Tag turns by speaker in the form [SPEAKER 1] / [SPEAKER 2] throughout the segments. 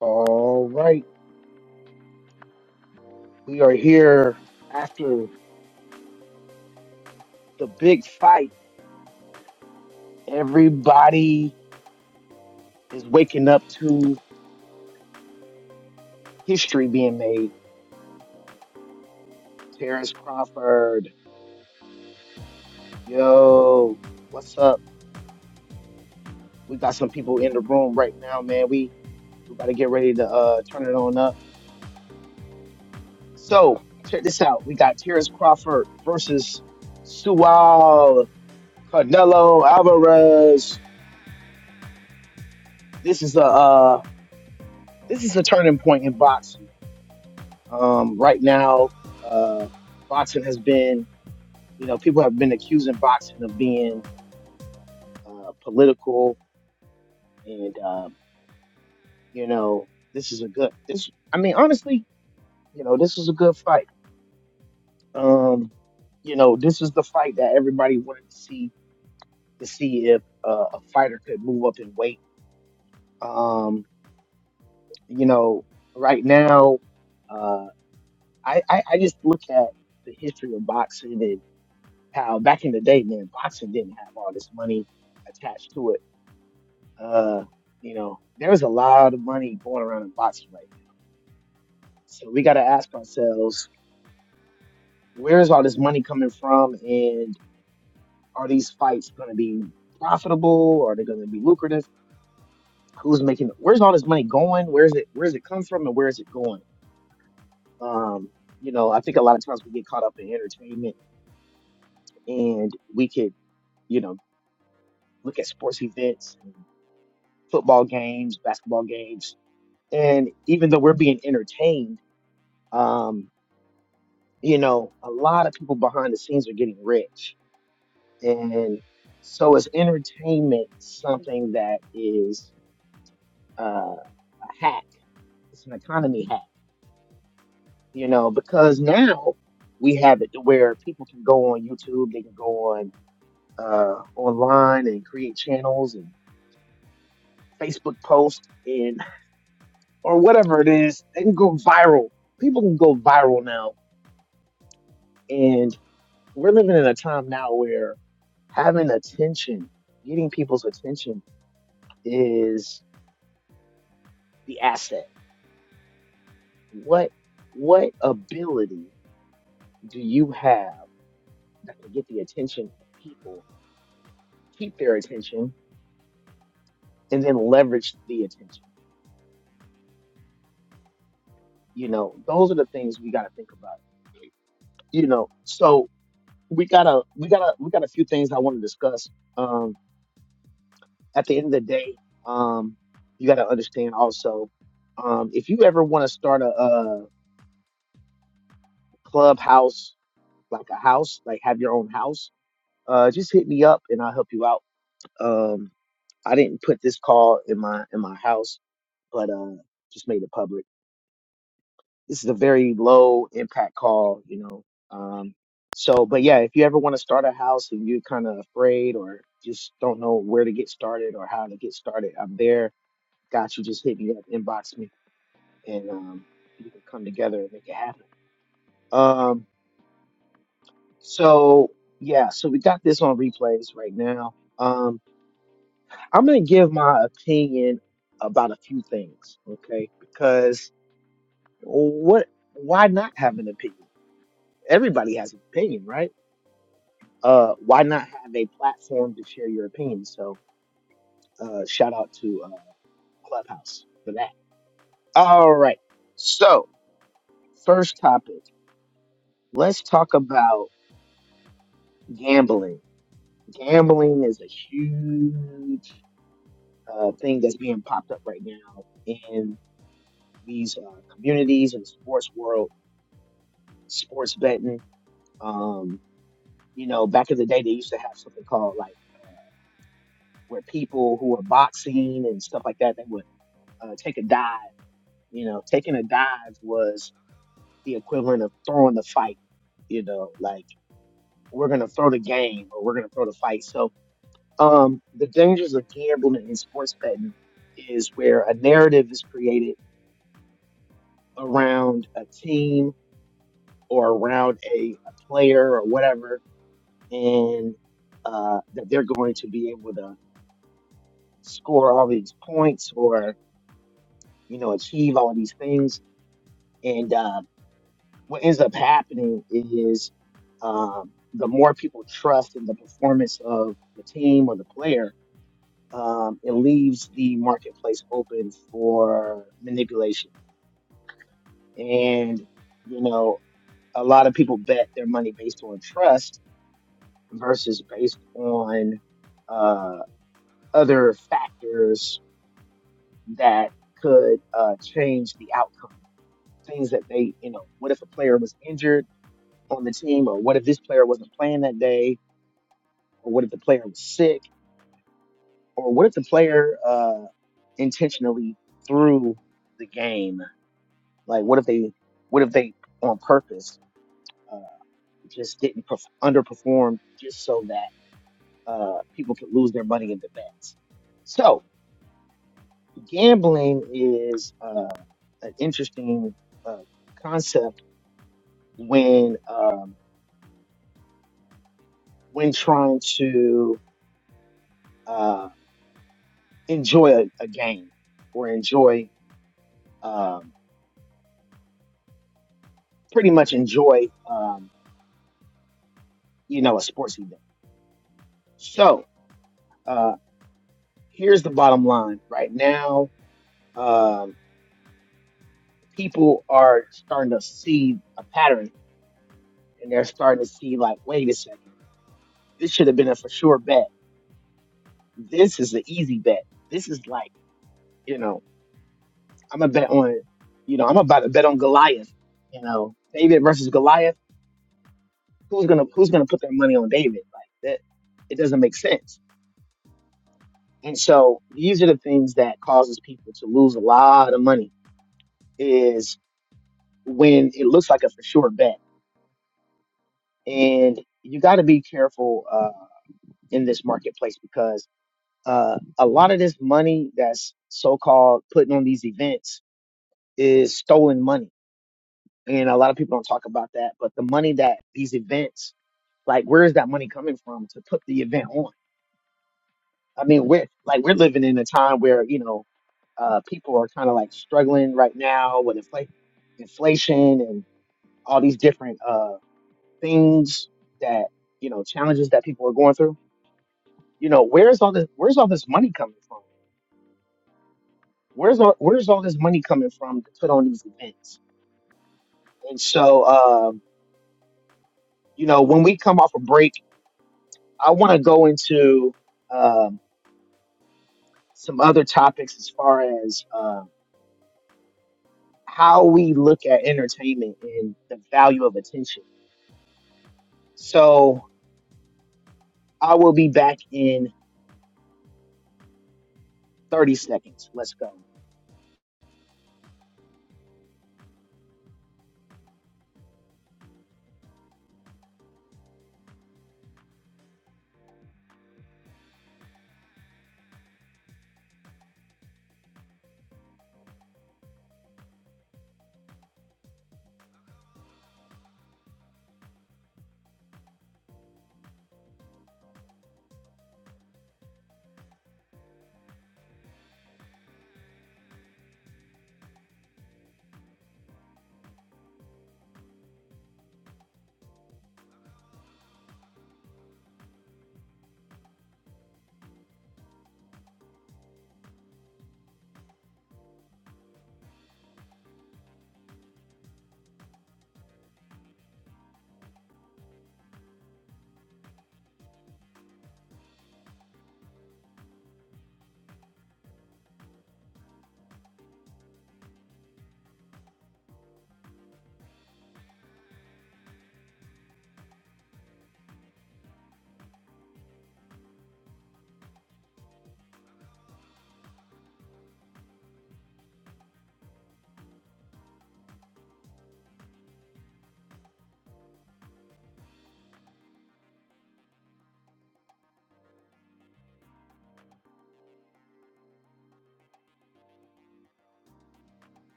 [SPEAKER 1] All right. We are here after the big fight. Everybody is waking up to history being made. Terrence Crawford. Yo, what's up? We got some people in the room right now, man. We we about to get ready to uh turn it on up. So check this out. We got Terrence Crawford versus Sual Canelo Alvarez. This is a uh this is a turning point in boxing Um, right now, uh, boxing has been, you know, people have been accusing boxing of being uh, political, and um, you know, this is a good. This, I mean, honestly, you know, this is a good fight. Um, you know, this is the fight that everybody wanted to see to see if uh, a fighter could move up in weight. Um, you know, right now, uh, I, I I just look at the history of boxing how back in the day, man, boxing didn't have all this money attached to it. Uh, you know, there was a lot of money going around in boxing right now. So we got to ask ourselves, where is all this money coming from? And are these fights going to be profitable? Are they going to be lucrative? Who's making Where's all this money going? Where's it, where's it come from and where is it going? Um, you know, I think a lot of times we get caught up in entertainment and we could, you know, look at sports events football games, basketball games and even though we're being entertained um you know a lot of people behind the scenes are getting rich and so is entertainment something that is uh, a hack it's an economy hack you know because now we have it to where people can go on youtube they can go on uh, online and create channels and facebook posts and or whatever it is they can go viral people can go viral now and. we're living in a time now where having attention, getting people's attention is the asset. What what ability do you have that can get the attention of people, keep their attention, and then leverage the attention? You know, those are the things we gotta think about. You know, so we gotta we gotta we got a few things I want to discuss. Um at the end of the day, um you gotta understand also um if you ever want to start a uh, clubhouse, like a house, like have your own house, uh, just hit me up and I'll help you out. Um, I didn't put this call in my in my house, but uh, just made it public. This is a very low impact call, you know. Um, so, but yeah, if you ever want to start a house and you're kind of afraid or just don't know where to get started or how to get started, I'm there. Got you. Just hit me up, inbox me, and um, we can come together and make it happen. Um. So yeah, so we got this on replays right now. Um, I'm gonna give my opinion about a few things, okay? Because what? Why not have an opinion? Everybody has an opinion, right? Uh, why not have a platform to share your opinion? So, uh, shout out to uh, Clubhouse for that. All right. So, first topic. Let's talk about gambling. Gambling is a huge uh, thing that's being popped up right now in these uh, communities and sports world, sports betting. Um, you know, back in the day, they used to have something called like where people who were boxing and stuff like that, they would uh, take a dive. You know, taking a dive was the equivalent of throwing the fight. You know, like we're gonna throw the game or we're gonna throw the fight. So, um, the dangers of gambling and sports betting is where a narrative is created around a team or around a, a player or whatever, and uh, that they're going to be able to score all these points or you know achieve all these things. And uh, what ends up happening is um, the more people trust in the performance of the team or the player, um, it leaves the marketplace open for manipulation. And you know, a lot of people bet their money based on trust versus based on uh, other factors that could uh, change the outcome. Things that they, you know, what if a player was injured on the team, or what if this player wasn't playing that day, or what if the player was sick, or what if the player uh, intentionally threw the game? Like, what if they, what if they on purpose uh, just didn't perf- underperform just so that uh, people could lose their money in the bets? So, gambling is uh, an interesting uh, concept when um, when trying to uh, enjoy a, a game or enjoy um, pretty much enjoy um, you know a sports event. So uh, here's the bottom line: right now, um, people are starting to see a pattern, and they're starting to see like, wait a second, this should have been a for sure bet. This is an easy bet. This is like you know I'm gonna bet on, you know, I'm about to bet on Goliath. You know, David versus Goliath. Who's gonna Who's gonna put their money on David? Like that, it doesn't make sense. And so these are the things that causes people to lose a lot of money is when it looks like a for sure bet. And you got to be careful uh, in this marketplace because uh, a lot of this money that's so called putting on these events is stolen money. And a lot of people don't talk about that. But the money that these events Like, where is that money coming from to put the event on? I mean, we're like we're living in a time where you know uh, people are kind of like struggling right now with infl, inflation, and all these different uh, things that you know challenges that people are going through. You know, where's all this? Where's all this money coming from? Where's all Where's all this money coming from to put on these events? And so, um, you know, when we come off a break, I want to go into um, some other topics as far as uh, how we look at entertainment and the value of attention. So I will be back in 30 seconds. Let's go.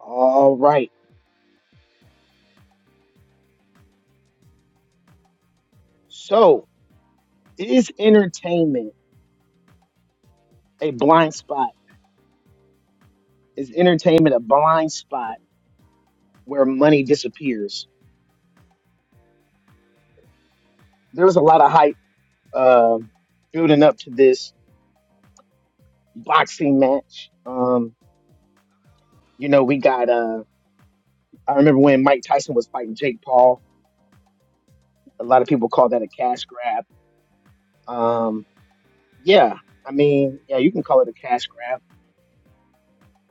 [SPEAKER 1] All right. So is entertainment a blind spot? Is entertainment a blind spot where money disappears? There was a lot of hype um building up to this boxing match. Um, you know, we got uh I remember when Mike Tyson was fighting Jake Paul. A lot of people call that a cash grab. Um, Yeah, I mean, yeah, you can call it a cash grab.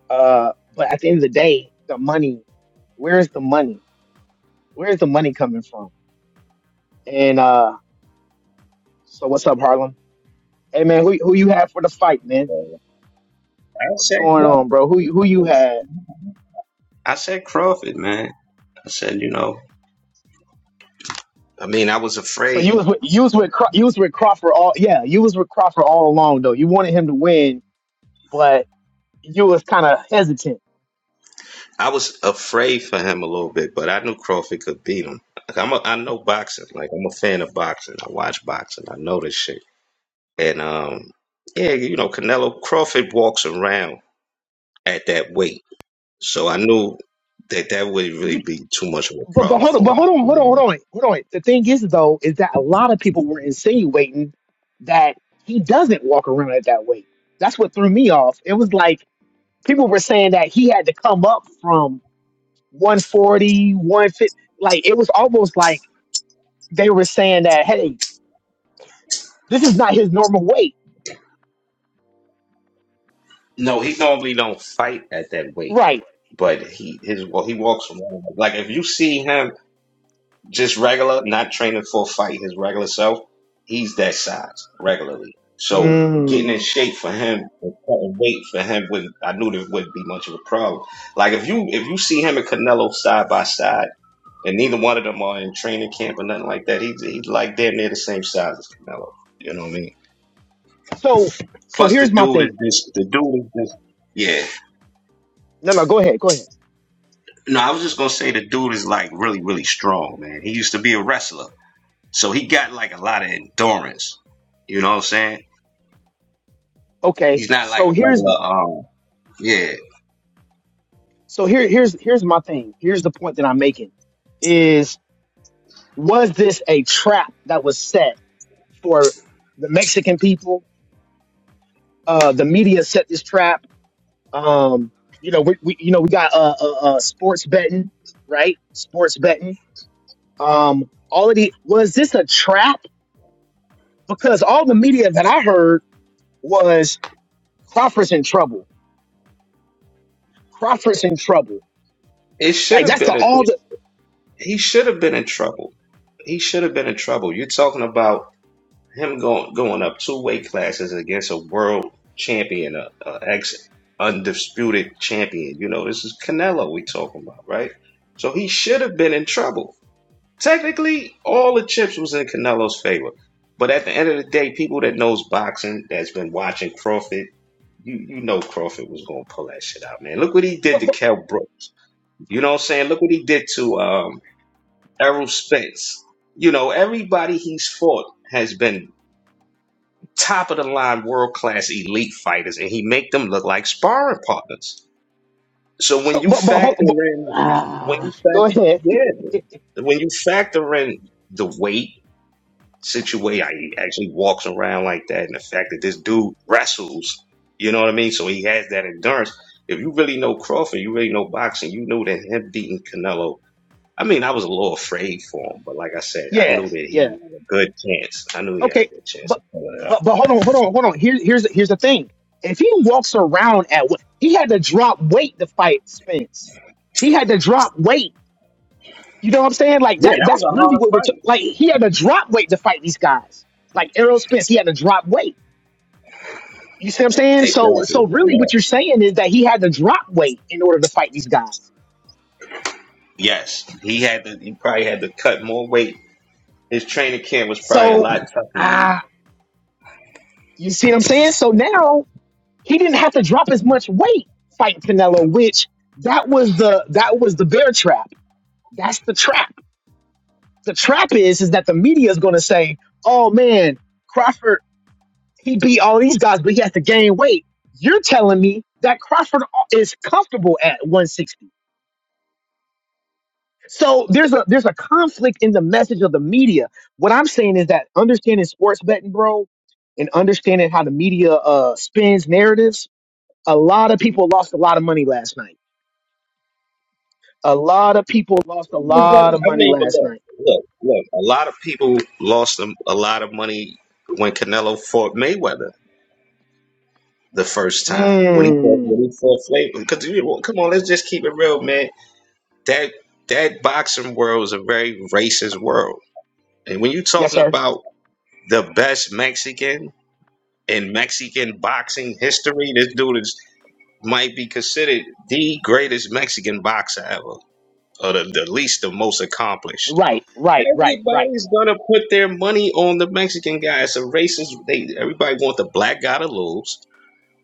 [SPEAKER 1] Uh, but at the end of the day, the money, where's the money? Where's the money coming from? And uh, so what's up, Harlem? Hey man, who who you had for the fight, man?
[SPEAKER 2] I
[SPEAKER 1] What's
[SPEAKER 2] said,
[SPEAKER 1] going on, bro? Who who you had?
[SPEAKER 2] I said Crawford, man. I said, you know, I mean, I was
[SPEAKER 1] So you
[SPEAKER 2] afraid.
[SPEAKER 1] was with, you was with Craw- you was with Crawford all yeah you was with Crawford all along though. You wanted him to win, but you was kind of hesitant.
[SPEAKER 2] I was afraid for him a little bit, but I knew Crawford could beat him. Like, I'm a, I know boxing. Like I'm a fan of boxing. I watch boxing. I know this shit. And um, yeah, you know, Canelo Crawford walks around at that weight, so I knew that that wouldn't really be too much of a
[SPEAKER 1] But but
[SPEAKER 2] problem
[SPEAKER 1] hold on,
[SPEAKER 2] for
[SPEAKER 1] but
[SPEAKER 2] him.
[SPEAKER 1] hold on, hold on, hold on, hold on. The thing is though, is that a lot of people were insinuating that he doesn't walk around at that weight. That's what threw me off. It was like people were saying that he had to come up from one forty, one fifty. Like it was almost like they were saying that, hey, this is not his normal weight.
[SPEAKER 2] No, he normally don't fight at that weight,
[SPEAKER 1] Right.
[SPEAKER 2] but he his well, he walks around like if you see him. just regular, not training for a fight, his regular self, he's that size regularly. So getting in
[SPEAKER 1] Mm.
[SPEAKER 2] shape for him and cutting weight for him would I knew there wouldn't be much of a problem. Like if you if you see him and Canelo side by side and neither one of them are in training camp or nothing like that, he's he's like damn near the same size as Canelo. You know what I mean?
[SPEAKER 1] So so
[SPEAKER 2] Plus the
[SPEAKER 1] here's my
[SPEAKER 2] dude is
[SPEAKER 1] thing.
[SPEAKER 2] just the dude is just yeah.
[SPEAKER 1] No, no, go ahead, go ahead.
[SPEAKER 2] No, I was just gonna say the dude is like really, really strong, man. He used to be a wrestler. So he got like a lot of endurance. You know what I'm saying?
[SPEAKER 1] Okay.
[SPEAKER 2] He's not like
[SPEAKER 1] So
[SPEAKER 2] a
[SPEAKER 1] here's
[SPEAKER 2] regular. Um, yeah,
[SPEAKER 1] so here here's here's my thing. Here's the point that I'm making is. was this a trap that was set for the Mexican people? Uh, the media set this trap. Um, you know, we, we you know we got uh, uh, uh, sports betting, right? Sports betting. Um, all of the was this a trap? Because all the media that I heard was Crawford's in trouble. Crawford's in trouble.
[SPEAKER 2] it should
[SPEAKER 1] Like
[SPEAKER 2] have
[SPEAKER 1] that's
[SPEAKER 2] been
[SPEAKER 1] the
[SPEAKER 2] a.
[SPEAKER 1] all the.
[SPEAKER 2] He should have been in trouble. He should have been in trouble. You're talking about him going going up two weight classes against a world champion, a, a ex undisputed champion. You know, this is Canelo we talking about, right? So he should have been in trouble. Technically, all the chips was in Canelo's favor. But at the end of the day, people that knows boxing, that's been watching Crawford You you know Crawford was gonna pull that shit out, man. Look what he did
[SPEAKER 1] But,
[SPEAKER 2] to
[SPEAKER 1] but,
[SPEAKER 2] Kell Brooks. You know what I'm saying? Look what he did to um Errol Spence. You know, everybody he's fought has been top of the line world class elite fighters and he make them look like sparring partners. So when
[SPEAKER 1] so,
[SPEAKER 2] you
[SPEAKER 1] but, but,
[SPEAKER 2] factor
[SPEAKER 1] hold- but
[SPEAKER 2] in when you
[SPEAKER 1] ah, go
[SPEAKER 2] fact
[SPEAKER 1] ahead.
[SPEAKER 2] yeah, when you factor in the weight situation. He actually walks around like that, and the fact that this dude wrestles, you know what I mean? So he has that endurance. If you really know Crawford, you really know boxing, you know that him beating Canelo. I mean, I was a little afraid for him, but like I said, I
[SPEAKER 1] Yeah,
[SPEAKER 2] knew that
[SPEAKER 1] yeah.
[SPEAKER 2] he had a good chance. I knew he had
[SPEAKER 1] Okay,
[SPEAKER 2] a good chance
[SPEAKER 1] but
[SPEAKER 2] of pulling it up.
[SPEAKER 1] but but hold on, hold on, hold on. Here, here's the- here's the thing. If he walks around at what he had to drop weight to fight Spence, he had to drop weight. You know what I'm saying? Like
[SPEAKER 2] Yeah,
[SPEAKER 1] that. That's really what we're t- like. He had to drop weight to fight these guys. Like Errol Spence, he had to drop weight. You see what I'm saying? So so
[SPEAKER 2] exactly.
[SPEAKER 1] really,
[SPEAKER 2] Yeah.
[SPEAKER 1] what you're saying is that he had to drop weight in order to fight these guys.
[SPEAKER 2] Yes. He had to, he probably had to cut more weight. His training camp was probably a
[SPEAKER 1] So
[SPEAKER 2] lot
[SPEAKER 1] ah, you see what I'm saying? So now he didn't have to drop as much weight fighting Canelo, which that was the that was the bear trap. That's the trap. The trap is is that the media is going to say, "Oh man, Crawford he beat all these guys, but he has to gain weight." You're telling me that Crawford is comfortable at 160. So there's a there's a conflict in the message of the media. What I'm saying is that understanding sports betting, bro, and understanding how the media uh, spins narratives. A lot of people lost a lot of money last night A lot of people lost a lot of
[SPEAKER 2] I
[SPEAKER 1] money
[SPEAKER 2] mean, but
[SPEAKER 1] last
[SPEAKER 2] look,
[SPEAKER 1] night.
[SPEAKER 2] look, look. A lot of people lost a, a lot of money when Canelo fought Mayweather the first time when he fought
[SPEAKER 1] Mm.
[SPEAKER 2] when he fought Flavor. Because come on, let's just keep it real, man. That that boxing world is a very racist world, and when you're
[SPEAKER 1] Yes,
[SPEAKER 2] talking
[SPEAKER 1] sir.
[SPEAKER 2] about the best Mexican in Mexican boxing history, this dude is might be considered the greatest Mexican boxer ever, or the, the least, the most accomplished.
[SPEAKER 1] Right, right, right, right.
[SPEAKER 2] Everybody's gonna put their money on the Mexican guy. It's a racist. They everybody want the black guy to lose,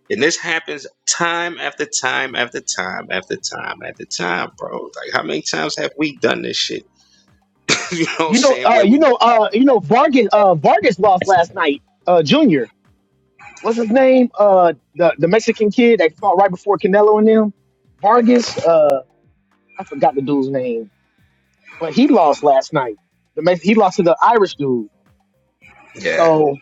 [SPEAKER 2] and this happens time after time after time after time after time, bro. Like how many times have we done this shit? you know what I'm
[SPEAKER 1] You know,
[SPEAKER 2] saying?
[SPEAKER 1] uh,
[SPEAKER 2] Where
[SPEAKER 1] you
[SPEAKER 2] we
[SPEAKER 1] know, uh, you know, Vargas, uh, Vargas lost last night. Uh, Junior, what's his name? Uh, the the Mexican kid that fought right before Canelo and them. Vargas, uh, I forgot the dude's name, but he lost last night. The Mex- he lost to the Irish dude.
[SPEAKER 2] yeah.
[SPEAKER 1] So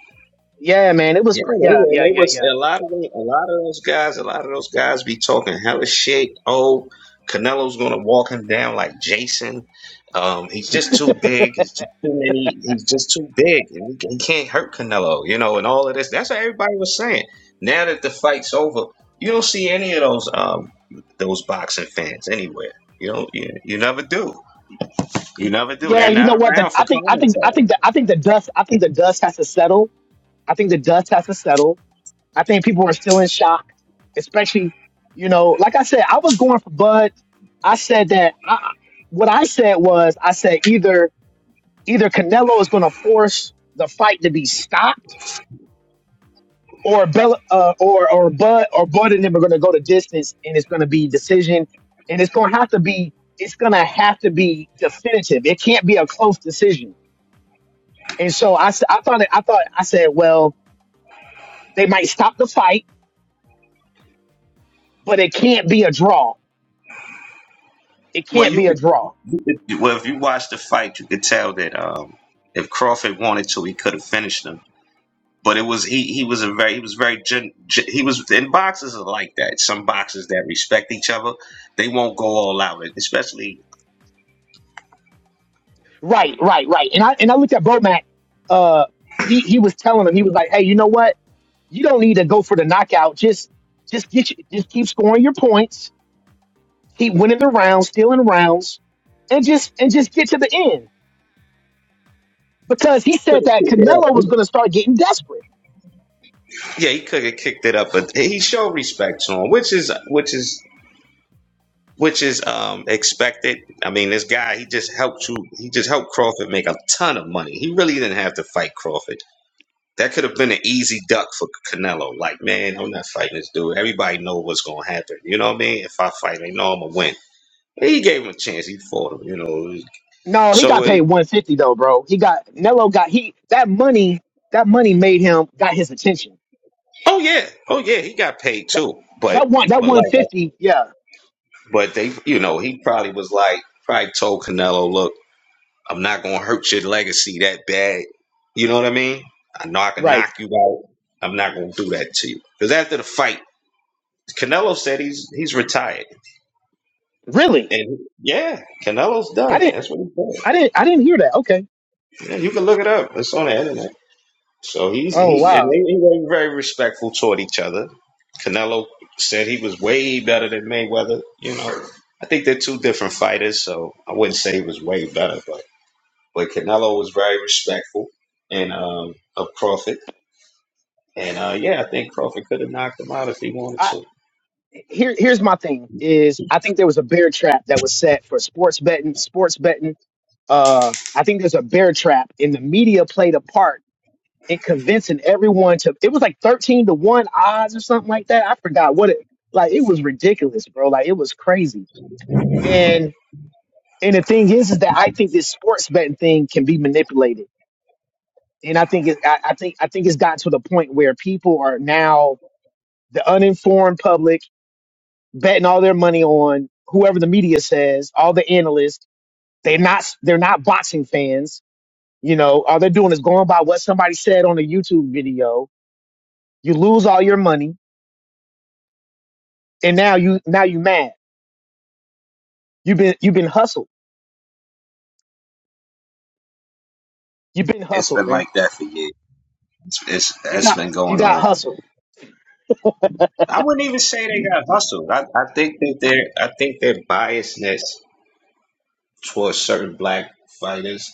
[SPEAKER 1] yeah, man, it was
[SPEAKER 2] Yeah,
[SPEAKER 1] cra- yeah,
[SPEAKER 2] and
[SPEAKER 1] yeah,
[SPEAKER 2] it
[SPEAKER 1] yeah,
[SPEAKER 2] was a
[SPEAKER 1] yeah.
[SPEAKER 2] lot of them, a lot of those guys, a lot of those guys be talking hella shit. Oh, Canelo's gonna walk him down like Jason. Um, he's just too big. He's just too many. He's just too big, and he, he can't hurt Canelo, you know, and all of this. That's what everybody was saying. Now that the fight's over, you don't see any of those um those boxing fans anywhere. You don't. You, you never do. You never do.
[SPEAKER 1] Yeah,
[SPEAKER 2] They're
[SPEAKER 1] you
[SPEAKER 2] not
[SPEAKER 1] know what? The,
[SPEAKER 2] around for
[SPEAKER 1] I think I think
[SPEAKER 2] commentary.
[SPEAKER 1] I think the I think the dust I think the dust has to settle I think the dust has to settle. I think people are still in shock, especially, you know, like I said, I was going for Bud. I said that I, what I said was I said either either Canelo is going to force the fight to be stopped, or Bella, uh, or or Bud or Bud and them are going to go to distance, and it's going to be decision, and it's going to have to be it's going to have to be definitive. It can't be a close decision. And so I s- I thought it, I thought I said well they might stop the fight but it can't be a draw It
[SPEAKER 2] Well,
[SPEAKER 1] can't
[SPEAKER 2] you
[SPEAKER 1] be a
[SPEAKER 2] could,
[SPEAKER 1] draw.
[SPEAKER 2] you could- well if you watch the fight, you could tell that um, if Crawford wanted to, he could have finished him. But it was he he was a very he was very gen, gen- he was and boxers are like that. Some boxers that respect each other, they won't go all out. Especially
[SPEAKER 1] Right, right, right. And I and I looked at Bomac. Uh, he he was telling him he was like, hey, you know what? You don't need to go for the knockout. Just just get you, just keep scoring your points, keep winning the rounds, stealing rounds, and just and just get to the end. Because he said that Canelo was going to start getting desperate.
[SPEAKER 2] yeah, he could have kicked it up, but he showed respect to him, which is which is which is um expected. I mean, this guy he just helped you. He just helped Crawford make a ton of money. He really didn't have to fight Crawford. That could have been an easy duck for Canelo. Like, man, I'm not fighting this dude. Everybody know what's gonna happen. You know what I mean? If I fight, they know I'm gonna win. He gave him a chance. He fought him. You know.
[SPEAKER 1] No, he
[SPEAKER 2] So,
[SPEAKER 1] got
[SPEAKER 2] it,
[SPEAKER 1] paid 150 though, bro. He got Canelo got he that money that money made him got his attention.
[SPEAKER 2] oh yeah, oh yeah, he got paid
[SPEAKER 1] That
[SPEAKER 2] too. But,
[SPEAKER 1] that one that
[SPEAKER 2] but like,
[SPEAKER 1] 150, yeah,
[SPEAKER 2] but they, you know, he probably was like, probably told Canelo, look, I'm not gonna hurt your legacy that bad. You know what I mean? I know I can
[SPEAKER 1] right.
[SPEAKER 2] knock you out. I'm not gonna do that to you. Because after the fight, Canelo said he's he's retired.
[SPEAKER 1] Really?
[SPEAKER 2] And yeah, Canelo's
[SPEAKER 1] I
[SPEAKER 2] done.
[SPEAKER 1] didn't.
[SPEAKER 2] That's what he's
[SPEAKER 1] I
[SPEAKER 2] done.
[SPEAKER 1] didn't I didn't hear that. Okay.
[SPEAKER 2] Yeah, you can look it up. It's on the internet. So he's
[SPEAKER 1] Oh
[SPEAKER 2] he and
[SPEAKER 1] wow.
[SPEAKER 2] they, they were very respectful toward each other. Canelo said he was way better than Mayweather. You know, I think they're two different fighters, so I wouldn't say he was way better, but but Canelo was very respectful and um, of Crawford. And uh, yeah, I think Crawford could have knocked him out if he wanted
[SPEAKER 1] I,
[SPEAKER 2] to.
[SPEAKER 1] here here's my thing is I think there was a bear trap that was set for sports betting, sports betting. Uh I think there's a bear trap and the media played a part in convincing everyone to it was like 13 to 1 odds or something like that. I forgot what it like it was ridiculous, bro. Like it was crazy. And and the thing is is that I think this sports betting thing can be manipulated. And I think it I, I think I think it's gotten to the point where people are now the uninformed public betting all their money on whoever the media says, all the analysts. They're not they're not boxing fans. You know, all they're doing is going by what somebody said on a YouTube video. You lose all your money, and now you now you mad. You've been you've been hustled. You've been
[SPEAKER 2] It's
[SPEAKER 1] hustled,
[SPEAKER 2] been
[SPEAKER 1] man.
[SPEAKER 2] like that for years. It's, it's
[SPEAKER 1] You
[SPEAKER 2] that's
[SPEAKER 1] got
[SPEAKER 2] been
[SPEAKER 1] you
[SPEAKER 2] going
[SPEAKER 1] got
[SPEAKER 2] on.
[SPEAKER 1] hustled.
[SPEAKER 2] I wouldn't even say they got hustled. I, I think that their I think their biasness towards certain black fighters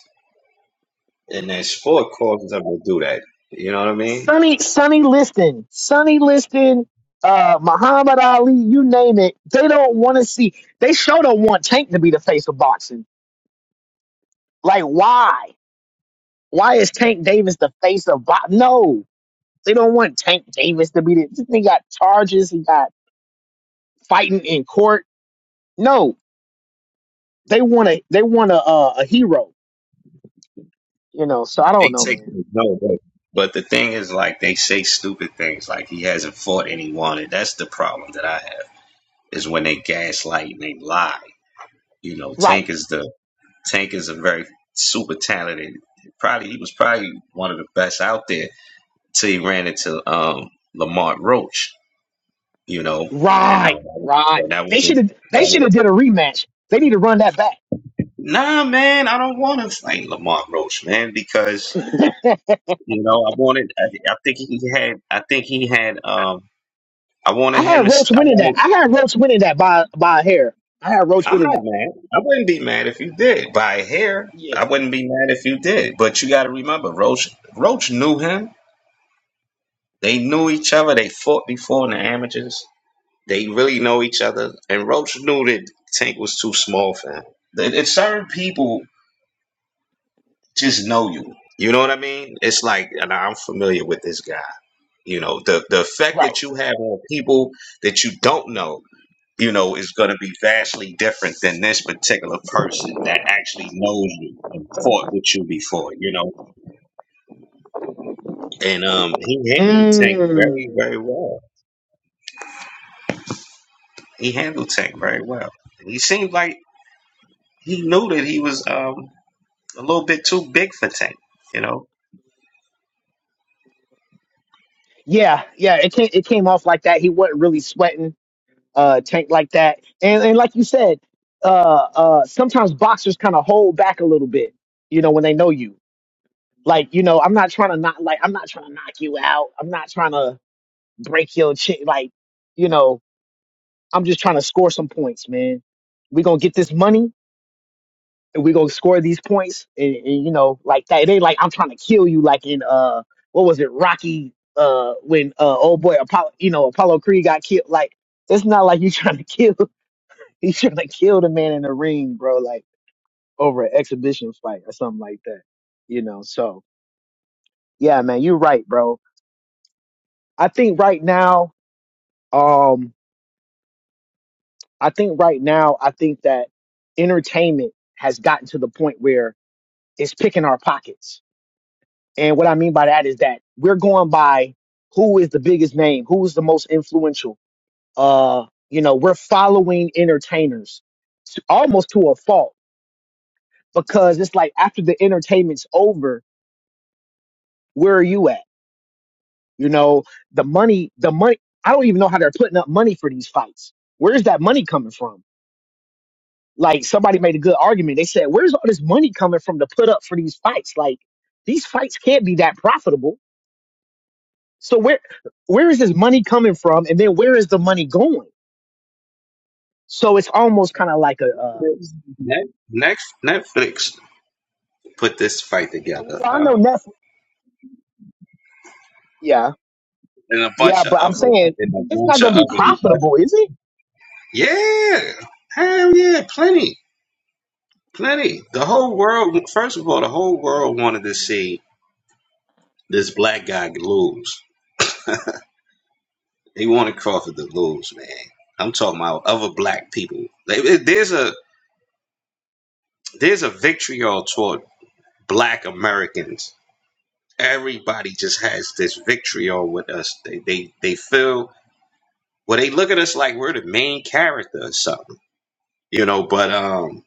[SPEAKER 2] in their sport causes them to do that. You know what I mean?
[SPEAKER 1] Sonny Sonny Liston, Sonny Liston, uh, Muhammad Ali, you name it. They don't want to see. They sure don't want Tank to be the face of boxing. Like why? Why is Tank Davis the face of box? No, they don't want Tank Davis to be the. This thing got charges. He got fighting in court. No, they want a they want a uh, a hero. You know, so I don't
[SPEAKER 2] They
[SPEAKER 1] know,
[SPEAKER 2] take
[SPEAKER 1] man.
[SPEAKER 2] no, but but the thing is, like they say stupid things, like he hasn't fought anyone, and that's the problem that I have is when they gaslight and they lie. You know,
[SPEAKER 1] Right,
[SPEAKER 2] Tank is the Tank is a very super talented. Probably he was probably one of the best out there till he ran into um, Lamont Roach you know, and I,
[SPEAKER 1] right, right.
[SPEAKER 2] and that was
[SPEAKER 1] They should
[SPEAKER 2] a
[SPEAKER 1] have they
[SPEAKER 2] that
[SPEAKER 1] should
[SPEAKER 2] was-
[SPEAKER 1] have did a rematch. They need to run that back.
[SPEAKER 2] nah, man, I don't want to fight Lamont Roach, man, because you know I wanted. I, thi- I think he had. I think he had. Um, I
[SPEAKER 1] I
[SPEAKER 2] wanted him.
[SPEAKER 1] had
[SPEAKER 2] To, s-
[SPEAKER 1] Roach
[SPEAKER 2] I
[SPEAKER 1] winning that.
[SPEAKER 2] wanted.
[SPEAKER 1] I had Roach winning that by by a hair. I had Roach
[SPEAKER 2] I'm
[SPEAKER 1] winning
[SPEAKER 2] not
[SPEAKER 1] that one.
[SPEAKER 2] mad. I wouldn't be mad if you did by a hair.
[SPEAKER 1] Yeah,
[SPEAKER 2] I wouldn't be mad if you did. But you got to remember, Roach. Roach knew him. They knew each other. They fought before in the amateurs. They really know each other. And Roach knew that Tank was too small for him. It There's certain people just know you. You know what I mean? It's like, and I'm familiar with this guy. You know, the the effect
[SPEAKER 1] right.
[SPEAKER 2] that you have on people that you don't know, you know, is going to be vastly different than this particular person that actually knows you and fought with you before. You know, and um, he handled Tank very,
[SPEAKER 1] Mm.
[SPEAKER 2] very well. He handled Tank very well. He seemed like he knew that he was um a little bit too big for Tank. You know,
[SPEAKER 1] Yeah, yeah. It came it came off like that. He wasn't really sweating uh, tank like that. And and like you said, uh, uh, sometimes boxers kind of hold back a little bit, you know, when they know you. Like, you know, I'm not trying to not like I'm not trying to knock you out. I'm not trying to break your chin. Like, you know, I'm just trying to score some points, man. We're gonna get this money and we're gonna score these points and, and you know, like that. It ain't like I'm trying to kill you like in uh what was it, Rocky uh when uh old boy Apollo you know, Apollo Creed got killed. Like it's not like you trying to kill. He should like killed a man in the ring, bro, like over an exhibition fight or something like that. You know, so yeah, man, you're right, bro. I think right now, um, I think right now, I think that entertainment has gotten to the point where it's picking our pockets. And what I mean by that is that we're going by who is the biggest name, who is the most influential. Uh, you know, we're following entertainers to, almost to a fault because it's like after the entertainment's over where are you at? You know, the money, the money, I don't even know how they're putting up money for these fights. Where's that money coming from? Like somebody made a good argument. They said, where's all this money coming from to put up for these fights? Like these fights can't be that profitable. So where, where is this money coming from? And then where is the money going? So it's almost kind of like a, uh,
[SPEAKER 2] Netflix. Net- Netflix put this fight
[SPEAKER 1] well,
[SPEAKER 2] together.
[SPEAKER 1] I know
[SPEAKER 2] Um,
[SPEAKER 1] Netflix. Yeah.
[SPEAKER 2] and a
[SPEAKER 1] Yeah.
[SPEAKER 2] bunch of
[SPEAKER 1] But I'm
[SPEAKER 2] other
[SPEAKER 1] saying
[SPEAKER 2] and a
[SPEAKER 1] it's not
[SPEAKER 2] bunch of
[SPEAKER 1] going to be
[SPEAKER 2] other
[SPEAKER 1] profitable,
[SPEAKER 2] investors.
[SPEAKER 1] is it?
[SPEAKER 2] Yeah. Hell yeah, plenty. Plenty. The whole world first of all, the whole world wanted to see this black guy lose. They wanted Crawford to lose, man. I'm talking about other black people. Like, There's a there's a vitriol toward black Americans. Everybody just has this vitriol with us. They they, they feel well they look at us like we're the main character or something you know. But um,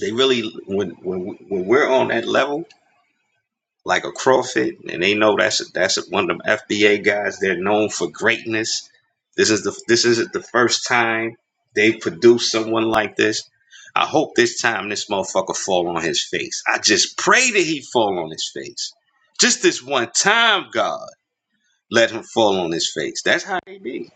[SPEAKER 2] they really when when when we're on that level, like a Crawford, and they know that's that's one of them FBA guys. They're known for greatness. This is the this isn't the first time they produce someone like this. I hope this time this motherfucker fall on his face. I just pray that he fall on his face. Just this one time, God, let him fall on his face. That's how they be.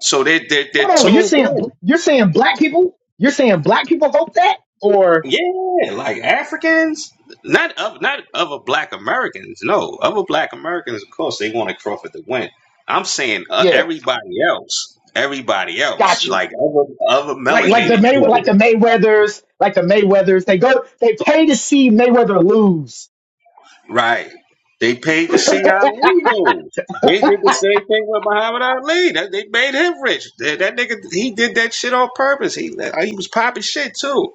[SPEAKER 2] So they they
[SPEAKER 1] Hold
[SPEAKER 2] they're
[SPEAKER 1] on. You're
[SPEAKER 2] tuned.
[SPEAKER 1] saying, you're saying black people, you're saying black people hope that or
[SPEAKER 2] Yeah, like Africans, not of not other Black Americans. No, other Black Americans, of course, they want to profit the win. I'm saying uh,
[SPEAKER 1] Yeah,
[SPEAKER 2] everybody else, everybody else,
[SPEAKER 1] got you.
[SPEAKER 2] like other other
[SPEAKER 1] Like like the
[SPEAKER 2] melanated
[SPEAKER 1] May like
[SPEAKER 2] people,
[SPEAKER 1] the Mayweathers, like the Mayweathers, they go they pay to see Mayweather lose.
[SPEAKER 2] right? They paid to see Ali lose. They did the same thing with Muhammad Ali. That, they made him rich. That, that nigga, he did that shit on purpose. He he was popping shit too.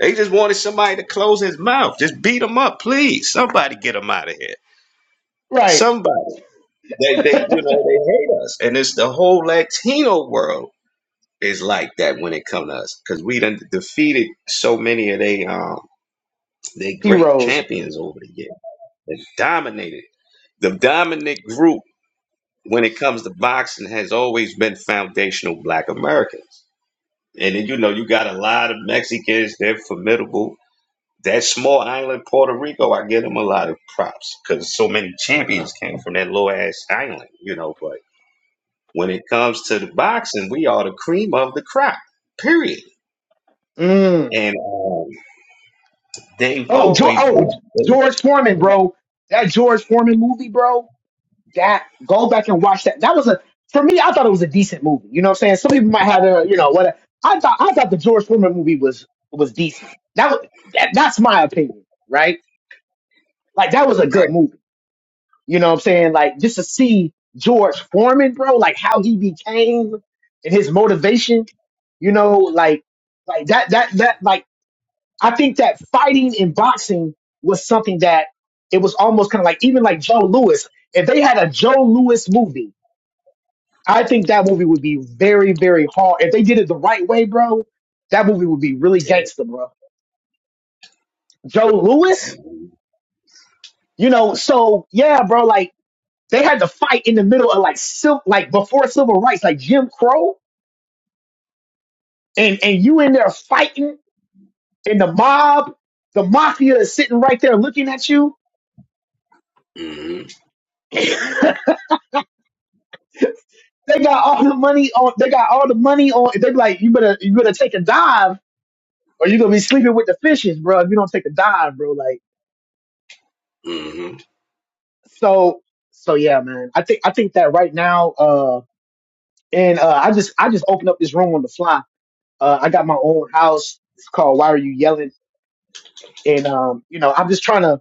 [SPEAKER 2] They just wanted somebody to close his mouth. Just beat him up, please. Somebody get him out of here.
[SPEAKER 1] Right.
[SPEAKER 2] Somebody. They, they, you know, they hate us, and it's the whole Latino world is like that when it comes to us, because we done defeated so many of they, um, they great
[SPEAKER 1] Heroes.
[SPEAKER 2] champions over the years. They dominated the dominant group when it comes to boxing has always been foundational Black Americans, and then, you know, you got a lot of Mexicans. They're formidable. That small island, Puerto Rico, I give them a lot of props because so many champions came from that low ass island, you know, but. When it comes to the boxing, we are the cream of the crop, period.
[SPEAKER 1] Mm.
[SPEAKER 2] And um, they've
[SPEAKER 1] Oh, jo-
[SPEAKER 2] always
[SPEAKER 1] oh,
[SPEAKER 2] been. good.
[SPEAKER 1] George Foreman, bro. That George Foreman movie, bro. That go back and watch that. That was a for me, I thought it was a decent movie. You know what I'm saying? Some people might have a you know what I thought I thought the George Foreman movie was was decent. That was that, that's my opinion, right? Like that was a
[SPEAKER 2] Right.
[SPEAKER 1] good movie. You know what I'm saying? Like just to see George Foreman, bro, like how he became and his motivation, you know, like like that that that like I think that fighting and boxing was something that it was almost kind of like even like Joe Lewis. If they had a Joe Lewis movie, I think that movie would be very, very hard. If they did it the right way, bro, that movie would be really gangster, bro. Joe Lewis, you know, so yeah, bro, like They had to fight in the middle of like civil, like before civil rights, like Jim Crow, and and you in there fighting, and the mob, the mafia is sitting right there looking at you.
[SPEAKER 2] Mm-hmm.
[SPEAKER 1] they got all the money on. They got all the money on. They be like, you better you better take a dive, or you gonna be sleeping with the fishes, bro. If you don't take a dive, bro, like
[SPEAKER 2] Mm-hmm.
[SPEAKER 1] so. So yeah, man. I think I think that right now, uh, and uh, I just I just opened up this room on the fly. Uh, I got my own house. It's called Why Are You Yelling? And um, you know, I'm just trying to.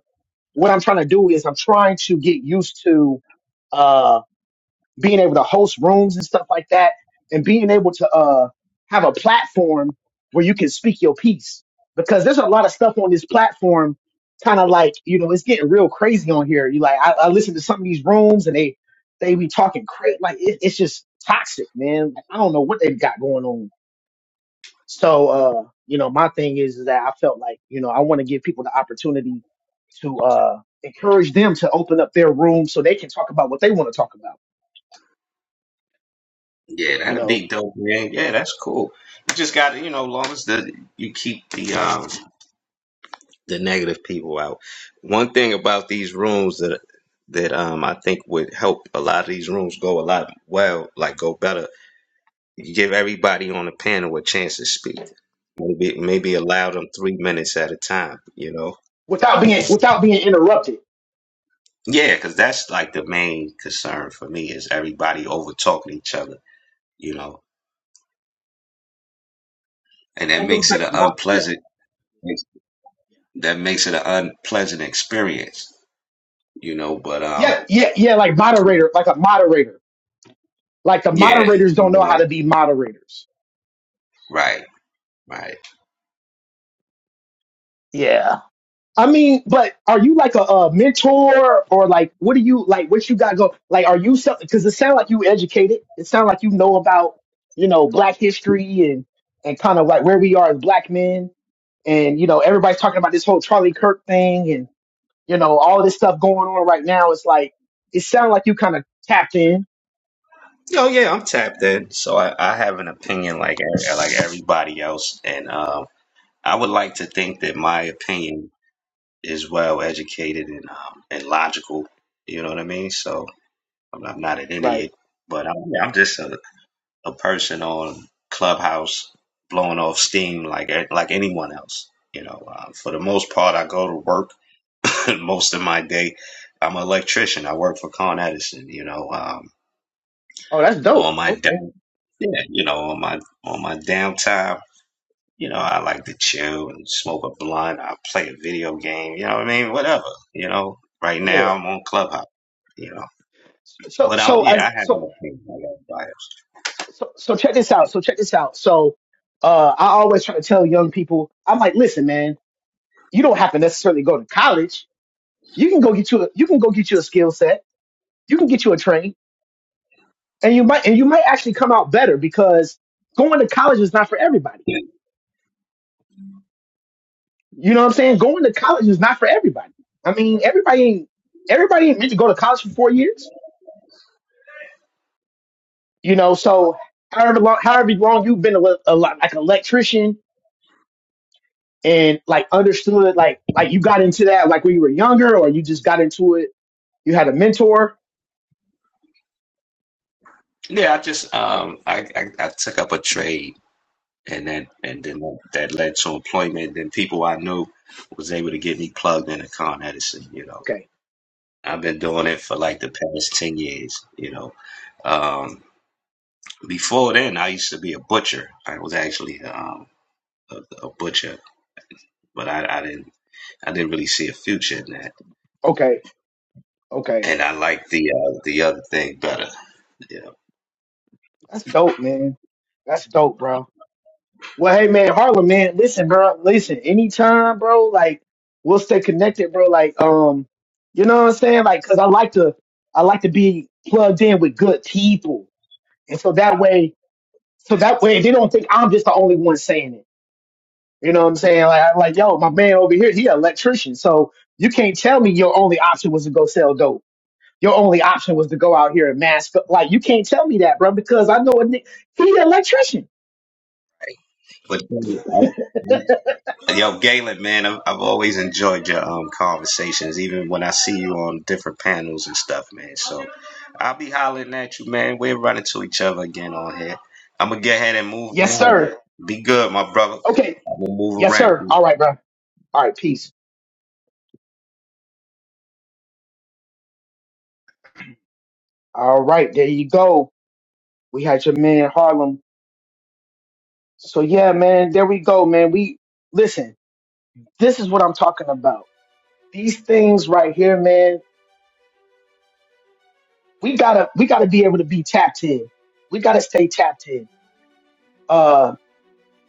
[SPEAKER 1] what I'm trying to do is I'm trying to get used to uh, being able to host rooms and stuff like that, and being able to uh, have a platform where you can speak your piece. Because there's a lot of stuff on this platform, kind of like you know, it's getting real crazy on here. You like, I, I listen to some of these rooms and they they be talking crazy, like it, it's just toxic, man. Like, I don't know what they've got going on so, uh, you know, my thing is, is that I felt like, you know, I want to give people the opportunity to uh, encourage them to open up their room so they can talk about what they want to talk about,
[SPEAKER 2] Yeah,
[SPEAKER 1] you
[SPEAKER 2] that'd
[SPEAKER 1] know,
[SPEAKER 2] be dope, man. Yeah, that's cool. You just got to, you know, long as the you keep the um the negative people out. One thing about these rooms that that um I think would help a lot of these rooms go a lot well, like go better. You give everybody on the panel a chance to speak. Maybe maybe allow them three minutes at a time. You know,
[SPEAKER 1] without being without being interrupted.
[SPEAKER 2] Yeah, because that's like the main concern for me is everybody over talking each other, you know, and that
[SPEAKER 1] That goes
[SPEAKER 2] makes it
[SPEAKER 1] back
[SPEAKER 2] an
[SPEAKER 1] to my yeah,
[SPEAKER 2] unpleasant that makes it an unpleasant experience, you know. But um,
[SPEAKER 1] yeah, yeah, yeah, like moderator, like a moderator, like the
[SPEAKER 2] yeah,
[SPEAKER 1] moderators
[SPEAKER 2] you
[SPEAKER 1] don't know how
[SPEAKER 2] wanna-
[SPEAKER 1] to be moderators.
[SPEAKER 2] right, right.
[SPEAKER 1] Yeah. I mean, but are you like a, a mentor or like what do you like? What you got go? Like, are you something? Because it sounds like you educated. It sounds like you know about you know Black history and and kind of like where we are as Black men. And you know, everybody's talking about this whole Charlie Kirk thing and you know all this stuff going on right now. It's like it sounds like you kind of tapped in,
[SPEAKER 2] Oh yeah, I'm tapped in, so I, I have an opinion like e- like everybody else, and um, I would like to think that my opinion is well educated and um, and logical. You know what I mean? So I'm, I'm not an
[SPEAKER 1] right?
[SPEAKER 2] idiot, but I'm, I'm just a a person on Clubhouse blowing off steam like like anyone else. You know, uh, for the most part, I go to work most of my day. I'm an electrician. I work for Con Edison. You know, um,
[SPEAKER 1] Oh, that's dope.
[SPEAKER 2] on my
[SPEAKER 1] Okay,
[SPEAKER 2] down, yeah, you know, on my on my downtime, you know, I like to chill and smoke a blunt. I play a video game. You know what I mean? Whatever. You know, right
[SPEAKER 1] yeah.
[SPEAKER 2] now I'm on Clubhouse. You know,
[SPEAKER 1] So
[SPEAKER 2] but I'm
[SPEAKER 1] so
[SPEAKER 2] yeah,
[SPEAKER 1] I
[SPEAKER 2] I have
[SPEAKER 1] so
[SPEAKER 2] an opinion. I got a
[SPEAKER 1] so, so check this out. So check this out. So uh, I always try to tell young people, I'm like, listen, man, you don't have to necessarily go to college. You can go get you a, you can go get you a skill set. You can get you a train, and you might and you might actually come out better because going to college is not for everybody. You know what I'm saying? Going to college is not for everybody. I mean, everybody ain't everybody ain't meant to go to college for four years. You know, so however long however long you've been a, le- a lot like an electrician and like understood like like you got into that like when you were younger or you just got into it you had a mentor
[SPEAKER 2] Yeah, I just um, I, I I took up a trade and that and then that led to employment. Then people I knew was able to get me plugged into Con Edison. You know,
[SPEAKER 1] okay
[SPEAKER 2] I've been doing it for like the past ten years. You know, um, before then I used to be a butcher. I was actually um, a, a butcher, but I, I didn't I didn't really see a future in that.
[SPEAKER 1] okay okay
[SPEAKER 2] And I like the uh, the other thing better. You know,
[SPEAKER 1] that's dope man that's dope bro well hey man harlem man listen bro listen anytime bro like we'll stay connected bro like um you know what i'm saying like because i like to i like to be plugged in with good people and so that way so that way they don't think i'm just the only one saying it You know what I'm saying? Like, like, yo, my man over here, he an electrician. So you can't tell me your only option was to go sell dope. Your only option was to go out here and mask up. Like, you can't tell me that, bro, because I know a ni- he an electrician.
[SPEAKER 2] but then I, Yo, Galen, man, I've, I've always enjoyed your um, conversations, even when I see you on different panels and stuff, man. So I'll be hollering at you, man. We're running to each other again on here. I'm going to get ahead and move
[SPEAKER 1] Yes,
[SPEAKER 2] on.
[SPEAKER 1] sir.
[SPEAKER 2] Be good, my brother.
[SPEAKER 1] Okay.
[SPEAKER 2] I'm going to move
[SPEAKER 1] Yes,
[SPEAKER 2] around.
[SPEAKER 1] sir. All right, bro. All right, peace. All right, there you go. We had your man Harlem. So yeah, man, there we go, man. We listen. This is what I'm talking about. These things right here, man. We gotta, we gotta be able to be tapped in. We gotta stay tapped in Uh,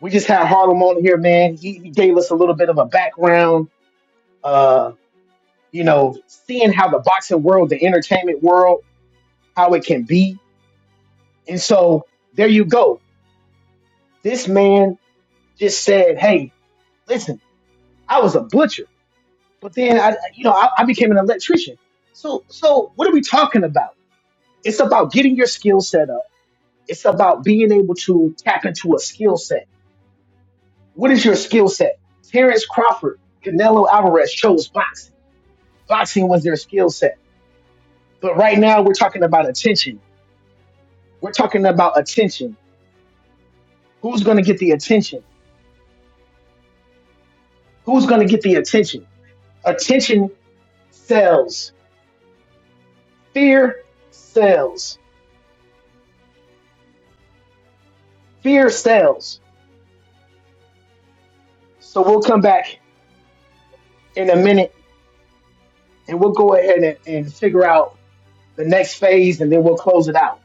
[SPEAKER 1] we just had Harlem on here, man. He, he gave us a little bit of a background. Uh, you know, seeing how the boxing world, the entertainment world, how it can be. And so there you go. This man just said, "Hey, listen, I was a butcher, but then I, you know, I, I became an electrician. So, so what are we talking about? It's about getting your skill set up. It's about being able to tap into a skill set. What is your skill set? Terrence Crawford, Canelo Alvarez chose boxing." Boxing was their skill set. But right now we're talking about attention. We're talking about attention. Who's going to get the attention? Who's going to get the attention? Attention sells. Fear sells. Fear sells. So we'll come back in a minute and we'll go ahead and, and figure out the next phase and then we'll close it out.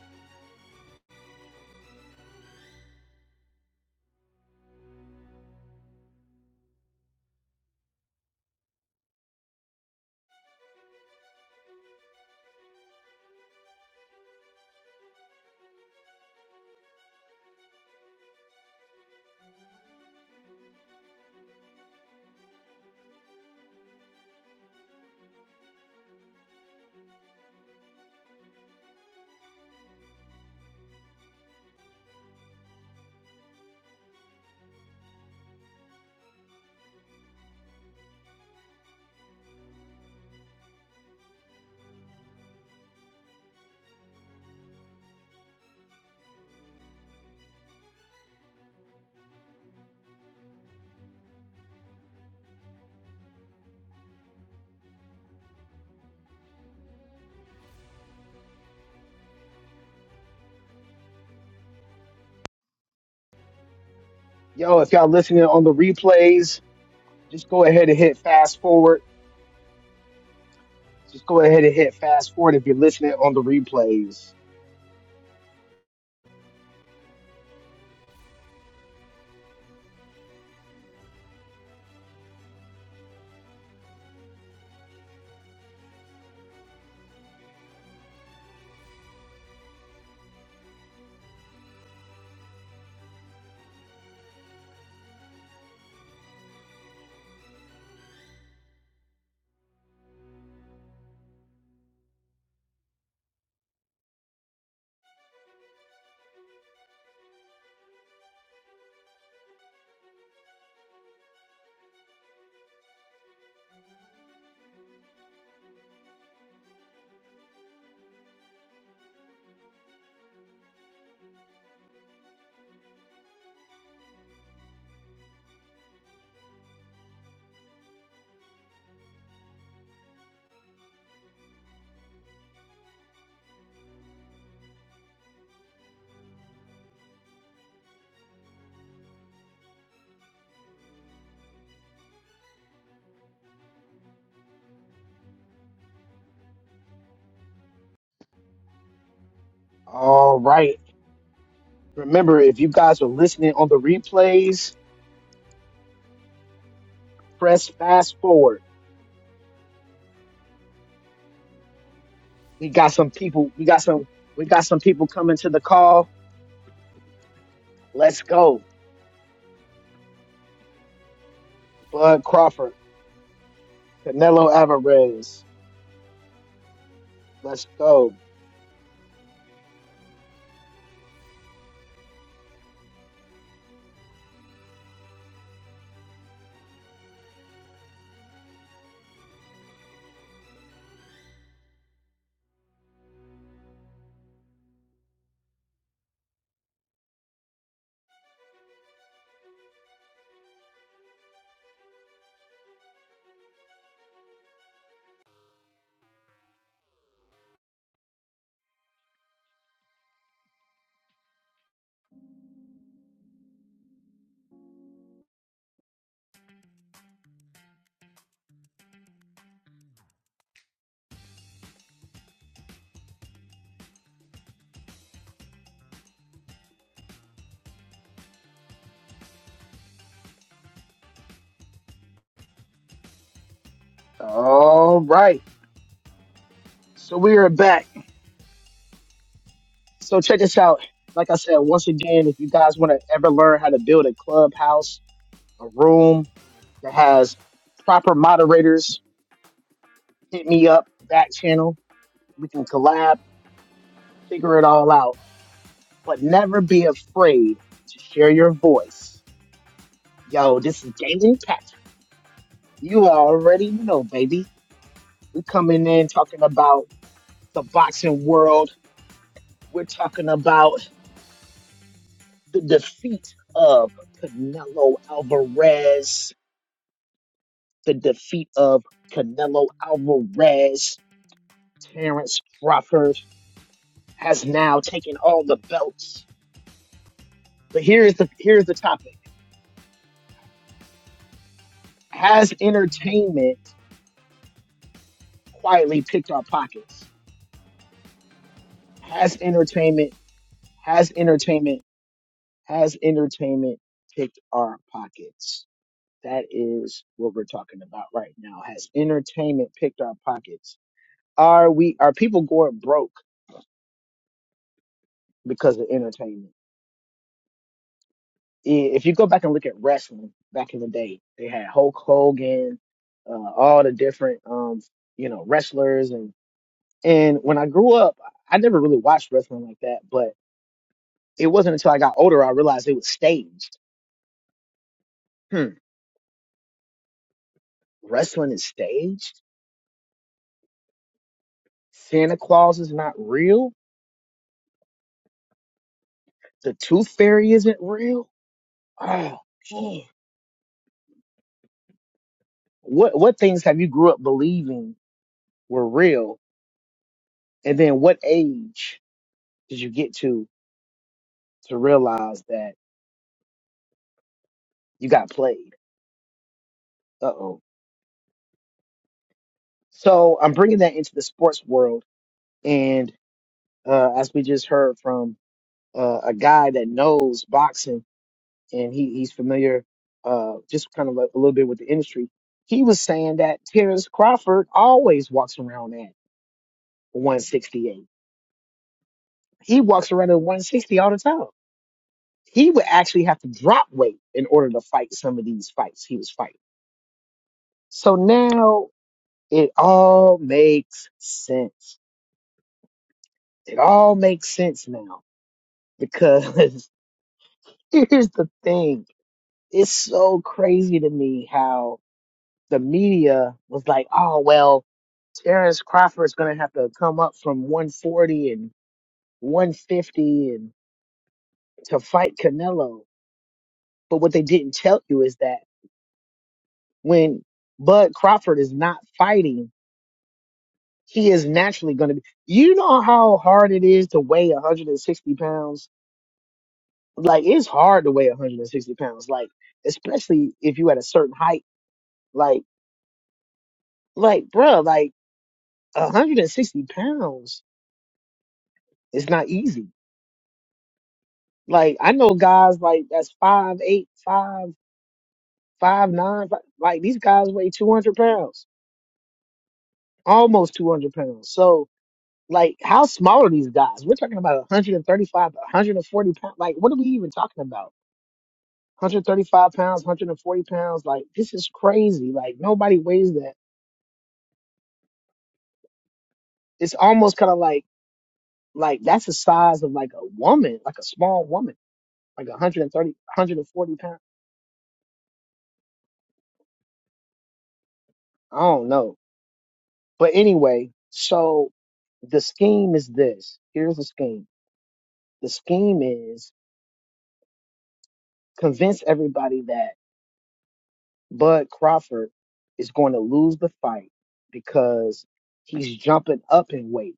[SPEAKER 1] Yo, if y'all listening on the replays, just go ahead and hit fast forward. Just go ahead and hit fast forward if you're listening on the replays. All right. Remember, if you guys are listening on the replays, press fast forward. We got some people. We got some. We got some people coming to the call. Let's go. Bud Crawford, Canelo Alvarez. Let's go. All right. So we are back. So check this out. Like I said, once again, if you guys want to ever learn how to build a clubhouse, a room that has proper moderators, hit me up back channel. We can collab, figure it all out. but never be afraid to share your voice. Yo, this is Daily Patrick. You already know, baby. We're coming in talking about the boxing world. We're talking about the defeat of Canelo Alvarez, the defeat of Canelo Alvarez. Terrence Crawford has now taken all the belts. But here's the here's the topic. Has entertainment quietly picked our pockets? Has entertainment Has entertainment has entertainment picked our pockets? That is what we're talking about right now. Has entertainment picked our pockets? Are we are people going broke because of entertainment? I- If you go back and look at wrestling back in the day, they had Hulk Hogan, uh, all the different um, you know wrestlers and and when I grew up, I never really watched wrestling like that. But it wasn't until I got older I realized it was staged. Hmm, wrestling is staged Santa Claus is not real. The Tooth Fairy isn't real. Oh, man. What what things have you grew up believing were real? And then what age did you get to to realize that you got played? Uh oh. So I'm bringing that into the sports world, and uh, as we just heard from uh, a guy that knows boxing and he, he's familiar, uh, just kind of like a little bit with the industry. He was saying that Terrence Crawford always walks around 168. He walks around at 160 all the time. He would actually have to drop weight in order to fight some of these fights he was fighting. So now it all makes sense. It all makes sense now because here's the thing. It's so crazy to me how the media was like, oh, well, Terrence Crawford's going to have to come up from 140 and 150 and to fight Canelo. But what they didn't tell you is that when Bud Crawford is not fighting, he is naturally going to be. You know how hard it is to weigh 160 pounds? Like, it's hard to weigh 160 pounds. Like, especially if you at a certain height. Like, like, bruh, like 160 pounds is not easy. Like, I know guys like that's five, eight, five, five, nine. Like, like, these guys weigh 200 pounds, almost 200 pounds. So, Like, how small are these guys? We're talking about 135, 140 pounds. Like, what are we even talking about? 135 pounds, 140 pounds. Like, this is crazy. Like, nobody weighs that. It's almost kind of like, like that's the size of like a woman, like a small woman, like 130, 140 pounds. I don't know. But anyway, so the scheme is this. Here's the scheme. The scheme is convince everybody that Bud Crawford is going to lose the fight because he's jumping up in weight.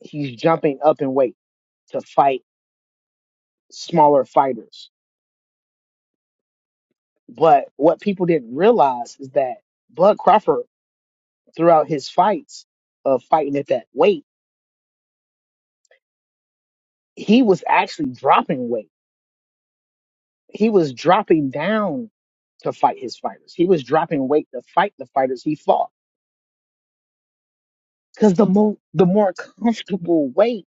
[SPEAKER 1] He's jumping up in weight to fight smaller fighters. But what people didn't realize is that Bud Crawford, throughout his fights of fighting at that weight, he was actually dropping weight. He was dropping down to fight his fighters. He was dropping weight to fight the fighters he fought. Because the more the more comfortable weight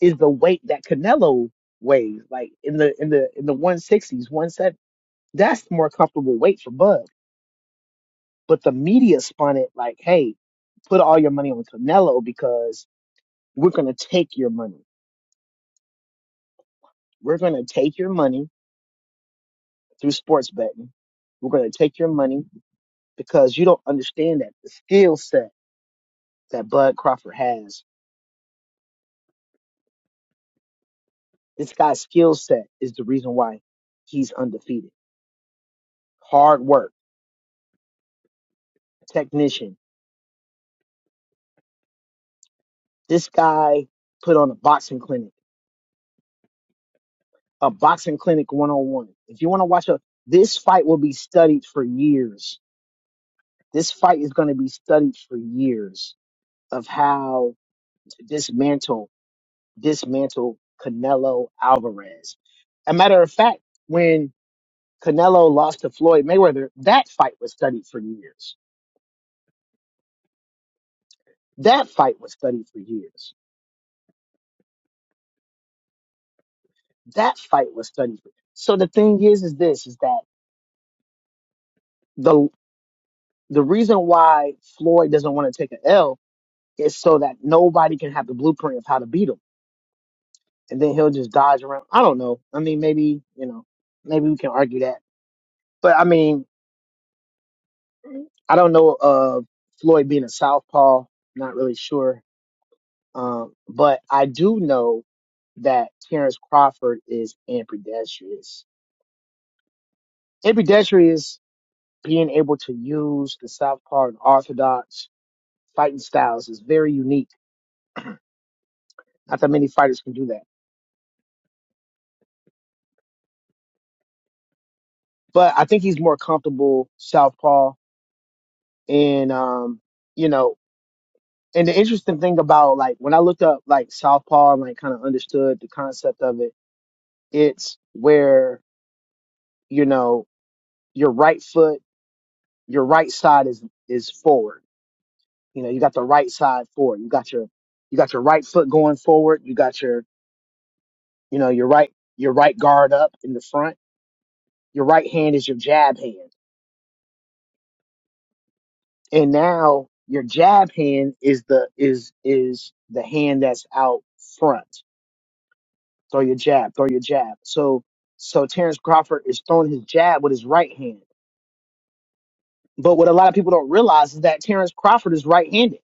[SPEAKER 1] is the weight that Canelo weighs, like in the in the in the one sixties, one seven. That's the more comfortable weight for Bud. But the media spun it like, hey, put all your money on Canelo because we're gonna take your money. We're gonna take your money through sports betting. We're gonna take your money because you don't understand that the skill set that Bud Crawford has. This guy's skill set is the reason why he's undefeated. Hard work, technician. This guy put on a boxing clinic a boxing clinic 101. If you want to watch a, this fight will be studied for years. This fight is going to be studied for years of how to dismantle, dismantle Canelo Alvarez. A matter of fact, when Canelo lost to Floyd Mayweather, that fight was studied for years. That fight was studied for years. That fight was studied for. So the thing is, is this, is that the the reason why Floyd doesn't want to take an L It's so that nobody can have the blueprint of how to beat him. And then he'll just dodge around. I don't know. I mean, maybe, you know, maybe we can argue that. But I mean, I don't know of Floyd being a southpaw. Not really sure. Um, but I do know that Terrence Crawford is ambidextrous. Ambidextrous, being able to use the southpaw and orthodox fighting styles is very unique. Not that many fighters can do that. But I think he's more comfortable southpaw And um, you know, and the interesting thing about like when I looked up like Southpaw and like kind of understood the concept of it, it's where, you know, your right foot, your right side is is forward. You know, you got the right side forward. You got your you got your right foot going forward, you got your you know, your right your right guard up in the front. Your right hand is your jab hand. And now your jab hand is the is is the hand that's out front throw your jab, throw your jab. So so Terrence Crawford is throwing his jab with his right hand. But what a lot of people don't realize is that Terrence Crawford is right-handed.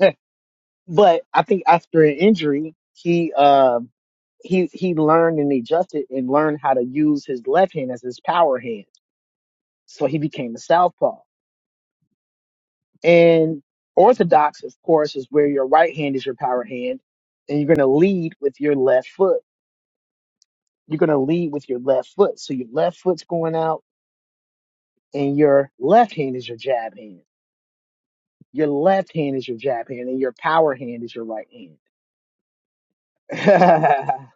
[SPEAKER 1] but I think after an injury, he uh, he he learned and adjusted and learned how to use his left hand as his power hand. So he became a southpaw. And orthodox, of course, is where your right hand is your power hand, and you're going to lead with your left foot. You're going to lead with your left foot. So your left foot's going out and your left hand is your jab hand. Your left hand is your jab hand, and your power hand is your right hand.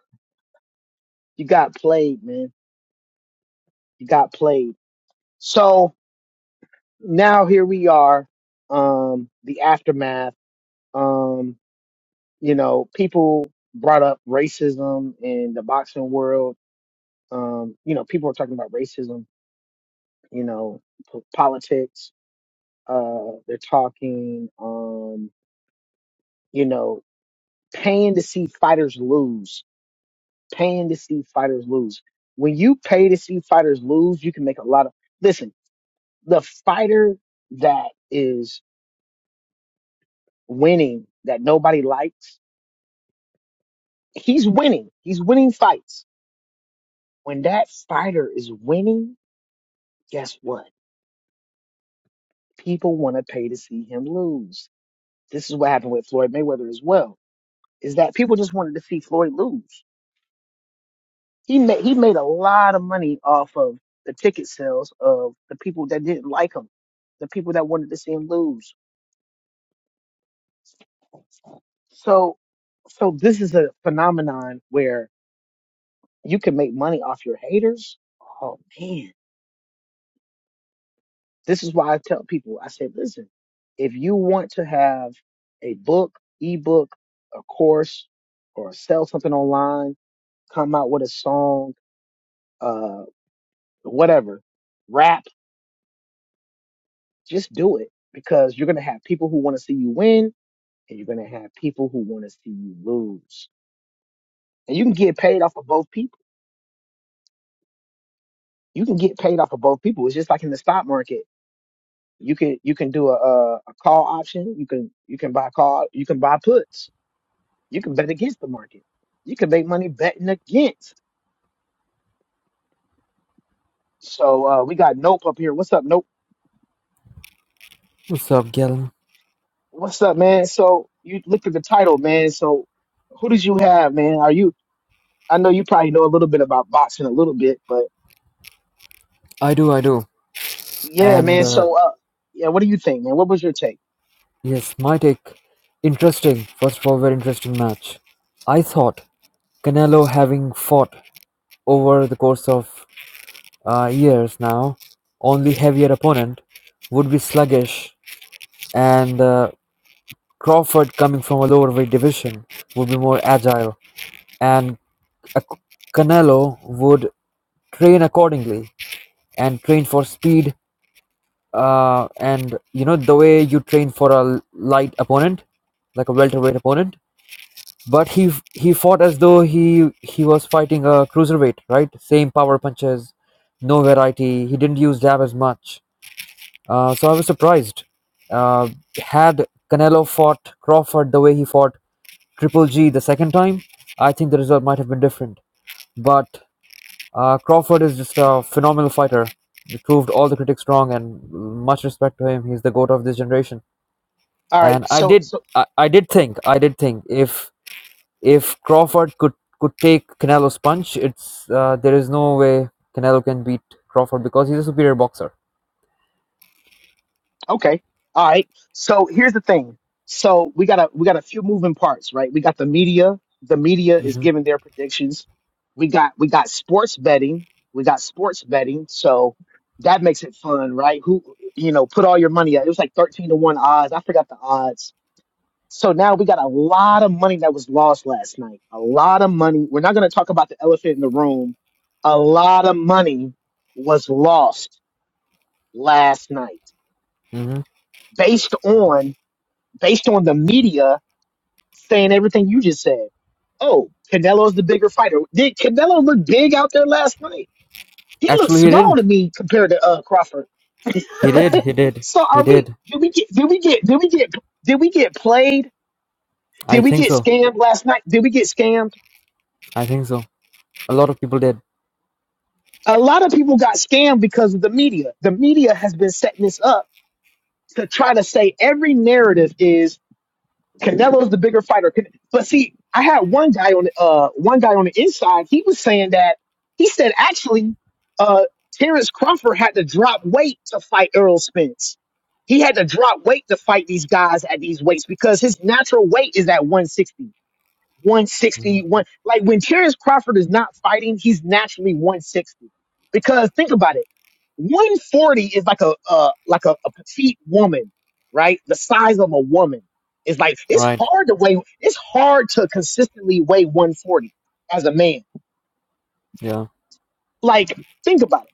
[SPEAKER 1] you got played, man. You got played. So now here we are, um, the aftermath. Um, you know, people brought up racism in the boxing world. Um, you know, people are talking about racism, you know, po- politics. Uh, they're talking, um, you know, paying to see fighters lose paying to see fighters lose. When you pay to see fighters lose, you can make a lot of listen, the fighter that is winning that nobody likes, he's winning. He's winning fights. When that fighter is winning, guess what? People want to pay to see him lose. This is what happened with Floyd Mayweather as well. Is that people just wanted to see Floyd lose. He made he made a lot of money off of the ticket sales of the people that didn't like him, the people that wanted to see him lose. So, so this is a phenomenon where you can make money off your haters. Oh man, this is why I tell people. I say, listen, if you want to have a book, ebook, a course, or sell something online, come out with a song, uh, whatever, rap, just do it because you're gonna have people who want to see you win, and you're gonna have people who want to see you lose, and you can get paid off of both people. You can get paid off of both people. It's just like in the stock market You can you can do a, a a call option. You can you can buy call. You can buy puts. You can bet against the market. You can make money betting against. So uh, we got Nope up here. What's up, Nope?
[SPEAKER 3] What's up, Galen?
[SPEAKER 1] What's up, man? So you looked at the title, man. So who did you have, man? Are you? I know you probably know a little bit about boxing, a little bit, but
[SPEAKER 3] I do, I do.
[SPEAKER 1] yeah,
[SPEAKER 3] And
[SPEAKER 1] man.
[SPEAKER 3] uh,
[SPEAKER 1] So uh, yeah, what do you think, man? What was your take?
[SPEAKER 3] yes, my take. Interesting. First of all, very interesting match. I thought Canelo, having fought over the course of uh, years now, only heavier opponent, would be sluggish, and uh, Crawford, coming from a lower weight division, would be more agile, and uh, Canelo would train accordingly and train for speed Uh, and you know the way you train for a l- light opponent, like a welterweight opponent. But he f- he fought as though he he was fighting a cruiserweight, right? Same power punches, no variety. He didn't use jab as much. Uh, so I was surprised. Uh, had Canelo fought Crawford the way he fought Triple G the second time, I think the result might have been different. But uh, Crawford is just a phenomenal fighter. He proved all the critics wrong, and much respect to him. He's the goat of this generation.
[SPEAKER 1] All right,
[SPEAKER 3] and I
[SPEAKER 1] so
[SPEAKER 3] did
[SPEAKER 1] so
[SPEAKER 3] I, I did think I did think if if Crawford could could take Canelo's punch, it's uh, there is no way Canelo can beat Crawford because he's a superior boxer.
[SPEAKER 1] Okay. All right. So here's the thing. So we got a we got a few moving parts, right? We got the media. The media is
[SPEAKER 3] hmm
[SPEAKER 1] giving their predictions. We got we got sports betting. We got sports betting. So that makes it fun, right? Who you know, put all your money out. It was like 13 to 1 odds. I forgot the odds. So now we got a lot of money that was lost last night. A lot of money. We're not going to talk about the elephant in the room. A lot of money was lost last night
[SPEAKER 3] hmm
[SPEAKER 1] based on based on the media saying everything you just said. Oh, Canelo's the bigger fighter. Did Canelo look big out there last night? He looked
[SPEAKER 3] Actually, he
[SPEAKER 1] small to
[SPEAKER 3] didn't.
[SPEAKER 1] me compared to uh, Crawford.
[SPEAKER 3] He did. He did.
[SPEAKER 1] So
[SPEAKER 3] He
[SPEAKER 1] are we?
[SPEAKER 3] did.
[SPEAKER 1] Did we get? Did we get? Did we get? Did we get played?
[SPEAKER 3] I
[SPEAKER 1] Did we
[SPEAKER 3] think
[SPEAKER 1] get
[SPEAKER 3] so.
[SPEAKER 1] scammed last night? Did we get scammed?
[SPEAKER 3] I think so. A lot of people did.
[SPEAKER 1] A lot of people got scammed because of the media. The media has been setting this up to try to say every narrative is Canelo's the bigger fighter. Can- But see, I had one guy on the uh one guy on the inside. He was saying that he said actually, uh, Terrence Crawford had to drop weight to fight Errol Spence. He had to drop weight to fight these guys at these weights because his natural weight is at 160.
[SPEAKER 3] Mm.
[SPEAKER 1] 160, one, like when Terrence Crawford is not fighting, he's naturally 160. Because think about it. 140 is like a, uh, like a, a petite woman, right? The size of a woman. It's like, it's
[SPEAKER 3] Right.
[SPEAKER 1] hard to weigh, it's hard to consistently weigh 140 as a man.
[SPEAKER 3] Yeah.
[SPEAKER 1] Like, think about it.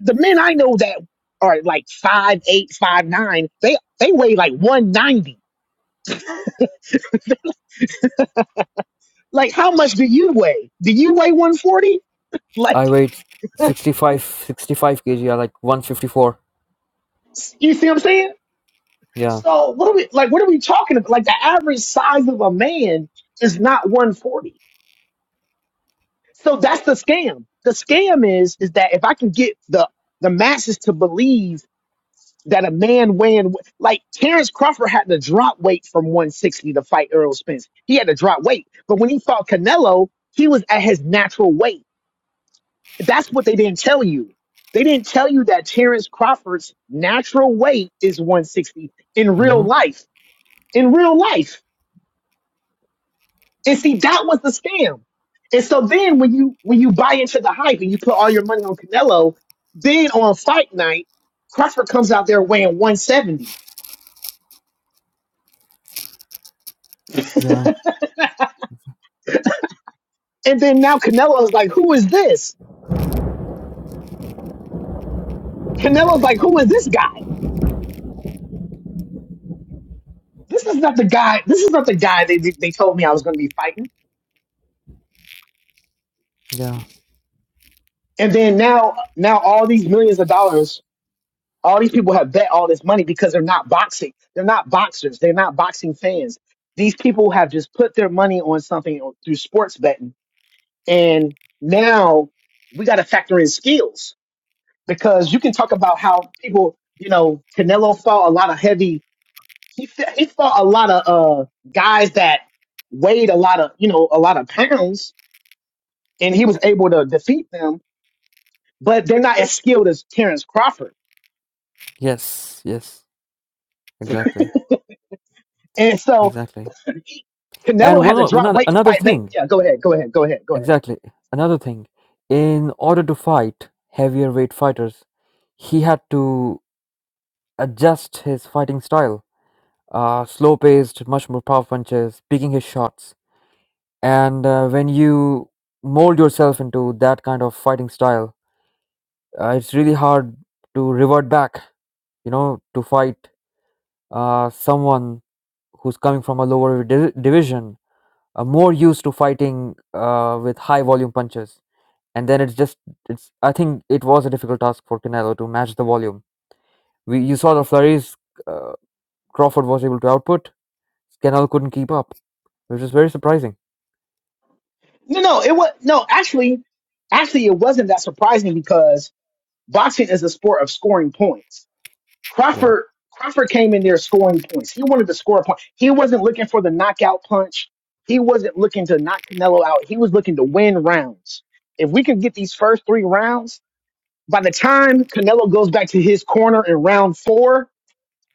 [SPEAKER 1] The men I know that are like five eight, five nine, they, they weigh like 190. Like, how much do you weigh? Do you weigh 140? Like,
[SPEAKER 3] I weighed 65, 65 kg, yeah, like 154.
[SPEAKER 1] you see what I'm saying?
[SPEAKER 3] Yeah.
[SPEAKER 1] So what are we like? What are we talking about? Like the average size of a man is not 140. So that's the scam. The scam is is that if I can get the the masses to believe that a man weighing like Terrence Crawford had to drop weight from 160 to fight Errol Spence. He had to drop weight, but when he fought Canelo, he was at his natural weight. That's what they didn't tell you. They didn't tell you that Terrence Crawford's natural weight is 160 in real
[SPEAKER 3] Mm-hmm.
[SPEAKER 1] life. In real life. And see, that was the scam. And so then when you when you buy into the hype and you put all your money on Canelo, then on fight night, Crawford comes out there weighing 170.
[SPEAKER 3] Yeah.
[SPEAKER 1] And then now Canelo's like, who is this? Canelo's like, who is this guy? This is not the guy, this is not the guy they they they told me I was gonna be fighting.
[SPEAKER 3] Yeah.
[SPEAKER 1] And then now now all these millions of dollars, all these people have bet all this money because they're not boxing. They're not boxers, they're not boxing fans. These people have just put their money on something through sports betting And now we got to factor in skills because you can talk about how people, you know, Canelo fought a lot of heavy. He fa- he fought a lot of uh guys that weighed a lot of you know a lot of pounds, and he was able to defeat them. But they're not as skilled as Terrence Crawford,
[SPEAKER 3] Yes. Yes. Exactly.
[SPEAKER 1] and so
[SPEAKER 3] Exactly. And
[SPEAKER 1] Canelo had
[SPEAKER 3] one
[SPEAKER 1] to
[SPEAKER 3] o- one
[SPEAKER 1] drop
[SPEAKER 3] oth-
[SPEAKER 1] weight to
[SPEAKER 3] another
[SPEAKER 1] fight. Mate,
[SPEAKER 3] thing.
[SPEAKER 1] yeah, go ahead, go ahead, go ahead, go ahead.
[SPEAKER 3] Exactly. Another thing, in order to fight heavier weight fighters, he had to adjust his fighting style. Uh, slow paced, much more power punches, picking his shots. And uh, when you mold yourself into that kind of fighting style, uh, it's really hard to revert back, you know, to fight uh, someone who's coming from a lower di- division, uh, more used to fighting uh, with high volume punches. And then it's just it's. I think it was a difficult task for Canelo to match the volume. We you saw the flurries uh, Crawford was able to output. Canelo couldn't keep up, which is very surprising.
[SPEAKER 1] No, no, it was no. Actually, actually, it wasn't that surprising because boxing is a sport of scoring points
[SPEAKER 3] Yeah,
[SPEAKER 1] Crawford Crawford came in there scoring points. He wanted to score a point. He wasn't looking for the knockout punch. He wasn't looking to knock Canelo out. He was looking to win rounds. If we can get these first three rounds, by the time Canelo goes back to his corner in round four,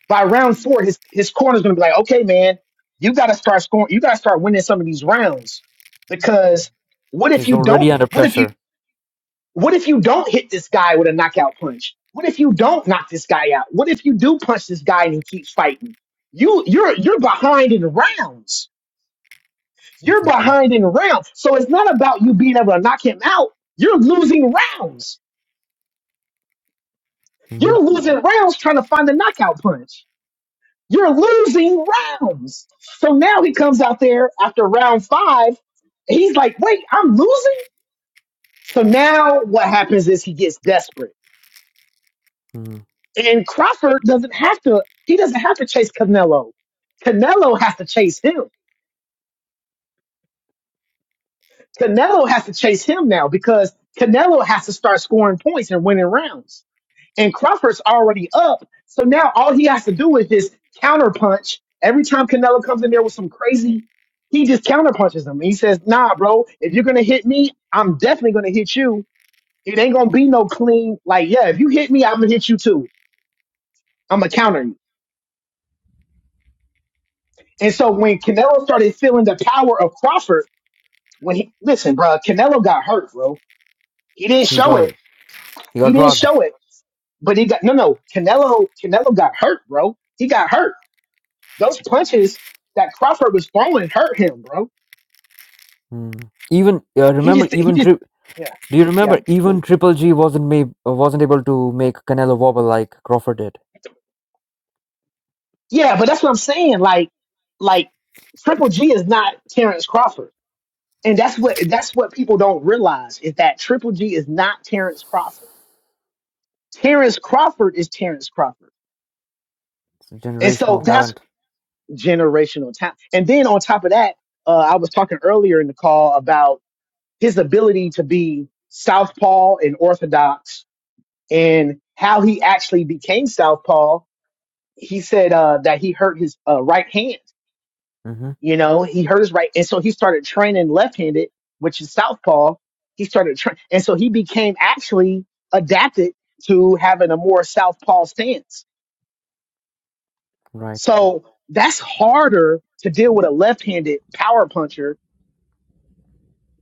[SPEAKER 1] by round four, his his corner's gonna be like, okay, man, you gotta start scoring. You gotta start winning some of these rounds because what if
[SPEAKER 3] he's
[SPEAKER 1] you don't?
[SPEAKER 3] already under
[SPEAKER 1] What if you?
[SPEAKER 3] pressure.
[SPEAKER 1] What if you don't hit this guy with a knockout punch? What if you don't knock this guy out? What if you do punch this guy and he keeps fighting? You you're you're behind in rounds. You're
[SPEAKER 3] Exactly.
[SPEAKER 1] behind in rounds. So it's not about you being able to knock him out. You're losing rounds.
[SPEAKER 3] hmm
[SPEAKER 1] You're losing rounds trying to find the knockout punch. You're losing rounds. So now he comes out there after round five. He's like, wait, I'm losing? So now what happens is he gets desperate
[SPEAKER 3] Mm.
[SPEAKER 1] And Crawford doesn't have to, he doesn't have to chase Canelo. Canelo has to chase him. Canelo has to chase him now because Canelo has to start scoring points and winning rounds. And Crawford's already up. So now all he has to do is just counterpunch. Every time Canelo comes in there with some crazy, he just counterpunches him. He says, nah, bro, if you're going to hit me, I'm definitely going to hit you. It ain't going to be no clean, like, yeah, if you hit me, I'm going to hit you too. I'm going to counter you. And so when Canelo started feeling the power of Crawford, when he listen, bro, Canelo got hurt, bro. He didn't
[SPEAKER 3] He
[SPEAKER 1] show
[SPEAKER 3] got
[SPEAKER 1] it.
[SPEAKER 3] it. He
[SPEAKER 1] He
[SPEAKER 3] got
[SPEAKER 1] didn't
[SPEAKER 3] rocked.
[SPEAKER 1] show it. But he got no, no. Canelo, Canelo got hurt, bro. He got hurt. Those punches that Crawford was throwing hurt him, bro.
[SPEAKER 3] Mm. Even uh,
[SPEAKER 1] He
[SPEAKER 3] remember,
[SPEAKER 1] just, he
[SPEAKER 3] even
[SPEAKER 1] just,
[SPEAKER 3] tri-
[SPEAKER 1] yeah,
[SPEAKER 3] do you
[SPEAKER 1] yeah,
[SPEAKER 3] remember? Even Triple G wasn't made, wasn't able to make Canelo wobble like Crawford did.
[SPEAKER 1] yeah. But that's what I'm saying. Like, like Triple G is not Terrence Crawford, and that's what that's what people don't realize is that Triple G is not Terrence Crawford. Terrence Crawford is Terrence Crawford.
[SPEAKER 3] It's a
[SPEAKER 1] And
[SPEAKER 3] generational
[SPEAKER 1] so that's
[SPEAKER 3] talent.
[SPEAKER 1] generational talent. And then on top of that, uh, I was talking earlier in the call about his ability to be southpaw and orthodox, and how he actually became southpaw. He said uh, that he hurt his uh, right hand.
[SPEAKER 3] hmm
[SPEAKER 1] You know, he hurt his right, and so he started training left-handed, which is southpaw. He started, training, and so he became actually adapted to having a more southpaw stance.
[SPEAKER 3] Right.
[SPEAKER 1] So that's harder to deal with a left-handed power puncher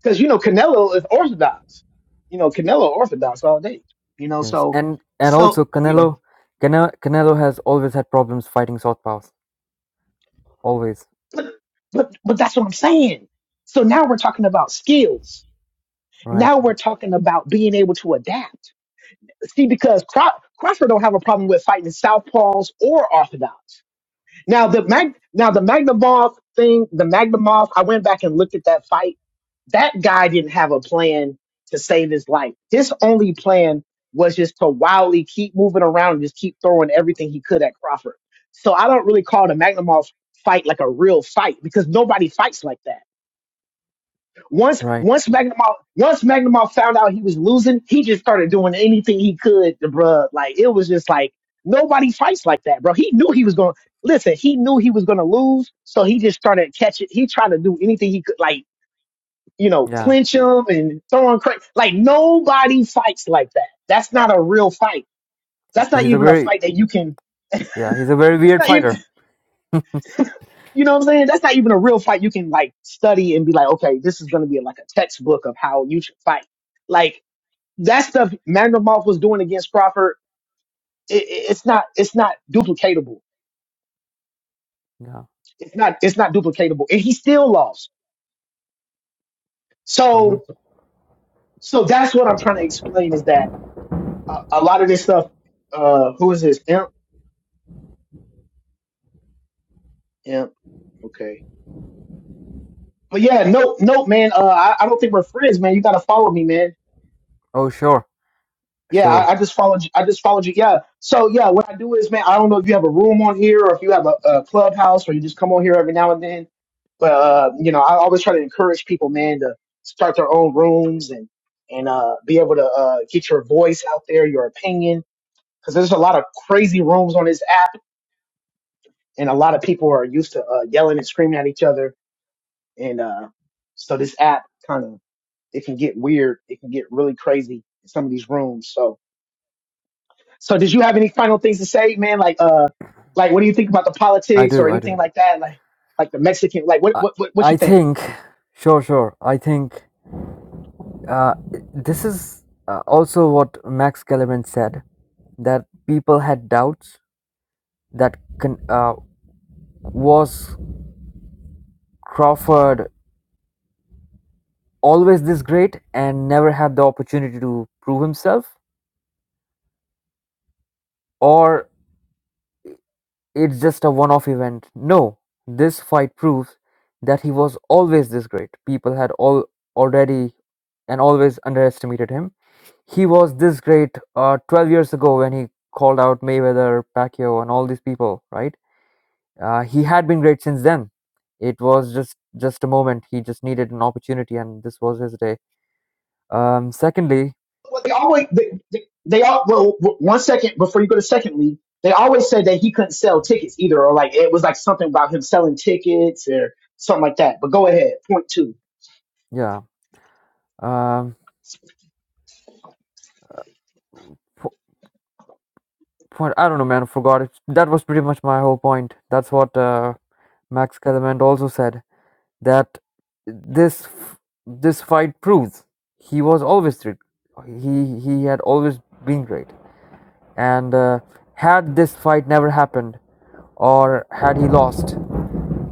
[SPEAKER 1] because you know Canelo is Orthodox. You know Canelo Orthodox all day. You know,
[SPEAKER 3] Yes,
[SPEAKER 1] so
[SPEAKER 3] and and
[SPEAKER 1] so
[SPEAKER 3] also
[SPEAKER 1] you know,
[SPEAKER 3] Canelo, Canelo, Canelo has always had problems fighting southpaws. Always.
[SPEAKER 1] but but but that's what I'm saying. So now we're talking about skills.
[SPEAKER 3] Right.
[SPEAKER 1] Now we're talking about being able to adapt. See, because Craw- Crawford don't have a problem with fighting southpaws or Orthodox. Now the Mag, now the Magnavov thing, the Magnavov, I went back and looked at that fight. That guy didn't have a plan to save his life. His only plan was just to wildly keep moving around and just keep throwing everything he could at Crawford. So I don't really call the Magnavov fight like a real fight because nobody fights like that. Once
[SPEAKER 3] Right.
[SPEAKER 1] once Magnemar once Magnemar found out he was losing, he just started doing anything he could to bruh. Like it was just like nobody fights like that, bro. He knew he was gonna listen, he knew he was gonna lose, so he just started catching he tried to do anything he could like, you know,
[SPEAKER 3] Yeah.
[SPEAKER 1] clinch him and throw him cra Like nobody fights like that. That's not a real fight. That's not
[SPEAKER 3] He's a
[SPEAKER 1] even a
[SPEAKER 3] very
[SPEAKER 1] fight that you can
[SPEAKER 3] yeah. He's a very
[SPEAKER 1] that's
[SPEAKER 3] weird
[SPEAKER 1] not even
[SPEAKER 3] fighter.
[SPEAKER 1] you know what I'm saying? That's not even a real fight you can like study and be like, okay, this is gonna be like a textbook of how you should fight. Like that stuff Magnavoff was doing against Crawford, it, it- it's not it's not duplicatable.
[SPEAKER 3] Yeah.
[SPEAKER 1] It's not it's not duplicatable, and he still lost.
[SPEAKER 3] hmm
[SPEAKER 1] So so that's what I'm trying to explain is that a, a lot of this stuff. Uh, who is this? Imp, imp. Okay, but yeah, nope, nope, man. Uh, I, I don't think we're friends, man. You gotta follow me, man.
[SPEAKER 3] Oh sure,
[SPEAKER 1] Yeah,
[SPEAKER 3] sure.
[SPEAKER 1] I, I just followed you. I just followed you. Yeah. So yeah, what I do is, man, I don't know if you have a room on here or if you have a, a clubhouse or you just come on here every now and then. But uh, you know, I always try to encourage people, man, to start their own rooms and and uh, be able to uh, get your voice out there, your opinion, because there's a lot of crazy rooms on this app, and a lot of people are used to uh, yelling and screaming at each other, and uh, so this app kind of it can get weird, it can get really crazy in some of these rooms. So So did you have any final things to say, man? Like uh like what do you think about the
[SPEAKER 3] I
[SPEAKER 1] politics or
[SPEAKER 3] do. I
[SPEAKER 1] anything
[SPEAKER 3] do.
[SPEAKER 1] like that? Like like the Mexican like what
[SPEAKER 3] I
[SPEAKER 1] what what, what you
[SPEAKER 3] I
[SPEAKER 1] think?
[SPEAKER 3] think sure, sure. I think uh, this is uh, also what Max Kellerman said that people had doubts that can uh, was Crawford always this great and never had the opportunity to prove himself? Or it's just a one off event? No, this fight proves that he was always this great. People had all already and always underestimated him. He was this great uh, 12 years ago when he called out Mayweather, Pacquiao, and all these people, right? Uh, he had been great since then. It was just just a moment. He just needed an opportunity, and this was his day. Um, secondly,
[SPEAKER 1] Well, they always they, they, they all well w- one second before you go to secondly, they always said that he couldn't sell tickets either or like it was like something about him selling tickets or something like that. But go ahead, point 2.
[SPEAKER 3] yeah, um, What I don't know, man. I forgot it. That was pretty much my whole point. That's what uh, Max Kellerman also said that this this fight proves he was always great. He he had always been great, and uh, had this fight never happened, or had he lost,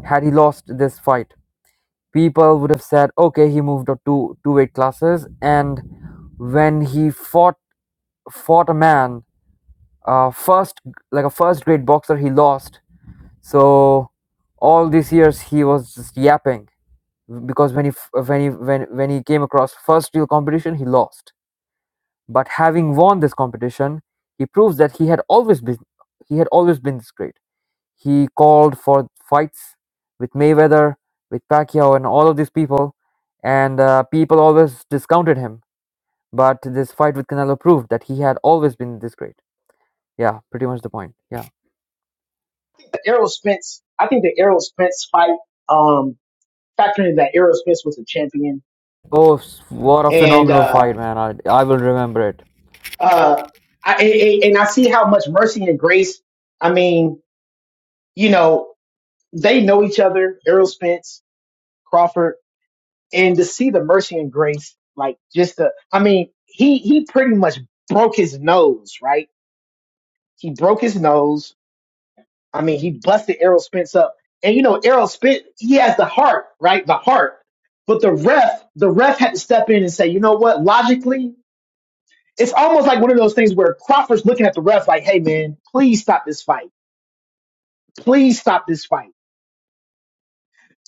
[SPEAKER 3] had he lost this fight, people would have said, okay, he moved up to two weight classes, and when he fought fought a man, uh, first like a first grade boxer, he lost So all these years he was just yapping because when he f- when he when when he came across first real competition he lost. But having won this competition, he proves that he had always been he had always been this great. He called for fights with Mayweather, with Pacquiao, and all of these people, and uh, people always discounted him. But this fight with Canelo proved that he had always been this great. Yeah, pretty much the point. Yeah.
[SPEAKER 1] The Errol Spence, I think the Errol Spence fight um factoring that Errol Spence was a champion
[SPEAKER 3] Oh, s- what a
[SPEAKER 1] and
[SPEAKER 3] phenomenal
[SPEAKER 1] uh
[SPEAKER 3] fight, man! I I will remember it.
[SPEAKER 1] uh I, and and- and I see how much mercy and grace. I mean, you know, they know each other, Errol Spence, Crawford, and to see the mercy and grace, like just the, I mean, he, he pretty much broke his nose, right? He broke his nose. I mean, he busted Errol Spence up. And you know, Errol Spence, he has the heart, right? The heart. But the ref, the ref had to step in and say, you know what? Logically, it's almost like one of those things where Crawford's looking at the ref like, hey man, please stop this fight. Please stop this fight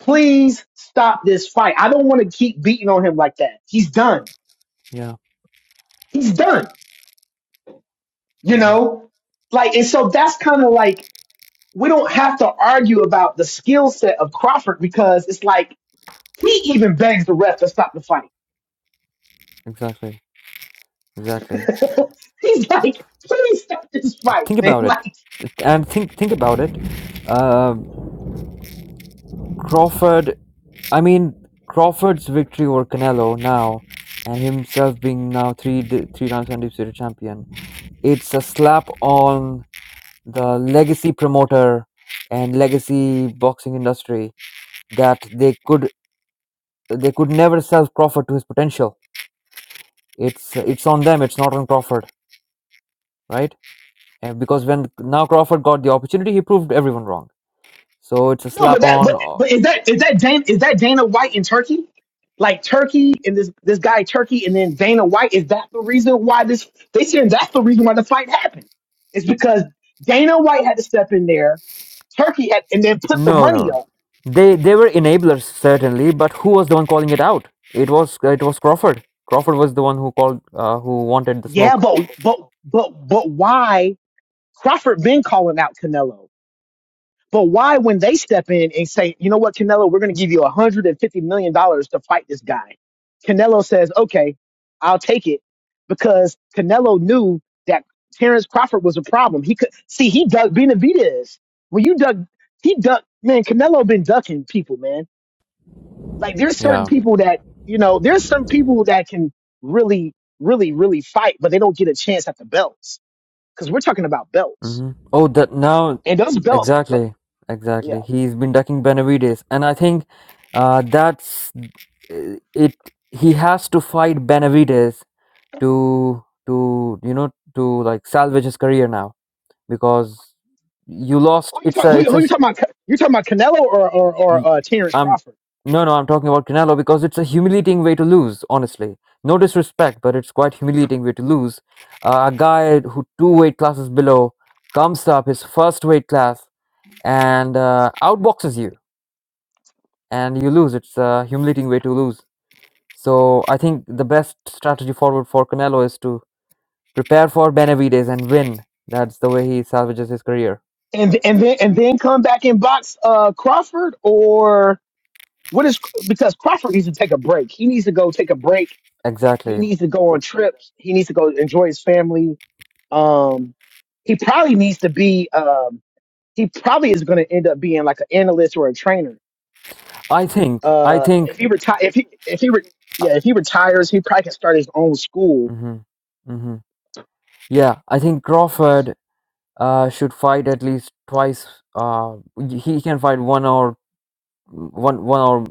[SPEAKER 1] please stop this fight. I don't want to keep beating on him like that. He's done.
[SPEAKER 3] Yeah,
[SPEAKER 1] He's done. You
[SPEAKER 3] hmm
[SPEAKER 1] know? Like, and so that's kind of like, we don't have to argue about the skill set of Crawford because it's like, he even begs the ref to stop the fight.
[SPEAKER 3] exactly, exactly.
[SPEAKER 1] He's like, please stop this fight,
[SPEAKER 3] Think
[SPEAKER 1] man.
[SPEAKER 3] about it,
[SPEAKER 1] Like,
[SPEAKER 3] and think think about it. Uh, Crawford, I mean Crawford's victory over Canelo now, and himself being now three d- three times undisputed champion. It's a slap on the legacy promoter and legacy boxing industry that they could they could never sell Crawford to his potential. It's it's on them. It's not on Crawford, right? And because when now Crawford got the opportunity, he proved everyone wrong. So it's a
[SPEAKER 1] No, but
[SPEAKER 3] slap
[SPEAKER 1] that
[SPEAKER 3] on.
[SPEAKER 1] but
[SPEAKER 3] or-
[SPEAKER 1] but is that is that Dana, is that Dana White in Turkey? Like Turkey and this this guy Turkey and then Dana White is that the reason why this they saying that's the reason why the fight happened? It's because Dana White had to step in there, Turkey had and then put the
[SPEAKER 3] No, no,
[SPEAKER 1] money
[SPEAKER 3] no.
[SPEAKER 1] up.
[SPEAKER 3] They they were enablers certainly, but who was the one calling it out? It was it was Crawford. Crawford was the one who called uh, who wanted the
[SPEAKER 1] Yeah,
[SPEAKER 3] smoke.
[SPEAKER 1] but but but but why Crawford been calling out Canelo? But why, when they step in and say, you know what, Canelo, we're going to give you $150 million dollars to fight this guy, Canelo says, okay, I'll take it because Canelo knew that Terrence Crawford was a problem. He could see he ducked Benavidez. When you duck, he ducked, man, Canelo been ducking people, man. Like there's certain
[SPEAKER 3] Yeah.
[SPEAKER 1] people that, you know, there's some people that can really, really, really fight, but they don't get a chance at the belts because we're talking about belts.
[SPEAKER 3] hmm Oh, that now
[SPEAKER 1] And those belts,
[SPEAKER 3] exactly,
[SPEAKER 1] yeah.
[SPEAKER 3] exactly. He's been ducking Benavides, and I think uh, that's uh, it. He has to fight Benavides to to you know to like salvage his career now because you lost.
[SPEAKER 1] Who you
[SPEAKER 3] It's
[SPEAKER 1] talk,
[SPEAKER 3] a
[SPEAKER 1] who,
[SPEAKER 3] it's
[SPEAKER 1] who
[SPEAKER 3] a
[SPEAKER 1] you talking about? You talking about Canelo or or, or
[SPEAKER 3] hu-
[SPEAKER 1] uh, Terrence
[SPEAKER 3] I'm
[SPEAKER 1] Crawford?
[SPEAKER 3] no no I'm talking about Canelo because it's a humiliating way to lose. Honestly, no disrespect, but it's quite humiliating way to lose. Uh, a guy who two weight classes below comes up his first weight class and uh, outboxes you, and you lose. It's a humiliating way to lose. So I think the best strategy forward for Canelo is to prepare for Benavides and win. That's the way he salvages his career.
[SPEAKER 1] And and then and then come back and box uh, Crawford or what is because Crawford needs to take a break. He needs to go take a break. He
[SPEAKER 3] Exactly.
[SPEAKER 1] needs to go on trips. He needs to go enjoy his family. Um, he probably needs to be. Um, he probably is going to end up being like an analyst or a trainer.
[SPEAKER 3] I think I
[SPEAKER 1] Uh,
[SPEAKER 3] think
[SPEAKER 1] if he retire, if he if he re- yeah, if he retires, he probably can start his own school
[SPEAKER 3] hmm hmm Yeah, I think Crawford uh, should fight at least twice. Uh, y- he can fight one or one one or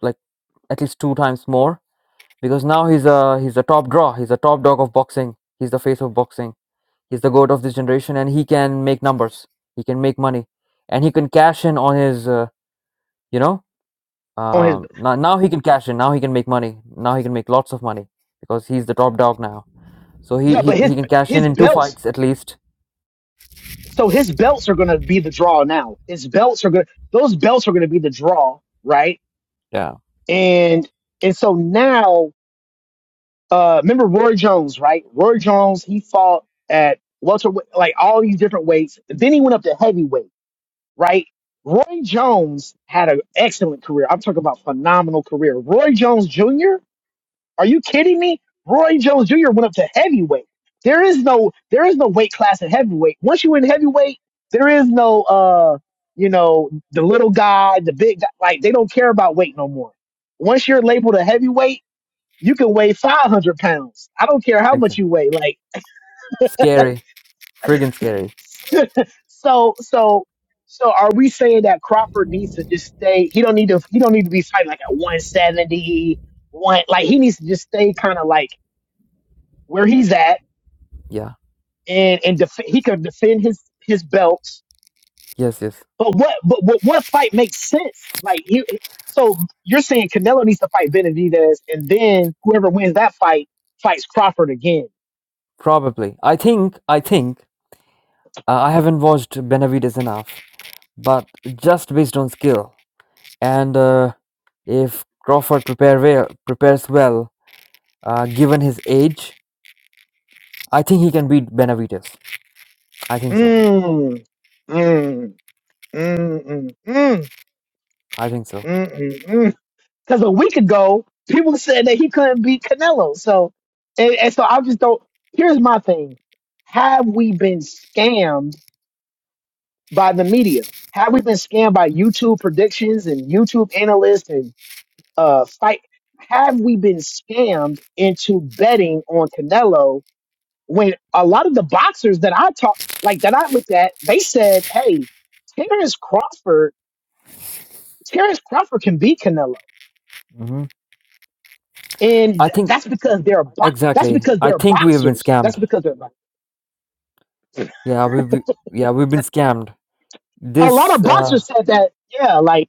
[SPEAKER 3] like at least two times more because now he's a he's a top draw. He's a top dog of boxing. He's the face of boxing. He's the goat of this generation, and he can make numbers. He can make money, and he can cash in on his. Uh, you know,
[SPEAKER 1] on his
[SPEAKER 3] um, now now he can cash in. Now he can make money. Now he can make lots of money because he's the top dog now. So he
[SPEAKER 1] yeah.
[SPEAKER 3] he,
[SPEAKER 1] But
[SPEAKER 3] he
[SPEAKER 1] his
[SPEAKER 3] can cash in
[SPEAKER 1] his
[SPEAKER 3] in two
[SPEAKER 1] belts
[SPEAKER 3] fights at least
[SPEAKER 1] so his belts are going to be the draw now. His belts are going those belts are going to be the draw, right?
[SPEAKER 3] Yeah,
[SPEAKER 1] And and so now, uh, remember Roy Jones, right? Roy Jones, he fought at welter, like all these different weights. Then he went up to heavyweight, right? Roy Jones had an excellent career. I'm talking about phenomenal career. Roy Jones Jr. Are you kidding me? Roy Jones Jr. went up to heavyweight. There is no there is no weight class in heavyweight. Once you in heavyweight, there is no uh you know the little guy, the big guy. Like they don't care about weight no more. Once you're labeled a heavyweight, you can weigh 500 pounds. I don't care how much
[SPEAKER 3] exactly.
[SPEAKER 1] you weigh. Like
[SPEAKER 3] Scary, friggin' scary.
[SPEAKER 1] so so so are we saying that Crawford needs to just stay he don't need to he don't need to be fighting like at 170 one like he needs to just stay kind of like where he's at
[SPEAKER 3] Yeah.
[SPEAKER 1] and and def- he could defend his his belts.
[SPEAKER 3] Yes, yes.
[SPEAKER 1] But what but what, what fight makes sense? Like you, so you're saying Canelo needs to fight Benavidez, and then whoever wins that fight fights Crawford again.
[SPEAKER 3] Probably. I think, I think, uh, I haven't watched Benavides enough, but just based on skill and uh, if Crawford prepare well, prepares well, uh, given his age, I think he can beat Benavides. I think so.
[SPEAKER 1] Mm, mm. Mm, mm, mm,
[SPEAKER 3] I think so.
[SPEAKER 1] mm, mm, mm. Because a week ago, people said that he couldn't beat Canelo. So, and, and so I just don't. Here's my thing: Have we been scammed by the media? Have we been scammed by YouTube predictions and YouTube analysts and uh fight? Have we been scammed into betting on Canelo when a lot of the boxers that I talked, like that I looked at, they said, "Hey, Terrence Crawford, Terrence Crawford can beat Canelo."
[SPEAKER 3] hmm
[SPEAKER 1] and
[SPEAKER 3] I
[SPEAKER 1] th-
[SPEAKER 3] think
[SPEAKER 1] that's because they're bo- that's
[SPEAKER 3] exactly.
[SPEAKER 1] because
[SPEAKER 3] I
[SPEAKER 1] they're
[SPEAKER 3] think we have been
[SPEAKER 1] boxers. That's
[SPEAKER 3] scammed.
[SPEAKER 1] because they're bo-
[SPEAKER 3] Yeah, we, we yeah we've been scammed.
[SPEAKER 1] a lot of
[SPEAKER 3] This uh,
[SPEAKER 1] boxers said that. Yeah, like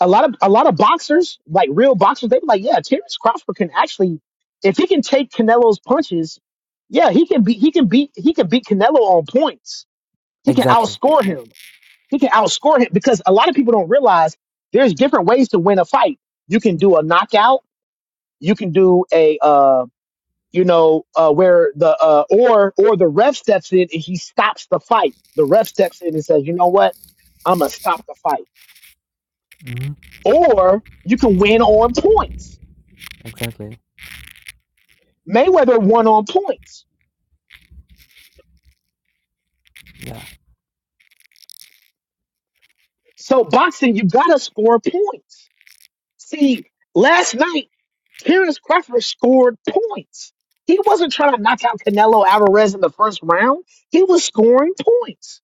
[SPEAKER 1] a lot of a lot of boxers, like real boxers, they were like, yeah, Terrence Crawford can actually, if he can take Canelo's punches, yeah, he can beat he can beat he can beat Canelo on points. He can
[SPEAKER 3] exactly.
[SPEAKER 1] outscore him. He can outscore him because a lot of people don't realize there's different ways to win a fight. You can do a knockout. You can do a uh, you know, uh, where the uh, or or the ref steps in and he stops the fight. The ref steps in and says, "You know what? I'm gonna stop the fight."
[SPEAKER 3] hmm
[SPEAKER 1] Or you can win on points.
[SPEAKER 3] Exactly.
[SPEAKER 1] Mayweather won on points.
[SPEAKER 3] Yeah.
[SPEAKER 1] So boxing, you gotta score points. See, last night Terrence Crawford scored points. He wasn't trying to knock out Canelo Alvarez in the first round. He was scoring points.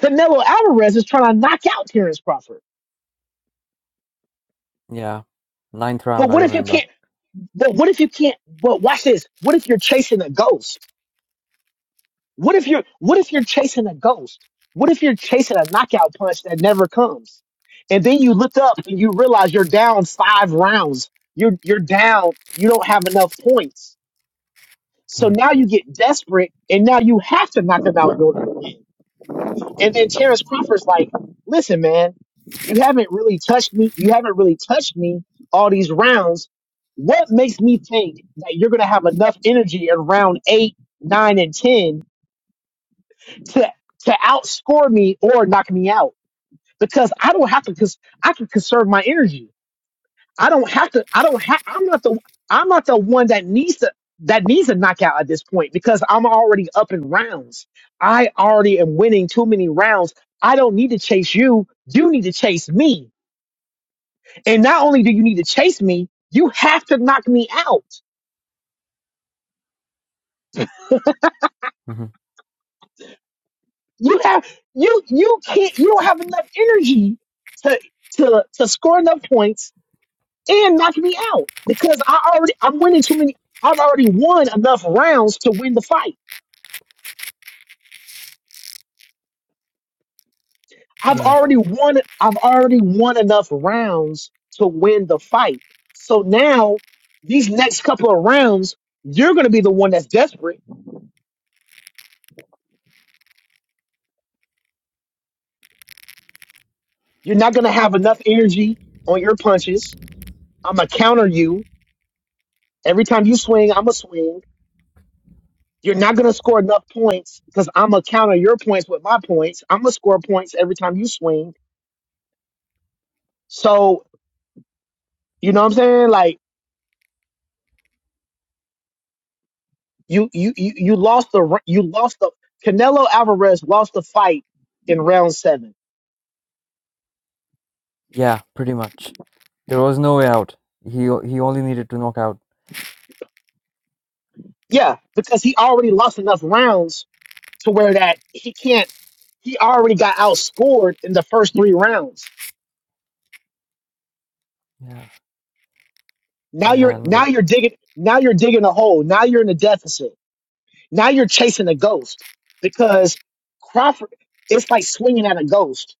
[SPEAKER 1] Canelo Alvarez is trying to knock out Terrence Crawford.
[SPEAKER 3] Yeah. Ninth
[SPEAKER 1] But
[SPEAKER 3] round, I
[SPEAKER 1] what if you
[SPEAKER 3] remember.
[SPEAKER 1] can't? But what if you can't? But watch this. What if you're chasing a ghost? What if you're What if you're chasing a ghost? What if you're chasing a knockout punch that never comes? And then you look up and you realize you're down five rounds. You're you're down. You don't have enough points. So
[SPEAKER 3] Hmm.
[SPEAKER 1] now you get desperate, and now you have to knock him out. And then Terrence Crawford's like, listen, man, you haven't really touched me. You haven't really touched me all these rounds. What makes me think that you're going to have enough energy in round eight, nine, and 10 to, to outscore me or knock me out? Because I don't have to, because I can conserve my energy. I don't have to. I don't have. I'm not the. I'm not the one that needs to. That needs a knockout at this point because I'm already up in rounds. I already am winning too many rounds. I don't need to chase you. You need to chase me. And not only do you need to chase me, you have to knock me out.
[SPEAKER 3] hmm
[SPEAKER 1] You have you you can't. You don't have enough energy to to to score enough points and knock me out because I already I'm winning too many. I've already won enough rounds to win the fight. I've
[SPEAKER 3] Yeah.
[SPEAKER 1] already won. I've already won enough rounds to win the fight. So now, these next couple of rounds, you're going to be the one that's desperate. You're not going to have enough energy on your punches. I'm gonna counter you every time you swing. I'm gonna swing. You're not going to score enough points because I'm gonna counter your points with my points. I'm gonna score points every time you swing. So you know what I'm saying? Like you, you, you, you lost the. r- You lost the. Canelo Alvarez lost the fight in round seven.
[SPEAKER 3] Yeah, pretty much. There was no way out. He o- he only needed to knock out.
[SPEAKER 1] Yeah, because he already lost enough rounds to where that he can't. He already got outscored in the first three rounds.
[SPEAKER 3] Yeah.
[SPEAKER 1] Now you're now
[SPEAKER 3] And
[SPEAKER 1] you're digging now you're digging a hole. Now you're in a deficit. Now you're chasing a ghost because Crawford. It's like swinging at a ghost.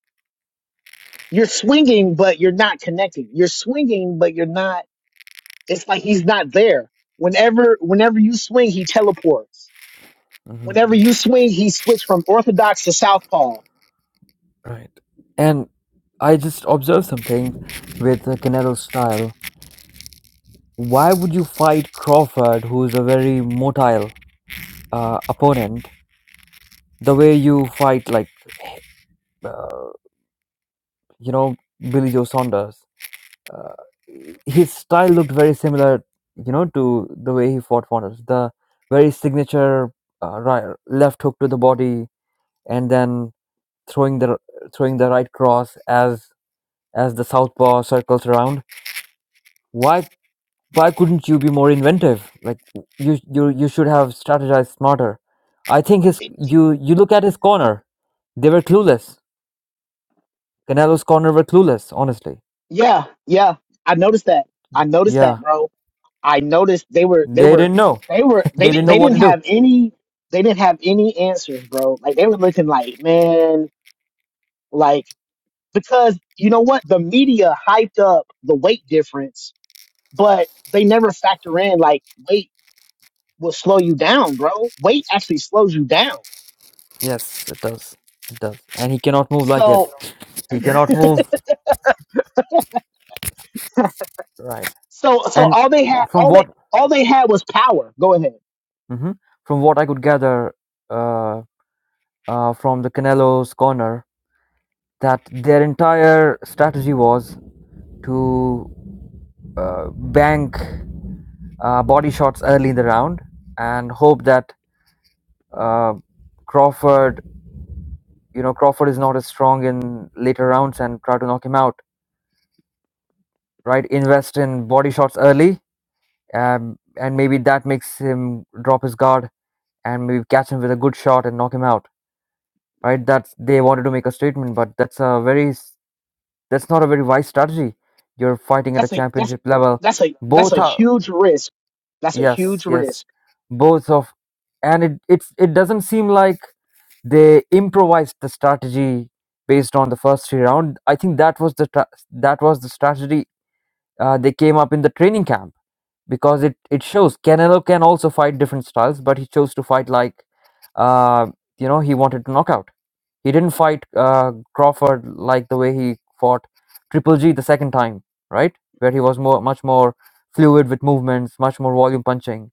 [SPEAKER 1] You're swinging, but you're not connecting. You're swinging, but you're not. It's like he's not there. Whenever whenever you swing, he teleports.
[SPEAKER 3] hmm
[SPEAKER 1] Whenever you swing, he switch from orthodox to southpaw
[SPEAKER 3] right. And I just observed something with uh, Canelo's style. Why would you fight Crawford, who's a very motile uh, opponent, the way you fight like uh, you know Billy Joe Saunders? uh, his style looked very similar, you know, to the way he fought Waters. The very signature uh, right, left hook to the body, and then throwing the throwing the right cross as as the southpaw circles around. Why why couldn't you be more inventive? Like you you you should have strategized smarter. I think his you you look at his corner. They were clueless. Canelo's corner were clueless. Honestly,
[SPEAKER 1] Yeah, yeah. I noticed that. I noticed that,
[SPEAKER 3] yeah,
[SPEAKER 1] bro. I noticed they were they
[SPEAKER 3] they
[SPEAKER 1] were
[SPEAKER 3] didn't know.
[SPEAKER 1] they were they
[SPEAKER 3] they
[SPEAKER 1] di-
[SPEAKER 3] didn't know
[SPEAKER 1] they
[SPEAKER 3] what
[SPEAKER 1] didn't
[SPEAKER 3] to do.
[SPEAKER 1] have any they didn't have any answers, bro. Like they were looking like, man, like because you know what? The media hyped up the weight difference, but they never factor in like weight will slow you down, bro. Weight actually slows you down.
[SPEAKER 3] Yes, it does. It does. And he cannot move like it.
[SPEAKER 1] So
[SPEAKER 3] He cannot move. Right.
[SPEAKER 1] so so
[SPEAKER 3] And
[SPEAKER 1] all they had
[SPEAKER 3] from
[SPEAKER 1] all
[SPEAKER 3] what
[SPEAKER 1] they all they had was power. Go ahead.
[SPEAKER 3] mhm, from what I could gather uh, uh, from the Canelo's corner, that their entire strategy was to uh, bank uh, body shots early in the round and hope that uh, Crawford, you know, Crawford is not as strong in later rounds and try to knock him out. Right? Invest in body shots early Um, and maybe that makes him drop his guard and maybe catch him with a good shot and knock him out. Right? That's they wanted to make a statement, but that's a very s- that's not a very wise strategy. You're fighting at a
[SPEAKER 1] That's a that's
[SPEAKER 3] championship level.
[SPEAKER 1] that's a that's a
[SPEAKER 3] Both are
[SPEAKER 1] huge risk. That's a
[SPEAKER 3] yes,
[SPEAKER 1] huge
[SPEAKER 3] yes,
[SPEAKER 1] risk.
[SPEAKER 3] both of, and it it's it doesn't seem like they improvised the strategy based on the first three round. I think that was the tra- that was the strategy uh, they came up in the training camp because it it shows Canelo can also fight different styles, but he chose to fight like, uh, you know, he wanted to knock out. He didn't fight uh, Crawford like the way he fought Triple G the second time, right? Where he was more much more fluid with movements, much more volume punching.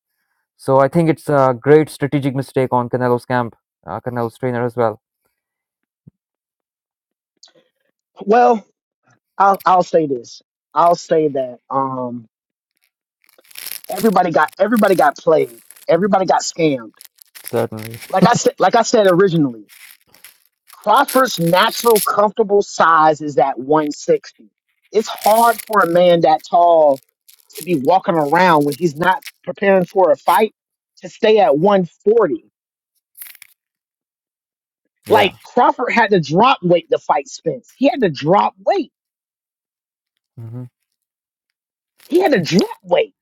[SPEAKER 3] So I think it's a great strategic mistake on Canelo's camp, uh, Canelo's trainer as well.
[SPEAKER 1] Well, I'll I'll say this. I'll say that um everybody got everybody got played. Everybody got scammed.
[SPEAKER 3] Certainly,
[SPEAKER 1] Like I said like I said originally, Crawford's natural comfortable size is at 160. It's hard for a man that tall to be walking around when he's not preparing for a fight to stay at 140. Like
[SPEAKER 3] yeah.
[SPEAKER 1] Crawford had to drop weight to fight Spence. He had to drop weight
[SPEAKER 3] hmm
[SPEAKER 1] He had to drop weight.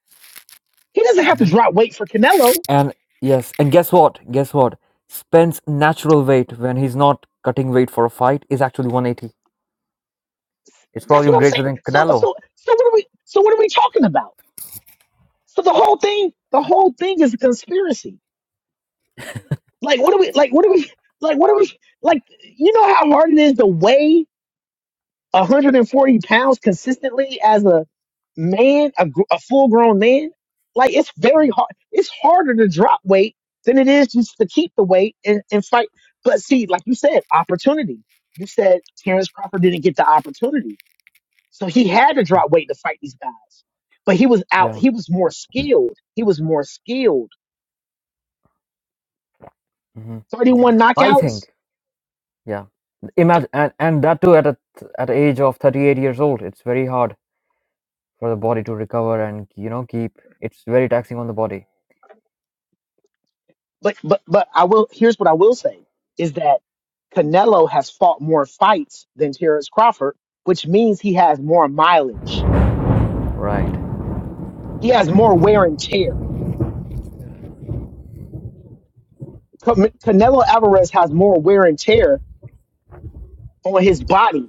[SPEAKER 1] He doesn't have to drop weight for Canelo.
[SPEAKER 3] And yes, and guess what? Guess what? Spence' natural weight when he's not cutting weight for a fight is actually 180. It's
[SPEAKER 1] That's
[SPEAKER 3] probably
[SPEAKER 1] what I'm
[SPEAKER 3] greater
[SPEAKER 1] saying.
[SPEAKER 3] than
[SPEAKER 1] So
[SPEAKER 3] Canelo.
[SPEAKER 1] so so what are we so what are we talking about? So the whole thing the whole thing is a conspiracy. Like what are we like what are we like what are we like you know how hard it is to weigh 140 pounds consistently as a man, a, gr- a full grown man, like it's very hard. It's harder to drop weight than it is just to keep the weight and, and fight. But see, like you said, opportunity. You said Terrence Crawford didn't get the opportunity. So he had to drop weight to fight these guys. But he was out,
[SPEAKER 3] Yeah,
[SPEAKER 1] he was more skilled. He was more skilled.
[SPEAKER 3] hmm
[SPEAKER 1] 31
[SPEAKER 3] I
[SPEAKER 1] knockouts
[SPEAKER 3] think. Yeah, imagine and, and that too at a th- at the age of 38 years old. It's very hard for the body to recover and you know keep. It's very taxing on the body.
[SPEAKER 1] But but but I will. Here's what I will say is that Canelo has fought more fights than Terrence Crawford, which means he has more mileage.
[SPEAKER 3] Right.
[SPEAKER 1] He has more wear and tear. Can- Canelo Alvarez has more wear and tear on his body.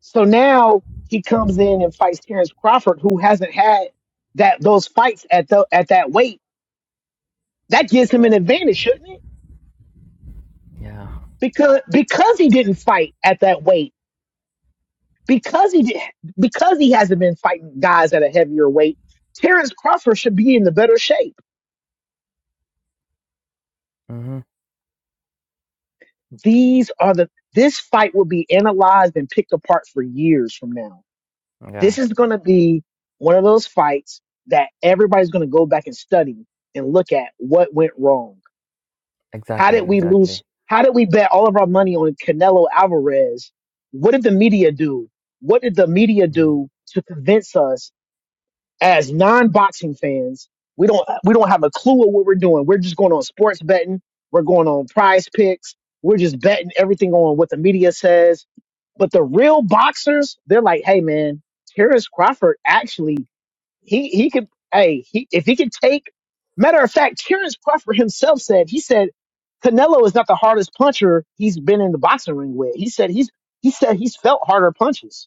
[SPEAKER 1] So now he comes in and fights Terrence Crawford, who hasn't had that those fights at the at that weight. That gives him an advantage, shouldn't it?
[SPEAKER 3] Yeah.
[SPEAKER 1] Because because he didn't fight at that weight because he did, because he hasn't been fighting guys at a heavier weight, Terrence Crawford should be in the better shape.
[SPEAKER 3] hmm
[SPEAKER 1] These are the this fight will be analyzed and picked apart for years from now. This
[SPEAKER 3] Yeah.
[SPEAKER 1] is going to be one of those fights that everybody's going to go back and study and look at what went wrong. How did
[SPEAKER 3] Exactly.
[SPEAKER 1] we
[SPEAKER 3] Exactly.
[SPEAKER 1] lose? How did we bet all of our money on Canelo Alvarez? What did the media do? What did the media
[SPEAKER 3] Mm.
[SPEAKER 1] do to convince us as non-boxing fans, we don't we don't have a clue of what we're doing. We're just going on sports betting. We're going on prize picks. We're just betting everything on what the media says. But the real boxers, they're like, hey man, Terrence Crawford actually he he could hey he if he could take matter of fact, Terrence Crawford himself said he said Canelo is not the hardest puncher he's been in the boxing ring with. He said he's he said he's felt harder punches.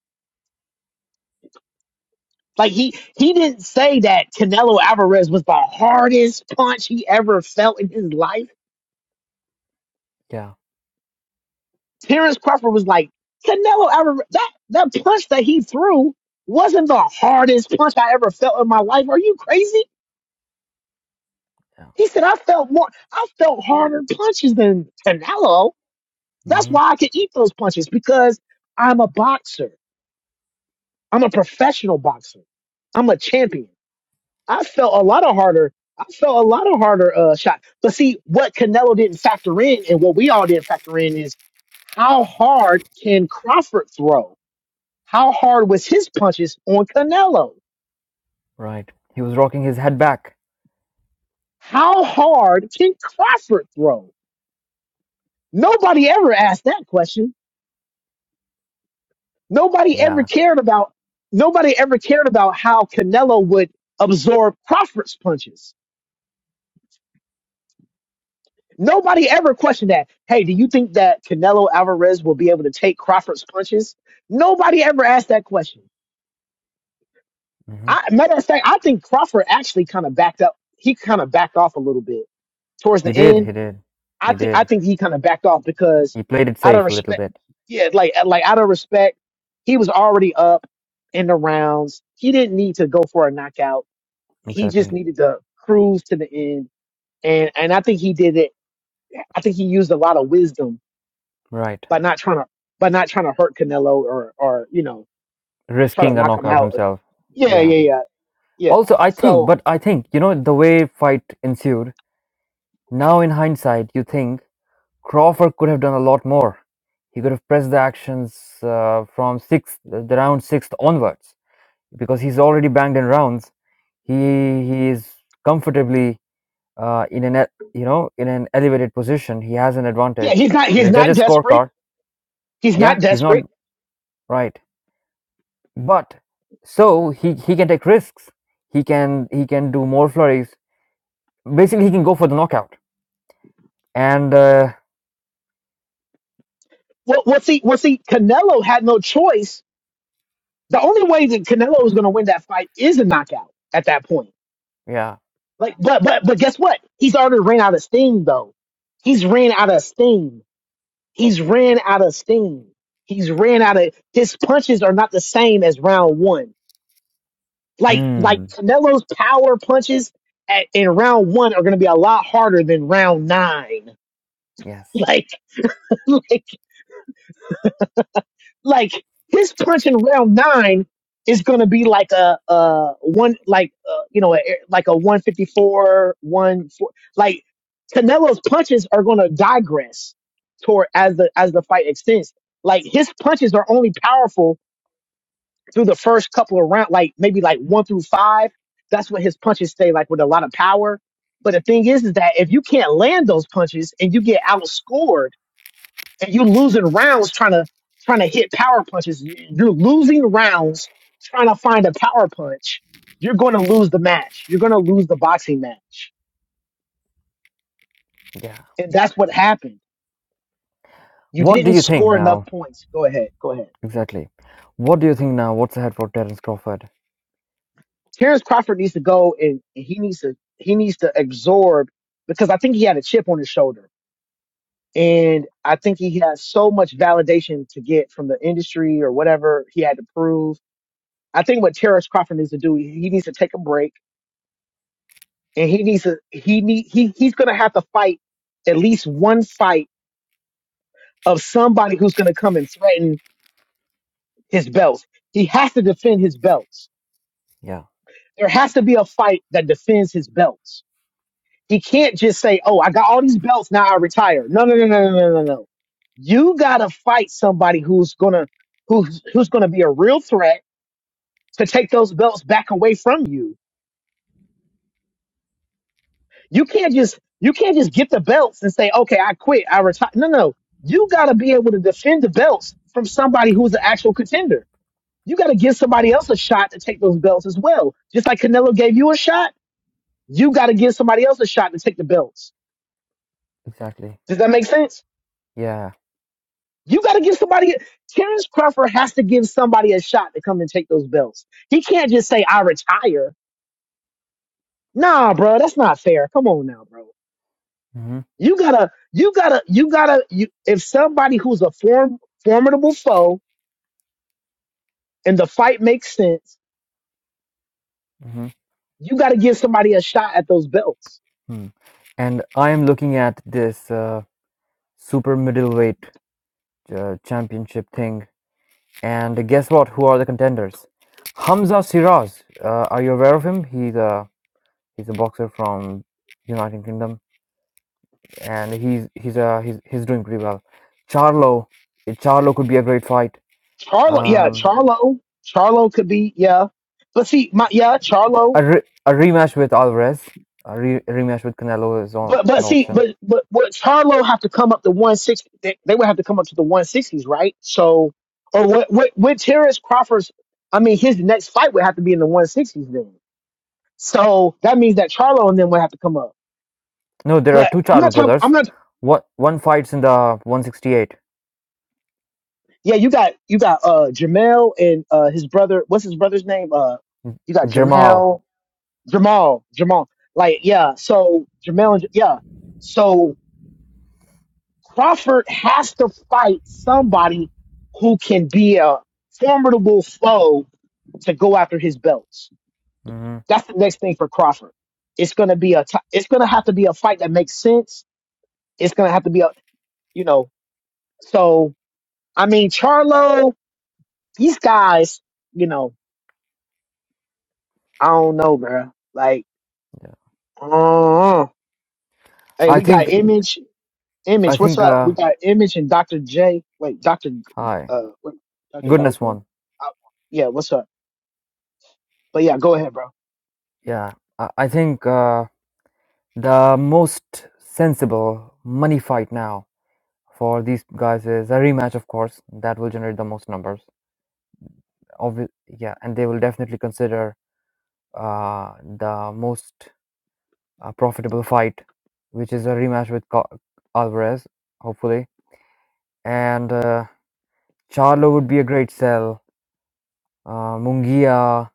[SPEAKER 1] Like he he didn't say that Canelo Alvarez was the hardest punch he ever felt in his life.
[SPEAKER 3] Yeah.
[SPEAKER 1] Terrence Crawford was like, Canelo Alvarez, that, that punch that he threw wasn't the hardest punch I ever felt in my life. Are you crazy?
[SPEAKER 3] Yeah.
[SPEAKER 1] He said, I felt more, I felt harder punches than Canelo. That's
[SPEAKER 3] hmm
[SPEAKER 1] why I could eat those punches because I'm a boxer. I'm a professional boxer. I'm a champion. I felt a lot of harder. I felt a lot of harder uh, shot. But see, what Canelo didn't factor in, and what we all didn't factor in, is how hard can Crawford throw? How hard was his punches on Canelo?
[SPEAKER 3] Right. He was rocking his head back.
[SPEAKER 1] How hard can Crawford throw? Nobody ever asked that question. Nobody ever
[SPEAKER 3] Yeah.
[SPEAKER 1] cared about. Nobody ever cared about how Canelo would absorb Crawford's punches Nobody ever questioned that. Hey, do you think that Canelo Alvarez will be able to take Crawford's punches? Nobody ever asked that question.
[SPEAKER 3] Mm-hmm.
[SPEAKER 1] I, matter of fact, I think Crawford actually kind of backed up. He kind of backed off a little bit towards
[SPEAKER 3] He
[SPEAKER 1] the
[SPEAKER 3] did,
[SPEAKER 1] end.
[SPEAKER 3] he did,
[SPEAKER 1] I
[SPEAKER 3] he
[SPEAKER 1] think I
[SPEAKER 3] did.
[SPEAKER 1] think he kind of backed off because
[SPEAKER 3] He played it
[SPEAKER 1] out of
[SPEAKER 3] safe a little
[SPEAKER 1] respect,
[SPEAKER 3] bit.
[SPEAKER 1] yeah, like like out of respect, he was already up in the rounds. He didn't need to go for a knockout. He just
[SPEAKER 3] Exactly.
[SPEAKER 1] needed to cruise to the end, and and I think he did it. I think he used a lot of wisdom
[SPEAKER 3] Right.
[SPEAKER 1] by not trying to by not trying to hurt Canelo or or you know try to
[SPEAKER 3] Risking a
[SPEAKER 1] knock him
[SPEAKER 3] knockout
[SPEAKER 1] out. Or,
[SPEAKER 3] himself.
[SPEAKER 1] yeah,
[SPEAKER 3] Yeah.
[SPEAKER 1] yeah, yeah, yeah.
[SPEAKER 3] Also, I think,
[SPEAKER 1] So
[SPEAKER 3] but I think, you know, the way fight ensued, now in hindsight, you think Crawford could have done a lot more. He could have pressed the actions uh, from sixth, the round sixth onwards, because he's already banged in rounds. He he is comfortably uh, in an e- you know in an elevated position. He has an
[SPEAKER 1] yeah,
[SPEAKER 3] advantage
[SPEAKER 1] he's not
[SPEAKER 3] in the
[SPEAKER 1] he's not
[SPEAKER 3] judges'
[SPEAKER 1] desperate.
[SPEAKER 3] scorecard.
[SPEAKER 1] He's
[SPEAKER 3] Yeah,
[SPEAKER 1] not
[SPEAKER 3] he's not
[SPEAKER 1] desperate.
[SPEAKER 3] Right. But so he he can take risks. He can he can do more flurries. Basically, he can go for the knockout. And uh,
[SPEAKER 1] Well, well, see, well, see, Canelo had no choice. The only way that Canelo was going to win that fight is a knockout at that point.
[SPEAKER 3] yeah.
[SPEAKER 1] Like, but but but guess what? He's already ran out of steam though. He's ran out of steam. He's ran out of steam. He's ran out of his punches are not the same as round one. Like like
[SPEAKER 3] Hmm.
[SPEAKER 1] Canelo's power punches at, in round one are going to be a lot harder than round nine.
[SPEAKER 3] Yes.
[SPEAKER 1] Like like like his punch in round nine is going to be like a uh one like uh, you know a, like a one fifty four one four like Canelo's punches are going to digress toward as the as the fight extends. Like his punches are only powerful through the first couple of rounds, like maybe like one through five, that's what his punches stay like with a lot of power. But the thing is, is that if you can't land those punches and you get outscored and you're losing rounds trying to trying to hit power punches, you- you're losing rounds trying to find a power punch. You're going to lose the match. You're going to lose the boxing match,
[SPEAKER 3] Yeah.
[SPEAKER 1] and that's what
[SPEAKER 3] Yeah.
[SPEAKER 1] happened. You
[SPEAKER 3] What do
[SPEAKER 1] didn't
[SPEAKER 3] you think
[SPEAKER 1] score enough
[SPEAKER 3] now?
[SPEAKER 1] points. Go ahead. Go ahead.
[SPEAKER 3] Exactly. What do you think now? What's ahead for Terence Crawford?
[SPEAKER 1] Terrence Crawford needs to go and and he needs to he needs to absorb because I think he had a chip on his shoulder And I think he has so much validation to get from the industry or whatever he had to prove. I think what Terrence Crawford needs to do, he needs to take a break and he needs to, he need, he, he's going to have to fight at least one fight of somebody who's going to come and threaten his belts. He has to defend his belts.
[SPEAKER 3] Yeah.
[SPEAKER 1] There has to be a fight that defends his belts. He can't just say, Oh, I got all these belts. Now I retire. No, no, no, no, no, no, no, no. You got to fight somebody who's going to, who's, who's going to be a real threat to take those belts back away from you. You can't just you can't just get the belts and say, okay, I quit, I retire. No, no, you got to be able to defend the belts from somebody who's an actual contender. You got to give somebody else a shot to take those belts as well. Just like Canelo gave you a shot, you got to give somebody else a shot to take the belts.
[SPEAKER 3] Exactly.
[SPEAKER 1] Does that make sense?
[SPEAKER 3] Yeah.
[SPEAKER 1] You got to give somebody. Terrence Crawford has to give somebody a shot to come and take those belts. He can't just say, "I retire." Nah, bro, that's not fair. Come on now, bro.
[SPEAKER 3] Mm-hmm.
[SPEAKER 1] You gotta, you gotta, you gotta. You, if somebody who's a form, formidable foe and the fight makes sense,
[SPEAKER 3] Mm-hmm.
[SPEAKER 1] you gotta give somebody a shot at those belts.
[SPEAKER 3] Hmm. And I am looking at this uh, super middleweight uh, championship thing And guess what? Who are the contenders? Hamza Siraz. Uh, are you aware of him? He's a he's a boxer from United Kingdom, and he's he's uh he's he's doing pretty well. Charlo, eh, Charlo could be a great fight.
[SPEAKER 1] Charlo, yeah,
[SPEAKER 3] Um,
[SPEAKER 1] Charlo, Charlo could be, yeah, but see, my, yeah, Charlo,
[SPEAKER 3] a, re- a rematch with Alvarez, a re- rematch with Canelo is on,
[SPEAKER 1] but
[SPEAKER 3] an
[SPEAKER 1] but see,
[SPEAKER 3] option.
[SPEAKER 1] but but what Charlo have to come up to one sixty? They, they would have to come up to the one sixties, right? So, or what? What? What? Terrence Crawford's, I mean, his next fight would have to be in the one sixties then. So that means that Charlo and then would have to come up.
[SPEAKER 3] No, there are
[SPEAKER 1] But
[SPEAKER 3] two
[SPEAKER 1] I'm not
[SPEAKER 3] Charlo
[SPEAKER 1] talking. I'm
[SPEAKER 3] brothers.
[SPEAKER 1] not
[SPEAKER 3] What one fights in the 168?
[SPEAKER 1] Yeah, you got you got uh Jamel and uh his brother. What's his brother's name? Uh, you got
[SPEAKER 3] Jamal.
[SPEAKER 1] Jamel, Jamal, Jamal. Like yeah, so Jamel and J- yeah, so Crawford has to fight somebody who can be a formidable foe to go after his belts.
[SPEAKER 3] hmm
[SPEAKER 1] That's the next thing for Crawford. It's gonna be a. T- it's gonna have to be a fight that makes sense. It's gonna have to be a. You know. So I mean, Charlo. These guys. You know. I don't know, bro. Like, uh, hey,
[SPEAKER 3] I
[SPEAKER 1] we got
[SPEAKER 3] think
[SPEAKER 1] Image.
[SPEAKER 3] I
[SPEAKER 1] Image, what's
[SPEAKER 3] think
[SPEAKER 1] up?
[SPEAKER 3] uh
[SPEAKER 1] We got Image and Dr. J. Wait, Dr.
[SPEAKER 3] hi
[SPEAKER 1] Uh, what? Dr. Got us
[SPEAKER 3] goodness
[SPEAKER 1] one.
[SPEAKER 3] one.
[SPEAKER 1] Uh, yeah, what's up? But yeah, go ahead, bro.
[SPEAKER 3] Yeah, I, I think. Uh, The most sensible money fight now for these guys is a rematch, of course. That will generate the most numbers. Obvi- yeah, and they will definitely consider uh, the most uh, profitable fight, which is a rematch with Co- Alvarez, hopefully. And uh, Charlo would be a great sell. Uh, Mungia,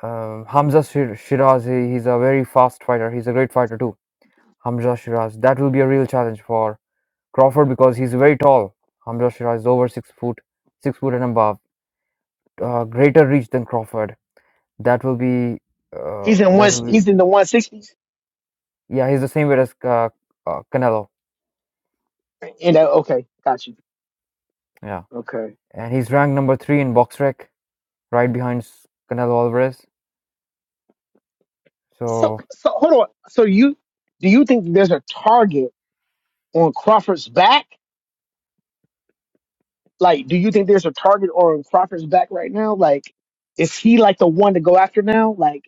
[SPEAKER 3] um Hamza Shir- Shiraz, he, he's a very fast fighter. He's a great fighter too. Hamza Shiraz. That will be a real challenge for Crawford because he's very tall. Hamza Shira is over six foot, six foot and above. Uh, greater reach than Crawford. That will be. Uh,
[SPEAKER 1] He's in
[SPEAKER 3] that
[SPEAKER 1] one.
[SPEAKER 3] will be.
[SPEAKER 1] He's in the one sixties.
[SPEAKER 3] Yeah, he's the same weight as uh, uh, Canelo.
[SPEAKER 1] And uh, okay, got you.
[SPEAKER 3] Yeah,
[SPEAKER 1] Okay.
[SPEAKER 3] and he's ranked number three in boxrec, right behind s- Canelo Alvarez.
[SPEAKER 1] So,
[SPEAKER 3] So
[SPEAKER 1] so hold on. So you, do you think there's a target on Crawford's back? Like, do you think there's a target on Crawford's back right now? Like, is he like the one to go after now? Like.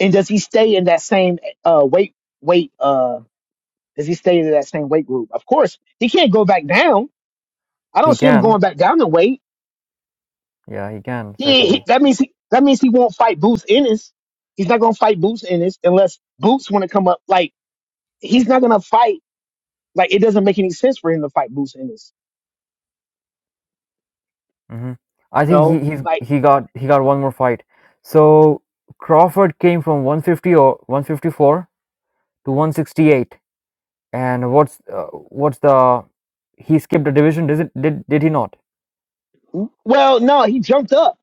[SPEAKER 1] And does he stay in that same uh weight weight uh does he stay in that same weight group? Of course, he can't go back down. I don't
[SPEAKER 3] he
[SPEAKER 1] see him
[SPEAKER 3] can.
[SPEAKER 1] going back down in weight.
[SPEAKER 3] Yeah, he can
[SPEAKER 1] He, he
[SPEAKER 3] certainly.
[SPEAKER 1] that means he that means he won't fight Boots Ennis. He's not gonna fight Boots Ennis unless Boots want to come up. Like he's not gonna fight. Like it doesn't make any sense for him to fight Boots Ennis.
[SPEAKER 3] hmm I
[SPEAKER 1] You
[SPEAKER 3] think he
[SPEAKER 1] know,
[SPEAKER 3] he's,
[SPEAKER 1] like
[SPEAKER 3] he got he got one more fight. So Crawford came from 150 or 154 to 168. And what's uh, what's the he skipped a division? Did it, did did he not?
[SPEAKER 1] well, no, he jumped up.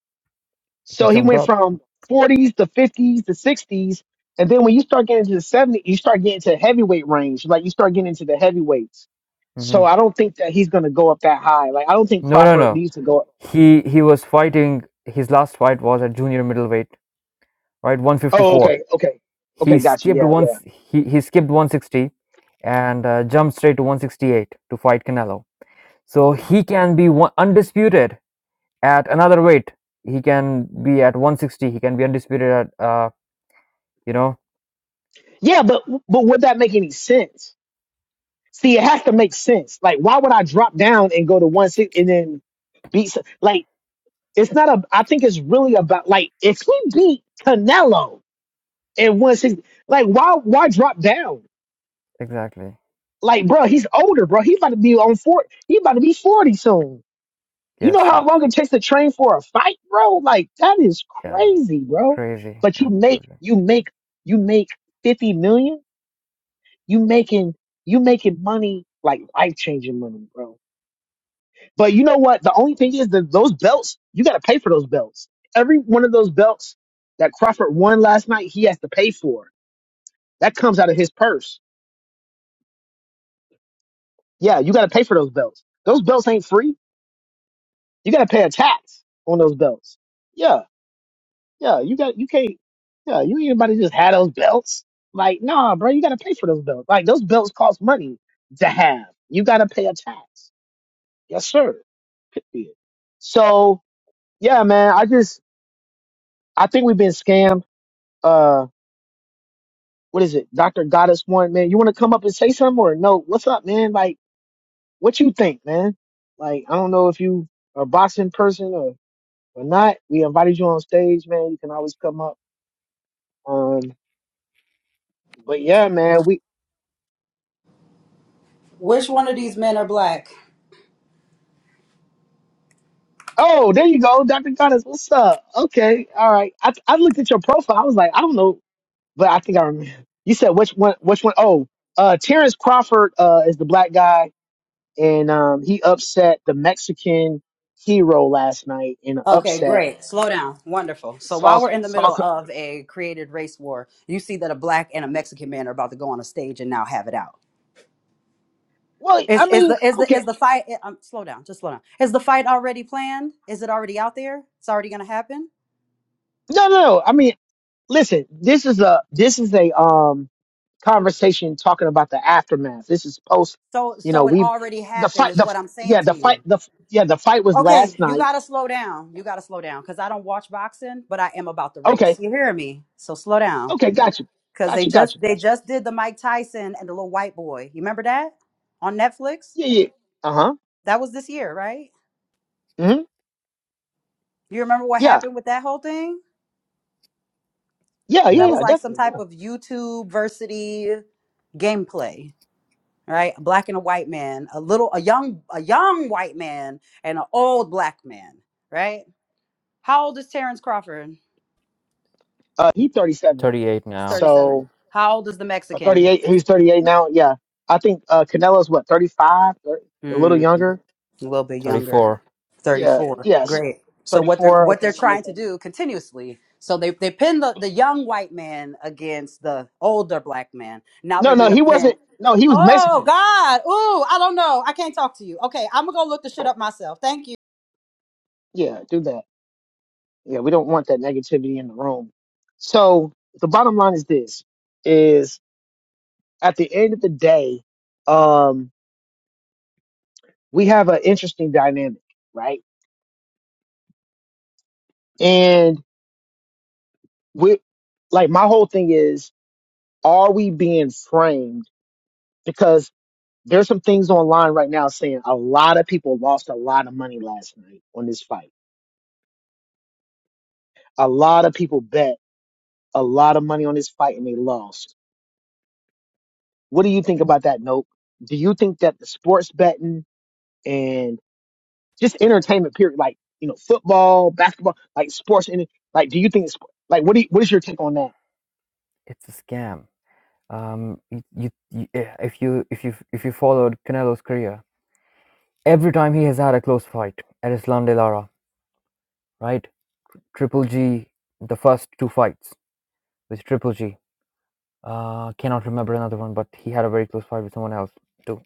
[SPEAKER 3] He
[SPEAKER 1] So he
[SPEAKER 3] jumped
[SPEAKER 1] went
[SPEAKER 3] up.
[SPEAKER 1] from 40s to 50s to 60s. And then when you start getting to the 70s, you start getting to heavyweight range. Like you start getting into the heavyweights.
[SPEAKER 3] hmm
[SPEAKER 1] So I don't think that he's going to go up that high. Like I don't think
[SPEAKER 3] No, no,
[SPEAKER 1] Crawford
[SPEAKER 3] no.
[SPEAKER 1] needs to go up.
[SPEAKER 3] He he was fighting. His last fight was at junior middleweight, right? One fifty
[SPEAKER 1] Oh,
[SPEAKER 3] four.
[SPEAKER 1] okay. Okay. Okay.
[SPEAKER 3] He
[SPEAKER 1] Gotcha.
[SPEAKER 3] skipped
[SPEAKER 1] Yeah. Yeah.
[SPEAKER 3] once. He he skipped one sixty, and uh, jumped straight to one sixty eight to fight Canelo. So he can be one, undisputed at another weight. He can be at one sixty. He can be undisputed at uh you know
[SPEAKER 1] Yeah. But, but would that make any sense? See, it has to make sense. Like, why would I drop down and go to 160 and then beat, some- like, it's not a, I think it's really about, like, if we beat Canelo at 160, like, why, why drop down?
[SPEAKER 3] exactly.
[SPEAKER 1] Like, bro, he's older, bro. He's about to be on four. He about to be forty soon. You know
[SPEAKER 3] Yes,
[SPEAKER 1] how
[SPEAKER 3] yes,
[SPEAKER 1] long it takes to train for a fight, bro? Like, that is
[SPEAKER 3] yeah.
[SPEAKER 1] crazy, bro.
[SPEAKER 3] Crazy,
[SPEAKER 1] But you make,
[SPEAKER 3] absolutely.
[SPEAKER 1] you make, you make fifty million. You making, you making money like life changing money, bro. But you know what? The only thing is that those belts, you got to pay for those belts. Every one of those belts that Crawford won last night, he has to pay for. That comes out of his purse. Yeah, you got to pay for those belts. Those belts ain't free You got to pay a tax on those belts. Yeah, yeah. You got you can't. Yeah, you ain't anybody just had those belts. Like, nah, bro, you got to pay for those belts. Like, those belts cost money to have. You got to pay a tax. Yes, sir. Period. So yeah, man. I just I think we've been scammed. Uh, what is it, Doctor Goddess One? Man, you want to come up and say something or no? What's up, man? Like, what you think, man? Like, I don't know if you a boxing person or or not. We invited you on stage, man. You can always come up Um, but yeah, man, we.
[SPEAKER 4] Which one of these men are black?
[SPEAKER 1] Oh, there you go, Doctor Goddess. What's up? Okay, all right. I I looked at your profile. I was like, I don't know, but I think I remember. You said which one? Which one? Oh, uh, Terrence Crawford uh, is the black guy, and um, he upset the Mexican hero last night in an
[SPEAKER 4] Okay,
[SPEAKER 1] upset.
[SPEAKER 4] great. Slow down. Wonderful. So
[SPEAKER 1] Saw
[SPEAKER 4] while we're in the
[SPEAKER 1] saw.
[SPEAKER 4] middle of a created race war, you see that a black and a Mexican man are about to go on a stage and now have it out.
[SPEAKER 1] Well, I
[SPEAKER 4] Is is the
[SPEAKER 1] mean,
[SPEAKER 4] is the is
[SPEAKER 1] okay,
[SPEAKER 4] the fight? eh, Um, slow down. Just slow down. Is the fight already planned? Is it already out there? It's already gonna happen.
[SPEAKER 1] no, no, no. I mean, listen. This is a this is a um conversation talking about the aftermath. This is post,
[SPEAKER 4] So
[SPEAKER 1] you know,
[SPEAKER 4] so it
[SPEAKER 1] we
[SPEAKER 4] already
[SPEAKER 1] the
[SPEAKER 4] happened
[SPEAKER 1] fight
[SPEAKER 4] is
[SPEAKER 1] the
[SPEAKER 4] what I'm saying
[SPEAKER 1] yeah,
[SPEAKER 4] to
[SPEAKER 1] the fight
[SPEAKER 4] you.
[SPEAKER 1] the yeah, the fight was last
[SPEAKER 4] Okay, you
[SPEAKER 1] night.
[SPEAKER 4] gotta slow down. You gotta slow down because I don't watch boxing, but I am about the race.
[SPEAKER 1] Okay.
[SPEAKER 4] You hear me? So slow down.
[SPEAKER 1] Okay, got you.
[SPEAKER 4] Cause
[SPEAKER 1] Got
[SPEAKER 4] they
[SPEAKER 1] you, got you,
[SPEAKER 4] just they
[SPEAKER 1] got you.
[SPEAKER 4] just did the Mike Tyson and the little white boy. You remember that on Netflix?
[SPEAKER 1] Yeah, yeah. Uh-huh.
[SPEAKER 4] That was this year, right?
[SPEAKER 1] hmm
[SPEAKER 4] You remember what
[SPEAKER 1] Yeah.
[SPEAKER 4] happened with that whole thing?
[SPEAKER 1] Yeah,
[SPEAKER 4] That
[SPEAKER 3] Yeah,
[SPEAKER 1] yeah,
[SPEAKER 4] was
[SPEAKER 1] yeah,
[SPEAKER 4] like some
[SPEAKER 1] definitely.
[SPEAKER 4] type
[SPEAKER 1] Yeah.
[SPEAKER 4] of YouTube versity gameplay, right? A black and a white man, a little a young a young white man and an old black man, right? How old is Terrence Crawford?
[SPEAKER 1] Uh he 37.
[SPEAKER 3] 38
[SPEAKER 4] He's
[SPEAKER 3] now,
[SPEAKER 4] 37.
[SPEAKER 1] So
[SPEAKER 4] How old is the
[SPEAKER 1] uh,
[SPEAKER 4] Mexican?
[SPEAKER 1] 38, he's 38 now. Yeah. I think uh Canelo's what, 35, thirty, a little
[SPEAKER 4] Hmm.
[SPEAKER 1] younger?
[SPEAKER 4] a little bit younger,
[SPEAKER 3] 34.
[SPEAKER 1] Yeah.
[SPEAKER 4] 34.
[SPEAKER 1] Yes.
[SPEAKER 4] Great. So what they're
[SPEAKER 1] 34,
[SPEAKER 4] what
[SPEAKER 1] okay,
[SPEAKER 4] they're
[SPEAKER 1] something like
[SPEAKER 4] trying to
[SPEAKER 1] that.
[SPEAKER 4] do continuously. So they they pin the, the young white man against the older black man. Now
[SPEAKER 1] No,
[SPEAKER 4] they're
[SPEAKER 1] no,
[SPEAKER 4] gonna
[SPEAKER 1] he
[SPEAKER 4] pin.
[SPEAKER 1] wasn't. No, he was
[SPEAKER 4] Oh
[SPEAKER 1] Mexican.
[SPEAKER 4] God. Ooh, I don't know. I can't talk to you. Okay, I'm gonna go look the shit up myself. Thank you.
[SPEAKER 1] Yeah, do that. Yeah, we don't want that negativity in the room. So the bottom line is this is at the end of the day, um, we have an interesting dynamic, right? And we like my whole thing is are we being framed? Because there's some things online right now saying a lot of people lost a lot of money last night on this fight. A lot of people bet a lot of money on this fight and they lost. What do you think about that, Nope? Do you think that the sports betting? and just entertainment period like you know football basketball like sports and like do you think sp- like what do you, what is your take on that
[SPEAKER 3] It's a scam. Um, you, you, you, eh, if you if you if you followed Canelo's career, every time he has had a close fight at Islam De Lara, right? Triple G, the first two fights with Triple G. Uh, cannot remember another one, but he had a very close fight with someone else too.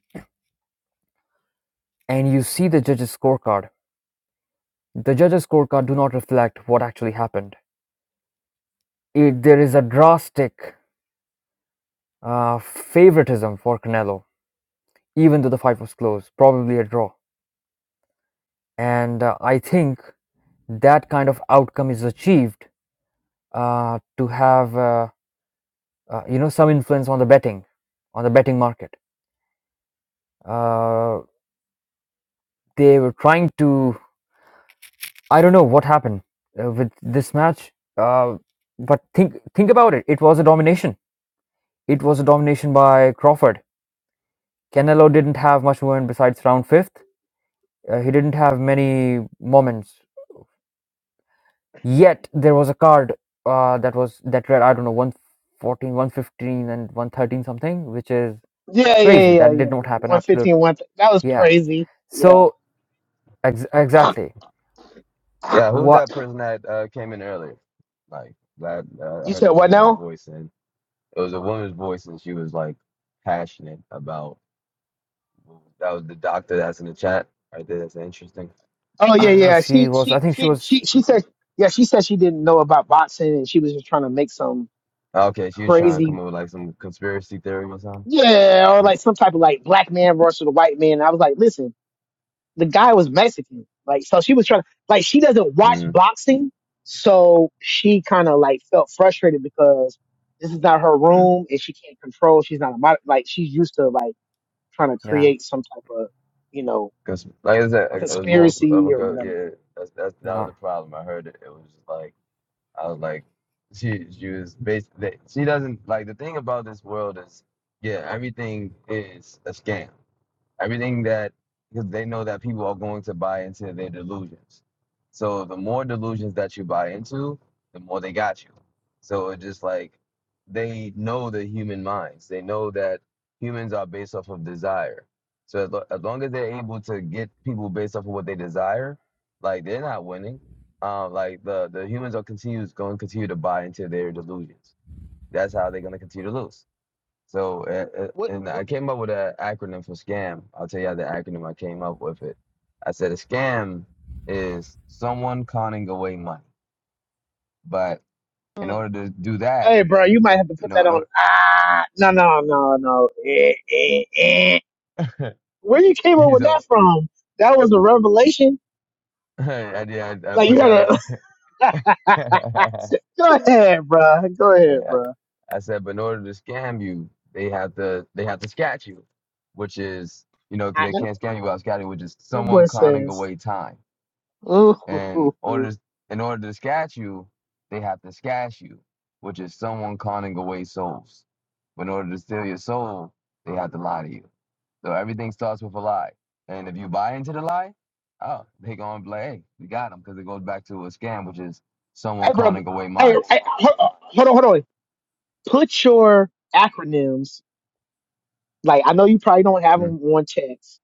[SPEAKER 3] And you see the judges' scorecard. The judges' scorecard do not reflect what actually happened. It, there is a drastic uh, favoritism for Canelo, even though the fight was close, probably a draw. and uh, i think that kind of outcome is achieved uh, to have uh, uh, you know some influence on the betting on the betting market uh, they were trying to i don't know what happened uh, with this match uh, but think think about it it was a domination it was a domination by crawford canelo didn't have much movement besides round fifth uh, he didn't have many moments Yet there was a card uh, that was that read I don't know one fourteen one fifteen and 113 something, which is
[SPEAKER 1] yeah yeah
[SPEAKER 3] crazy.
[SPEAKER 1] yeah
[SPEAKER 3] That did
[SPEAKER 1] yeah
[SPEAKER 3] not
[SPEAKER 1] like
[SPEAKER 3] happen.
[SPEAKER 1] one fifteen,
[SPEAKER 3] Absolutely,
[SPEAKER 1] one. that was
[SPEAKER 3] yeah.
[SPEAKER 1] crazy yeah
[SPEAKER 3] So ex- exactly
[SPEAKER 5] Yeah, who
[SPEAKER 3] what
[SPEAKER 5] that person that uh, came in earlier? Like that, uh, I
[SPEAKER 1] you
[SPEAKER 5] heard
[SPEAKER 1] said
[SPEAKER 5] a
[SPEAKER 1] what
[SPEAKER 5] woman's
[SPEAKER 1] now
[SPEAKER 5] voice, and it was a woman's voice, and she was like passionate about. That was the doctor that's in the chat right there. That's interesting.
[SPEAKER 1] oh yeah
[SPEAKER 3] I don't know.
[SPEAKER 1] yeah
[SPEAKER 3] She
[SPEAKER 1] she
[SPEAKER 3] was I
[SPEAKER 1] she
[SPEAKER 3] think she
[SPEAKER 1] she
[SPEAKER 3] was
[SPEAKER 1] she she said yeah she said she didn't know about boxing and she was just trying to make some
[SPEAKER 5] Okay, she was trying to
[SPEAKER 1] crazy
[SPEAKER 5] come up with like some conspiracy theory or something.
[SPEAKER 1] yeah or like some type of like black man versus the white man i was like listen the guy was Mexican. Like, so she was trying, like, she doesn't watch
[SPEAKER 5] Mm,
[SPEAKER 1] boxing. So she kind of like felt frustrated because this is not her
[SPEAKER 5] mm.
[SPEAKER 1] room and she can't control. She's not a mod, like, she's used to like trying to
[SPEAKER 3] yeah.
[SPEAKER 1] create some type of, you know,
[SPEAKER 5] Cause like I said, it was more of
[SPEAKER 1] conspiracy
[SPEAKER 5] a
[SPEAKER 1] or
[SPEAKER 5] go.
[SPEAKER 1] whatever.
[SPEAKER 5] Yeah, that's, that's that
[SPEAKER 3] No.
[SPEAKER 5] was the problem. I heard it. It was just like I was like, she she was basically she doesn't like the thing about this world is yeah everything is a scam everything that because they know that people are going to buy into their delusions. So the more delusions that you buy into, the more they got you. So it just like they know the human minds. They know that humans are based off of desire. So as, lo- as long as they're able to get people based off of what they desire, like they're not winning. Uh, like the the humans are continues going to continue to buy into their delusions. That's how they're going to continue to lose. So, uh, uh,
[SPEAKER 1] What,
[SPEAKER 5] and
[SPEAKER 1] what
[SPEAKER 5] I came up with an acronym for scam. I'll tell you the acronym I came up with it. I said a scam is someone conning away money. But in
[SPEAKER 1] mm,
[SPEAKER 5] order to do that,
[SPEAKER 1] hey, bro, you might have to
[SPEAKER 5] you
[SPEAKER 1] put
[SPEAKER 5] know,
[SPEAKER 1] that on. Ah, no, no, no, no. Eh, eh, eh.
[SPEAKER 5] in order,
[SPEAKER 1] Where you came up with that
[SPEAKER 5] so
[SPEAKER 1] from? That was a revelation.
[SPEAKER 5] I, did- I, I
[SPEAKER 1] Like, you
[SPEAKER 5] put that
[SPEAKER 1] gotta,
[SPEAKER 5] up. yeah,
[SPEAKER 1] Go ahead, bro. Go ahead, bro.
[SPEAKER 5] I said, but in order to scam you, they have to they have to scat you, which is you know because
[SPEAKER 1] I
[SPEAKER 5] they
[SPEAKER 1] know
[SPEAKER 5] can't scam you without scatting, which is
[SPEAKER 1] what that boy
[SPEAKER 5] someone conning
[SPEAKER 1] says.
[SPEAKER 5] away time. And
[SPEAKER 1] Ooh.
[SPEAKER 5] orders in order to scat you, they have to scat you, which is someone conning away souls. But in order to steal your soul, they have to lie to you. So everything starts with a lie. And if you buy into the lie, oh, they gonna be like, hey, we got them because it goes back to a scam, which is someone
[SPEAKER 1] Hey, bro.
[SPEAKER 5] conning away
[SPEAKER 1] Hey, hey,
[SPEAKER 5] minds.
[SPEAKER 1] hold hold on, hold on. Put your acronyms. Like, I know you probably don't have
[SPEAKER 5] Mm,
[SPEAKER 1] them on text,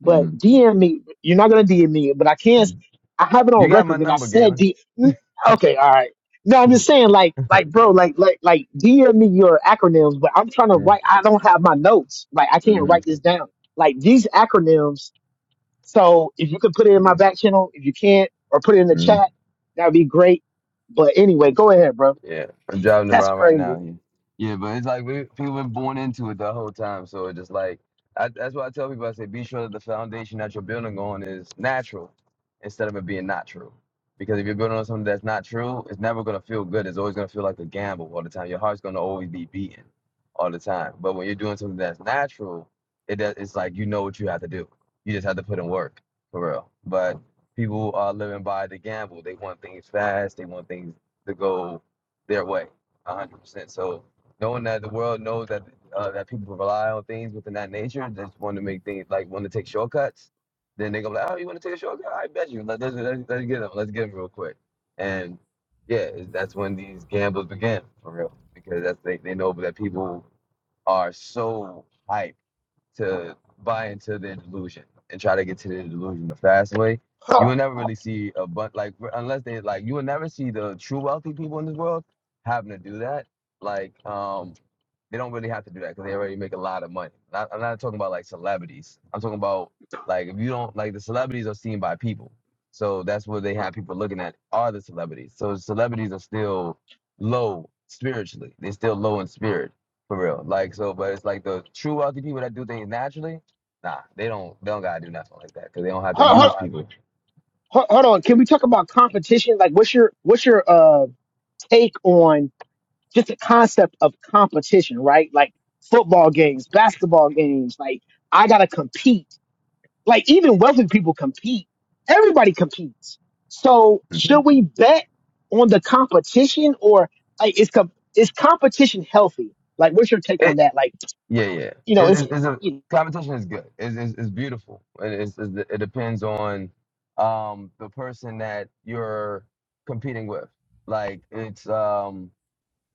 [SPEAKER 1] but
[SPEAKER 5] mm,
[SPEAKER 1] DM me. You're not gonna DM me, but I can.
[SPEAKER 5] mm.
[SPEAKER 1] I have it
[SPEAKER 5] You
[SPEAKER 1] on
[SPEAKER 5] got my
[SPEAKER 1] record that I
[SPEAKER 5] number,
[SPEAKER 1] said
[SPEAKER 5] Galen.
[SPEAKER 1] D. Mm, Okay, all right. No, I'm just saying, like, like, bro, like, like, like, DM me your acronyms, but I'm trying to
[SPEAKER 5] Mm,
[SPEAKER 1] write. I don't have my notes. Like, I can't write
[SPEAKER 5] mm,
[SPEAKER 1] this down. Like, these acronyms So if you could put it in my
[SPEAKER 5] mm,
[SPEAKER 1] back channel, if you can't, or put it in the
[SPEAKER 5] mm.
[SPEAKER 1] chat, that'd be great. But anyway, go ahead, bro.
[SPEAKER 5] Yeah, I'm driving
[SPEAKER 1] That's
[SPEAKER 5] around right
[SPEAKER 1] crazy.
[SPEAKER 5] now. Yeah, yeah, but it's like we people been born into it the whole time, so it just like I, that's why I tell people I say be sure that the foundation that you're building on is natural instead of it being not true. Because if you're building on something that's not true, it's never gonna feel good. It's always gonna feel like a gamble all the time. Your heart's gonna always be beating all the time. But when you're doing something that's natural, it does, it's like you know what you have to do. You just have to put in work for real. But people are living by the gamble. They want things fast. They want things to go their way, one hundred percent. So knowing that the world knows that uh, that people rely on things within that nature, just want to make things like want to take shortcuts, then they go like, oh, you want to take a shortcut? I bet you. Let, us let's, let's get them. Let's get them real quick. And yeah, it- that's when these gambles begin for real because that's they, they know that people are so hyped to buy into their delusion and try to get to their delusion the fast way. You
[SPEAKER 1] Hold,
[SPEAKER 5] will never really see a bunch like unless they like you will never see the true wealthy people in this world having to do that. Like um they don't really have to do that because they already make a lot of money. Not, I'm not talking about like celebrities. I'm talking about like if you don't like the celebrities are seen by people, so that's what they have people looking at are the celebrities. So celebrities are still low spiritually. They're still low in spirit for real. Like so, but it's like the true wealthy people that do things naturally. Nah, they don't. They don't gotta do nothing like that because they don't have to
[SPEAKER 1] hold,
[SPEAKER 5] use
[SPEAKER 1] hold,
[SPEAKER 5] people.
[SPEAKER 1] hold hold on. Can we talk about competition? Like, what's your what's your uh take on just the concept of competition, right? Like football games, basketball games. Like, I gotta compete Like even wealthy people compete. Everybody competes. So should
[SPEAKER 5] Mhm.
[SPEAKER 1] we bet on the competition or like is com- is competition healthy? Like what's your take on that? Like
[SPEAKER 5] Yeah, yeah.
[SPEAKER 1] you know
[SPEAKER 5] It,
[SPEAKER 1] it's
[SPEAKER 5] it's, it's a
[SPEAKER 1] you know,
[SPEAKER 5] competition is good. It's, it's, it's beautiful. It, it's, it's, it depends on um, the person that you're competing with. Like it's um,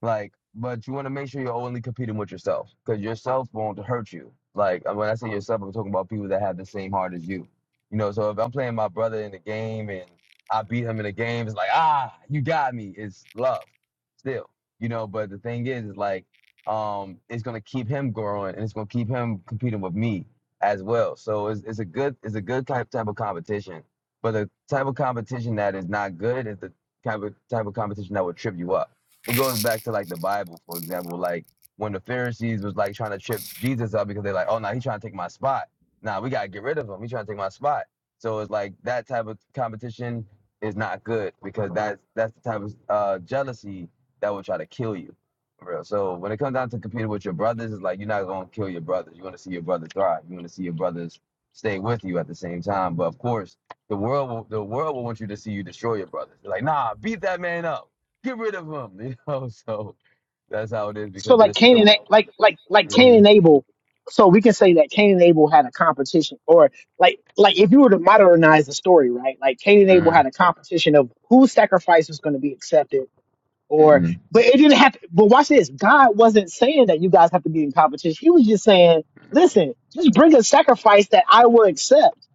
[SPEAKER 5] like, but you want to make sure you're only competing with yourself because yourself won't hurt you. Like, uh, when I say yourself, I'm talking about people that have the same heart as you. You know, so if I'm playing my brother in the game and I beat him in the game, it's like, ah, you got me. It's love still, you know, but the thing is, is like, um, it's going to keep him growing and it's going to keep him competing with me as well. So it's, it's a good, it's a good type, type of competition, but the type of competition that is not good is the type of, type of competition that will trip you up it goes back to like the Bible, for example, like when the Pharisees was like trying to trip Jesus up because they're like, oh, no, nah, he's trying to take my spot. Nah, we got to get rid of him. He's trying to take my spot. So it's like that type of competition is not good because that's that's the type of uh, jealousy that will try to kill you. For real. So when it comes down to competing with your brothers, it's like you're not going to kill your brothers. You want to see your brothers thrive. You want to see your brothers stay with you at the same time. But of course, the world will, the world will want you to see you destroy your brothers. They're like, nah, beat that man up get rid of them. You know, so that's how it is
[SPEAKER 1] so
[SPEAKER 5] because
[SPEAKER 1] like
[SPEAKER 5] they're
[SPEAKER 1] Cain and
[SPEAKER 5] still.
[SPEAKER 1] A- like like like Cain
[SPEAKER 5] hmm
[SPEAKER 1] and Abel. So we can say that Cain and Abel had a competition or like like if you were to modernize the story, right? Like Cain and Abel
[SPEAKER 5] hmm
[SPEAKER 1] had a competition of whose sacrifice was going to be accepted or
[SPEAKER 5] hmm
[SPEAKER 1] but it didn't have but watch this god wasn't saying that you guys have to be in competition he was just saying listen just bring a sacrifice that i will accept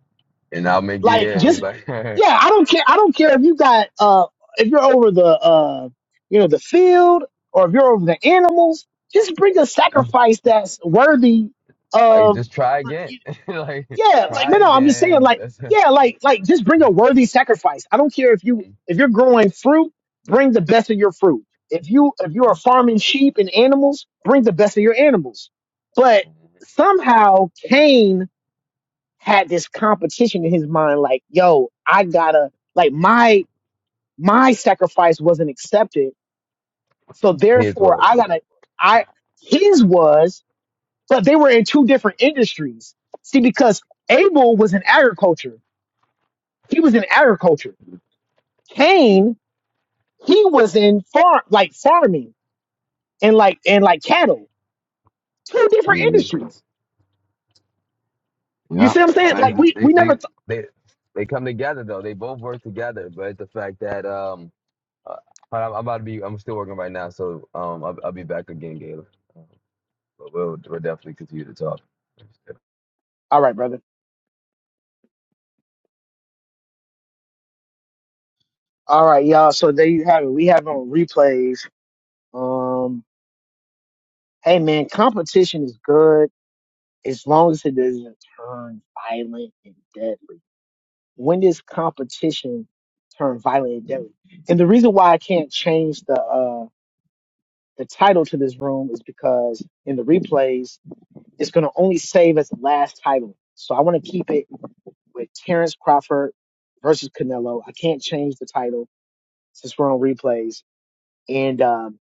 [SPEAKER 5] And I'll make you.
[SPEAKER 1] like Yeah.
[SPEAKER 5] Yeah, he's
[SPEAKER 1] just
[SPEAKER 5] like,
[SPEAKER 1] yeah i don't care i don't care if you got uh if you're over the uh you know the field or if you're over the animals just bring a sacrifice that's worthy
[SPEAKER 5] like
[SPEAKER 1] of
[SPEAKER 5] just try again. like
[SPEAKER 1] yeah, like
[SPEAKER 5] try
[SPEAKER 1] no, no. I'm just saying,
[SPEAKER 5] again.
[SPEAKER 1] like,
[SPEAKER 5] That's it.
[SPEAKER 1] yeah, like, like, just bring a worthy sacrifice. I don't care if you if you're growing fruit, bring the best of your fruit. If you if you are
[SPEAKER 5] Mhm.
[SPEAKER 1] farming sheep and animals, bring the best of your animals. But somehow Cain had this competition in his mind, like, yo, I gotta like my my sacrifice wasn't accepted, so
[SPEAKER 5] His
[SPEAKER 1] therefore I
[SPEAKER 5] was.
[SPEAKER 1] gotta I his was, but they were in two different industries. See, because Abel was in agriculture. he was in agriculture. Cain, he was in farm, like farming and like and like cattle. Two different
[SPEAKER 5] hmm
[SPEAKER 1] industries. You
[SPEAKER 5] Yep.
[SPEAKER 1] see what I'm saying? Like
[SPEAKER 5] Mine's-
[SPEAKER 1] we
[SPEAKER 5] They
[SPEAKER 1] we never.
[SPEAKER 5] they
[SPEAKER 1] Th-
[SPEAKER 5] they they come together though. They both work together. But it's the fact that um, uh, but I'm, I'm about to be. I'm still working right now, so um, I'll, I'll be back again, Galen. Um, But we'll we'll definitely continue to talk.
[SPEAKER 1] All right, brother. All right, y'all. So there you have it. We have on replays. Um, hey man, competition is good as long as it doesn't turn violent and deadly. When does competition turn violent and deadly? And the reason why I can't change the uh the title to this room is because in the replays. It's going to only save as the last title. So I want to keep it with Terrence Crawford versus Canelo. I can't change the title since we're on replays. And, um,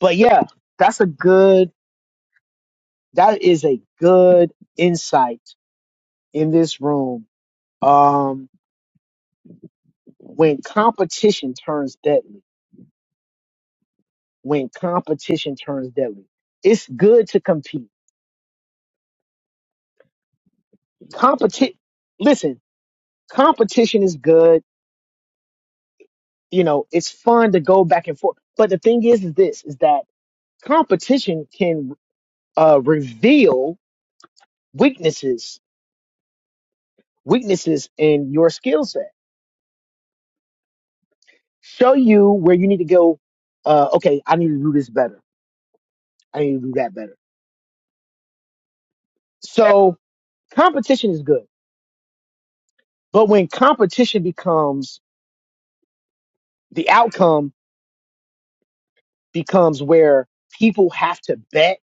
[SPEAKER 1] but yeah, that's a good, that is a good insight in this room. Um, when competition turns deadly, when competition turns deadly, it's good to compete. Competi- listen, competition is good you know, it's fun to go back and forth. But the thing is, is this, is that competition can uh, reveal weaknesses weaknesses in your skill set show you where you need to go uh, okay i need to do this better i need to do that better so competition is good but when competition becomes the outcome becomes where people have to bet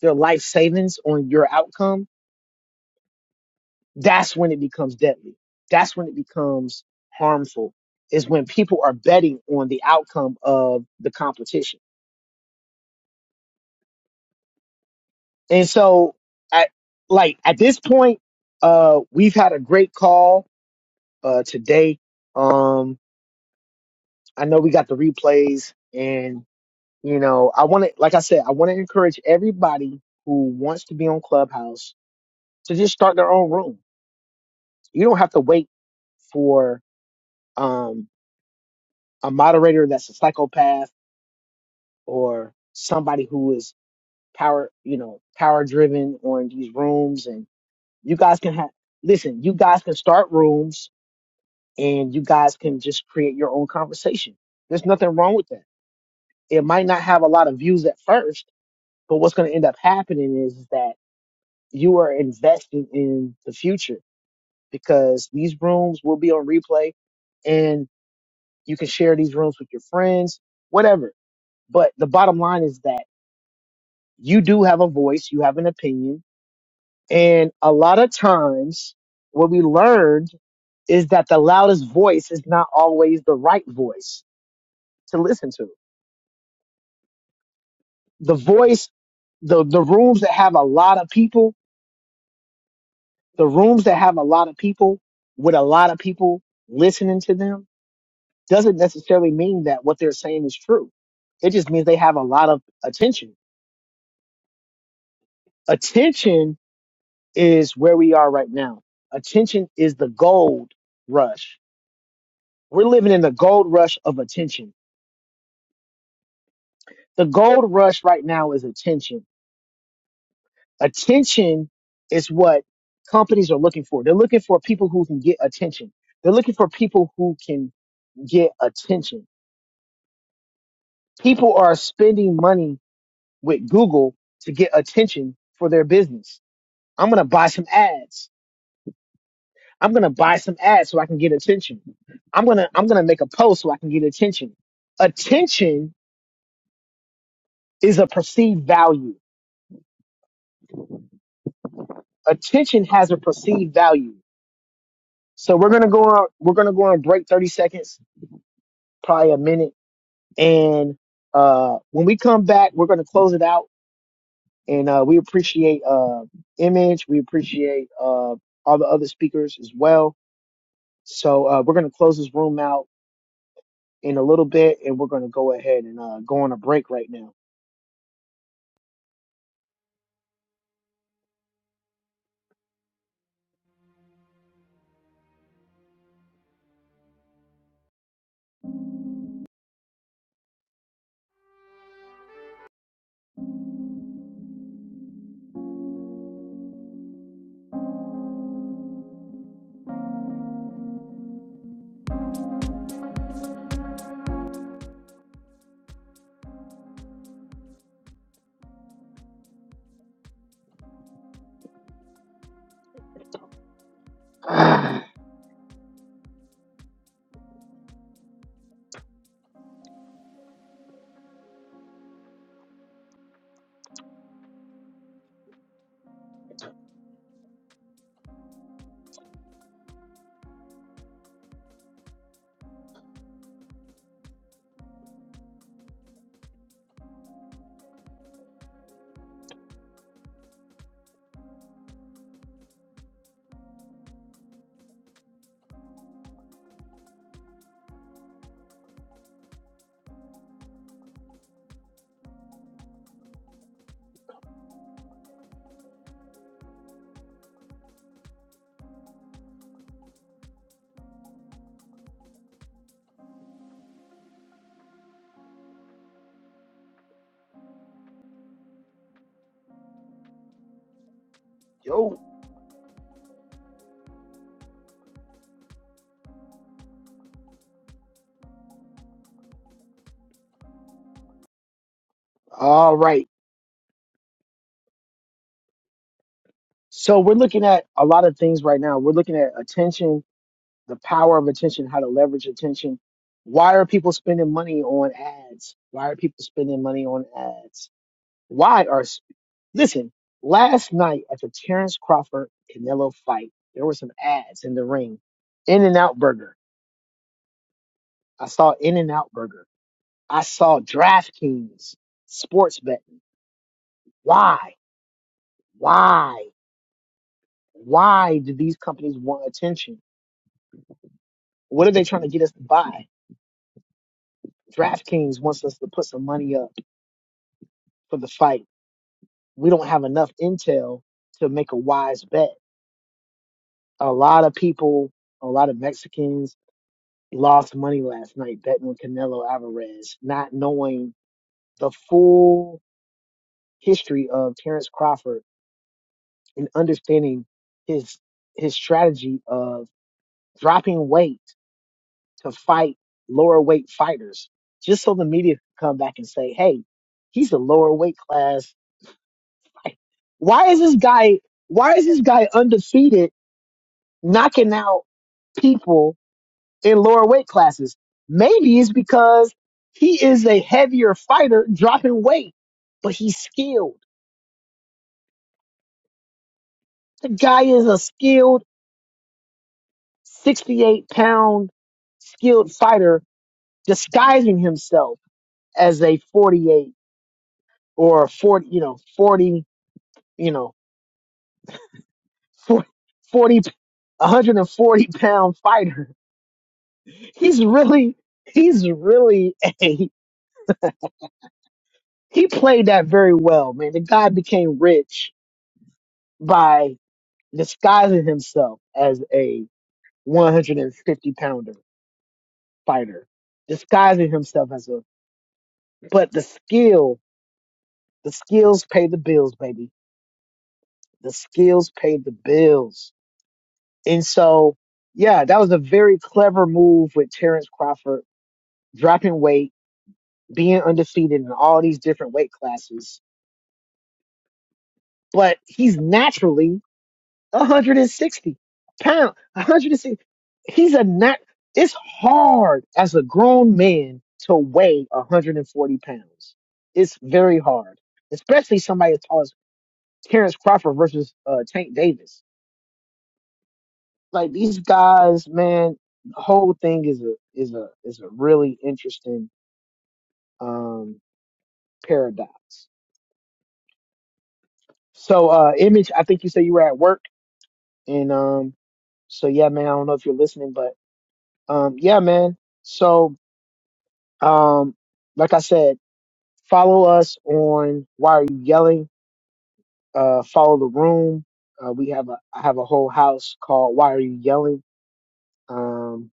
[SPEAKER 1] their life savings on your outcome that's when it becomes deadly that's when it becomes harmful is when people are betting on the outcome of the competition And so, at, like at this point, uh, we've had a great call uh, today. Um, I know we got the replays, and you know, I want to, like I said, I want to encourage everybody who wants to be on Clubhouse to just start their own room. You don't have to wait for um, a moderator that's a psychopath or somebody who is power, you know, power driven on these rooms. And you guys can have, listen, you guys can start rooms and you guys can just create your own conversation. There's nothing wrong with that. It might not have a lot of views at first, but what's going to end up happening is that you are investing in the future because these rooms will be on replay and you can share these rooms with your friends, whatever. But the bottom line is that you do have a voice, you have an opinion. And a lot of times what we learned is that the loudest voice is not always the right voice to listen to the voice, the the rooms that have a lot of people, the rooms that have a lot of people with a lot of people listening to them doesn't necessarily mean that what they're saying is true. It just means they have a lot of attention. Attention is where we are right now. Attention is the gold rush. We're living in the gold rush of attention. The gold rush right now is attention Attention is what companies are looking for. They're looking for people who can get attention. They're looking for people who can get attention. People are spending money with Google to get attention for their business. I'm going to buy some ads. I'm going to buy some ads so I can get attention. I'm going to I'm going to make a post so I can get attention. Attention is a perceived value. Attention has a perceived value. So we're going to go on we're going to go on break 30 seconds, probably a minute And uh, when we come back, we're going to close it out. And uh, we appreciate uh, Image. We appreciate uh, all the other speakers as well. So uh, we're going to close this room out in a little bit, and we're going to go ahead and uh, go on a break right now. Ah, yo. All right. So we're looking at a lot of things right now. We're looking at attention, the power of attention, how to leverage attention. Why are people spending money on ads? Why are people spending money on ads? Why are Listen, last night at the Terrence Crawford Canelo fight, there were some ads in the ring. In n Out Burger. I saw In n Out Burger. I saw DraftKings sports betting. Why? Why? Why do these companies want attention? What are they trying to get us to buy? DraftKings wants us to put some money up for the fight. We don't have enough intel to make a wise bet. A lot of people, a lot of Mexicans, lost money last night betting with Canelo Alvarez, not knowing the full history of Terrence Crawford and understanding his his strategy of dropping weight to fight lower weight fighters, just so the media could come back and say, "Hey, he's a lower weight class. fight- Why is this guy? Why is this guy undefeated, knocking out people?" in lower weight classes. Maybe it's because he is a heavier fighter dropping weight, but he's skilled. The guy is a skilled 68 pound skilled fighter disguising himself as a 48 or a 40, you know, 40, you know, 40, 140 pound fighter. He's really, he's really a, he played that very well, man. The guy became rich by. disguising himself as a 150 pounder fighter, disguising himself as a, but the skill, the skills pay the bills, baby. The skills pay the bills. And so, yeah, that was a very clever move with Terrence Crawford dropping weight, being undefeated in all these different weight classes. But he's naturally 160 pounds, 160. He's a not, it's hard as a grown man to weigh 140 pounds. It's very hard, especially somebody as tall as Terrence Crawford versus uh, Tank Davis. Like these guys, man, the whole thing is a, is a, is a really interesting, um, paradox. So, uh, image, I think you said you were at work and, um, so yeah, man, I don't know if you're listening, but, um, yeah, man. So, Um, like I said, follow us on Why Are You Yelling? Uh, follow the room. Uh, we have a I have a whole house called Why Are You Yelling? Um,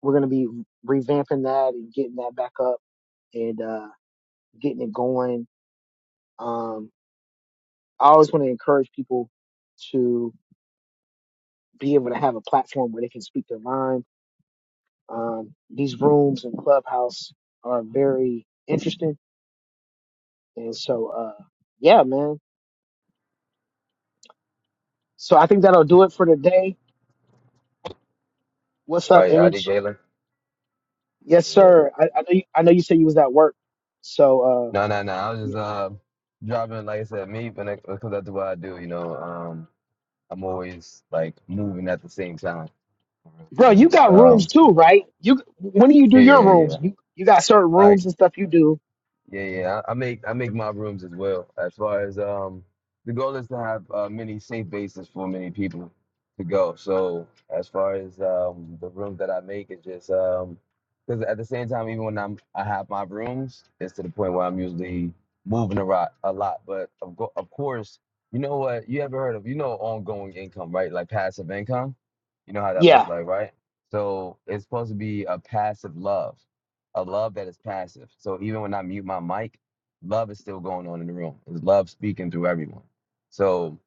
[SPEAKER 1] we're gonna be revamping that and getting that back up and uh, getting it going. Um, I always want to encourage people to be able to have a platform where they can speak their mind. Um, these rooms and clubhouse are very interesting, and so uh, yeah, man. So I think that'll do it for today. What's
[SPEAKER 5] All
[SPEAKER 1] up,
[SPEAKER 5] Right, Adi
[SPEAKER 1] Image?
[SPEAKER 5] Galen.
[SPEAKER 1] Yes,
[SPEAKER 5] Yeah.
[SPEAKER 1] sir. I, I know. You, I know you said you was at work. So, uh,
[SPEAKER 5] No, no, no. I was
[SPEAKER 1] yeah.
[SPEAKER 5] just uh dropping, like I said, me, but that- because that's what I do. You know, um, I'm always like moving at the same time.
[SPEAKER 1] bro,
[SPEAKER 5] So
[SPEAKER 1] you
[SPEAKER 5] it's,
[SPEAKER 1] got rooms
[SPEAKER 5] um,
[SPEAKER 1] too, right? You when do you do
[SPEAKER 5] yeah,
[SPEAKER 1] your
[SPEAKER 5] yeah,
[SPEAKER 1] rooms?
[SPEAKER 5] yeah.
[SPEAKER 1] You you got certain
[SPEAKER 5] Like
[SPEAKER 1] rooms and stuff you do.
[SPEAKER 5] Yeah, yeah. I, I make I make my rooms as well. As far as um, the goal is to have uh, many safe bases for many people to go. So as far as um, the rooms that I make, it's just um, because at the same time, even when I'm I have my rooms, it's to the point where I'm usually moving a lot, a lot. But of go- of course, you know what? You ever heard of you know ongoing income, right? Like passive income. You know how that looks
[SPEAKER 1] Yeah,
[SPEAKER 5] like, right? So it's supposed to be a passive love a love that is passive. So even when I mute my mic, love is still going on in the room. It's love speaking through everyone. So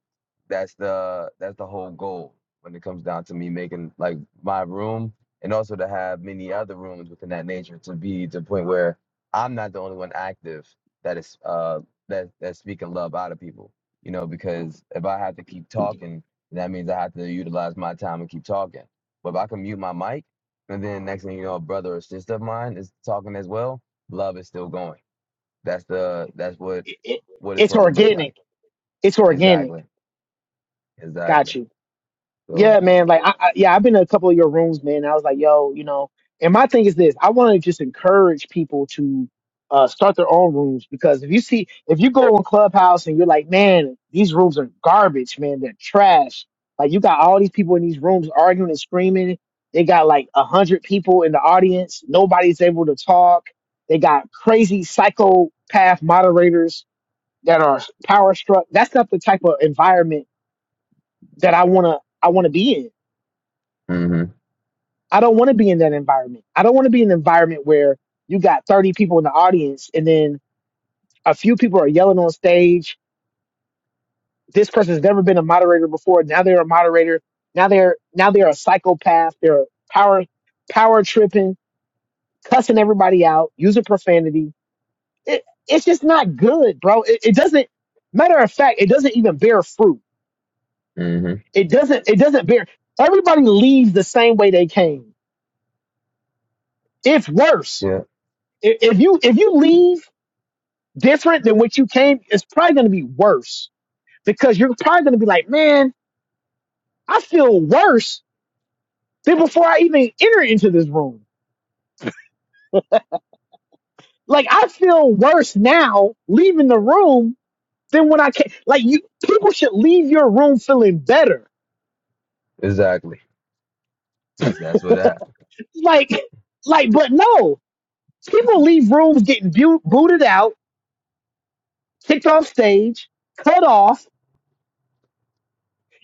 [SPEAKER 5] that's the that's the whole goal when it comes down to me making like my room and also to have many other rooms within that nature to be to the point where I'm not the only one active that is uh that that's speaking love out of people. You know, because if I have to keep talking, that means I have to utilize my time and keep talking. But if I can mute my mic and then next thing you know, a brother or sister of mine is talking as well, love is still going. That's the that's what
[SPEAKER 1] it, it-
[SPEAKER 5] what it's
[SPEAKER 1] it's
[SPEAKER 5] supposed to look
[SPEAKER 1] organic.
[SPEAKER 5] like.
[SPEAKER 1] It's organic.
[SPEAKER 5] Exactly.
[SPEAKER 1] Got
[SPEAKER 5] Exactly.
[SPEAKER 1] you.
[SPEAKER 5] So
[SPEAKER 1] Yeah, man. Like, I, I, yeah, I've been in a couple of your rooms, man. I was like, yo, you know. And my thing is this: I want to just encourage people to uh, start their own rooms because if you see, if you go on Clubhouse and you're like, man, these rooms are garbage, man, they're trash. Like, you got all these people in these rooms arguing and screaming. They got like a hundred people in the audience. Nobody's able to talk. They got crazy psychopath moderators that are power struck. That's not the type of environment that I wanna I wanna be in.
[SPEAKER 5] Mm-hmm.
[SPEAKER 1] I don't want to be in that environment. I don't want to be in an environment where you got 30 people in the audience and then a few people are yelling on stage. This person's never been a moderator before. Now they're a moderator. Now they're now they're a psychopath. They're power power tripping, cussing everybody out, using profanity. It, it's just not good, bro. It, it doesn't matter of fact, it doesn't even bear fruit.
[SPEAKER 5] Mm-hmm.
[SPEAKER 1] It doesn't it doesn't bear everybody leaves the same way they came. It's worse.
[SPEAKER 5] Yeah,
[SPEAKER 1] If if you if you leave different than what you came, it's probably going to be worse because you're probably going to be like, man, I feel worse than before I even enter into this room. Like I feel worse now leaving the room than when I came. Like you, people should leave your room feeling better.
[SPEAKER 5] exactly. That's that's what happened.
[SPEAKER 1] Like, like, but no, people leave rooms getting bu- booted out, kicked off stage, cut off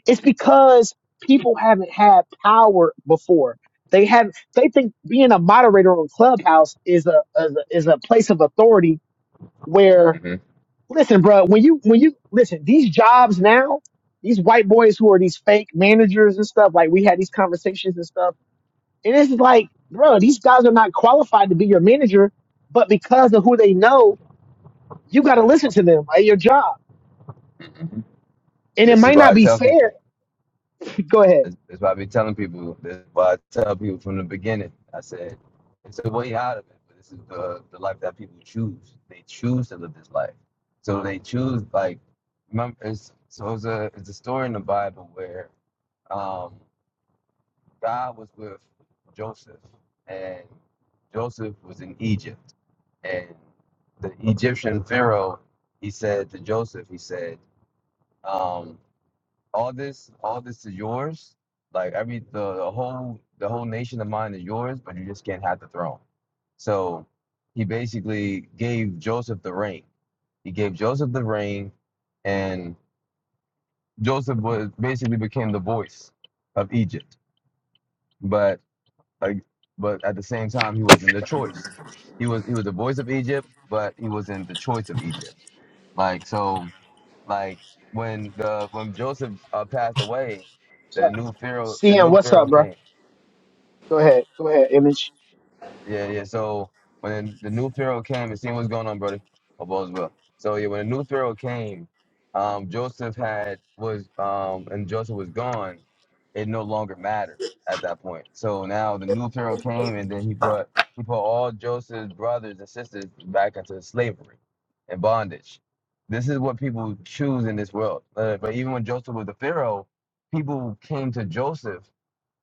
[SPEAKER 1] It's because people haven't had power before. They have they think being a moderator on Clubhouse is a is a, is a place of authority where
[SPEAKER 5] hmm
[SPEAKER 1] listen, bro, when you when you listen, these jobs now, these white boys who are these fake managers and stuff, like we had these conversations and stuff, and it's like, bro, these guys are not qualified to be your manager, but because of who they know, you got to listen to them at your job,
[SPEAKER 5] hmm
[SPEAKER 1] and it
[SPEAKER 5] This is
[SPEAKER 1] might
[SPEAKER 5] why I
[SPEAKER 1] not be
[SPEAKER 5] tell people.
[SPEAKER 1] fair. Go ahead,
[SPEAKER 5] This, this is why I be telling people. This is why I tell people from the beginning. I said it's a way out of it, but this is the the life that people choose. They choose to live this life. So they choose like remember. It's, so it's a it's a story in the Bible where um God was with Joseph, and Joseph was in Egypt. And the Egyptian Pharaoh, he said to Joseph, he said, um, "All this, all this is yours. Like every the, the whole the whole nation of mine is yours, but you just can't have the throne." So he basically gave Joseph the ring. He gave Joseph the ring, and Joseph was basically became the voice of Egypt. But Like, but at the same time, he wasn't the choice. He was he was the voice of Egypt, but he wasn't the choice of Egypt. Like so, like when the when Joseph uh, passed away, the
[SPEAKER 1] so,
[SPEAKER 5] new pharaoh the
[SPEAKER 1] CM,
[SPEAKER 5] new
[SPEAKER 1] what's
[SPEAKER 5] pharaoh
[SPEAKER 1] up, bro?
[SPEAKER 5] came.
[SPEAKER 1] Go ahead. Go ahead, Image.
[SPEAKER 5] Yeah, yeah. So when the new Pharaoh came, and seeing what's going on, brother. Hope all's well. So yeah, when the new Pharaoh came, um, Joseph had was um, and Joseph was gone. It no longer mattered at that point. So now the new Pharaoh came, and then he brought he put all Joseph's brothers and sisters back into slavery and bondage. This is what people choose in this world. Uh, but even when Joseph was the Pharaoh, people came to Joseph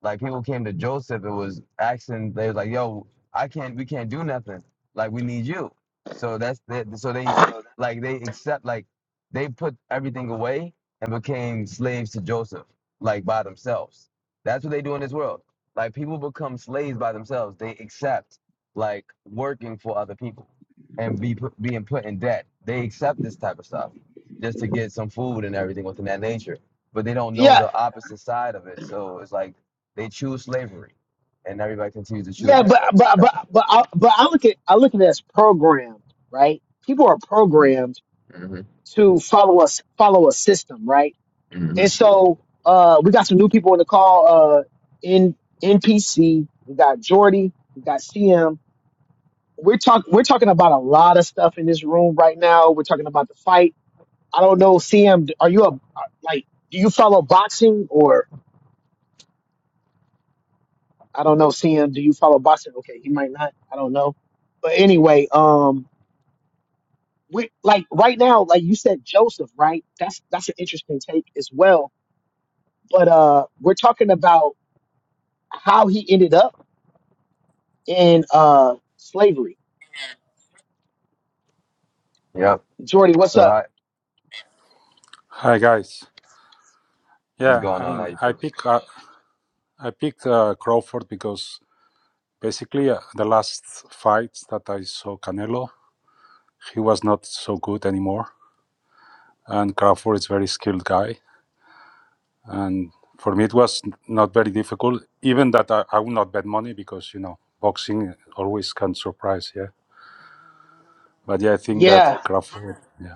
[SPEAKER 5] like people came to Joseph and was asking, they was like, "Yo, I can't, we can't do nothing. Like we need you." So that's the, so they like they accept like they put everything away and became slaves to Joseph, like by themselves. That's what they do in this world. Like people become slaves by themselves. They accept like working for other people and be put, being put in debt. They accept this type of stuff just to get some food and everything within that nature. But they don't know
[SPEAKER 1] Yeah,
[SPEAKER 5] the opposite side of it. So it's like they choose slavery, and everybody continues to choose
[SPEAKER 1] yeah,
[SPEAKER 5] it.
[SPEAKER 1] but but
[SPEAKER 5] That's
[SPEAKER 1] but
[SPEAKER 5] all.
[SPEAKER 1] but I, but I look at I look at it as programmed, right? People are programmed
[SPEAKER 5] Mm-hmm.
[SPEAKER 1] to follow us follow a system, right? And
[SPEAKER 5] Mm-hmm.
[SPEAKER 1] so uh, we got some new people in the call. Uh, in NPC, we got Jordy, we got CM. We're talk we're talking about a lot of stuff in this room right now. We're talking about the fight. I don't know, CM, are you a like? Do you follow boxing or? I don't know, Sam. do you follow boxing? Okay, he might not. I don't know. But anyway, um we like right now, like you said Joseph, right? That's that's an interesting take as well. But uh we're talking about how he ended up in uh slavery.
[SPEAKER 5] Yep.
[SPEAKER 1] Jordy, what's
[SPEAKER 5] So,
[SPEAKER 1] up?
[SPEAKER 5] I,
[SPEAKER 6] Hi guys.
[SPEAKER 5] what's
[SPEAKER 6] Yeah,
[SPEAKER 5] going
[SPEAKER 6] I
[SPEAKER 5] on? How
[SPEAKER 6] mean,
[SPEAKER 5] you
[SPEAKER 6] I
[SPEAKER 5] feeling?
[SPEAKER 6] pick uh, I picked uh, Crawford because basically uh, the last fights that I saw Canelo, he was not so good anymore, and Crawford is very skilled guy, and for me it was n- not very difficult. Even that I, I would not bet money because you know boxing always can surprise. Yeah, but yeah, I think that
[SPEAKER 1] Yeah.
[SPEAKER 6] Crawford. yeah.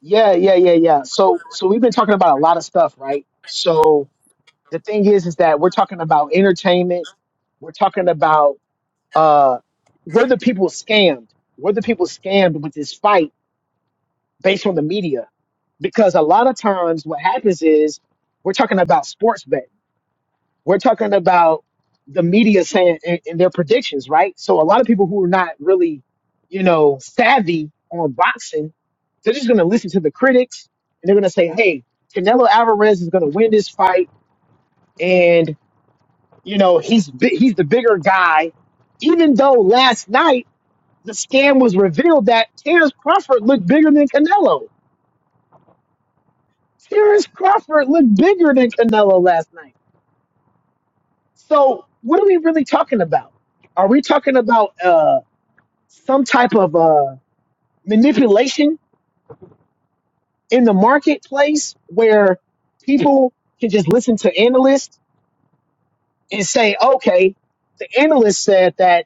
[SPEAKER 1] Yeah, yeah, yeah, yeah. So so we've been talking about a lot of stuff, right? So the thing is is that we're talking about entertainment, we're talking about uh were the people scammed? Were the people scammed with this fight? based on the media because a lot of times what happens is we're talking about sports betting. We're talking about the media saying and, and their predictions, right? So a lot of people who are not really, you know, savvy on boxing, they're just going to listen to the critics and they're going to say, "Hey, Canelo Alvarez is going to win this fight, and you know he's bi- he's the bigger guy." Even though last night the scam was revealed that Terrence Crawford looked bigger than Canelo Terrence Crawford looked bigger than Canelo last night. So what are we really talking about? Are we talking about uh, some type of uh, manipulation in the marketplace where people can just listen to analysts and say, okay, the analyst said that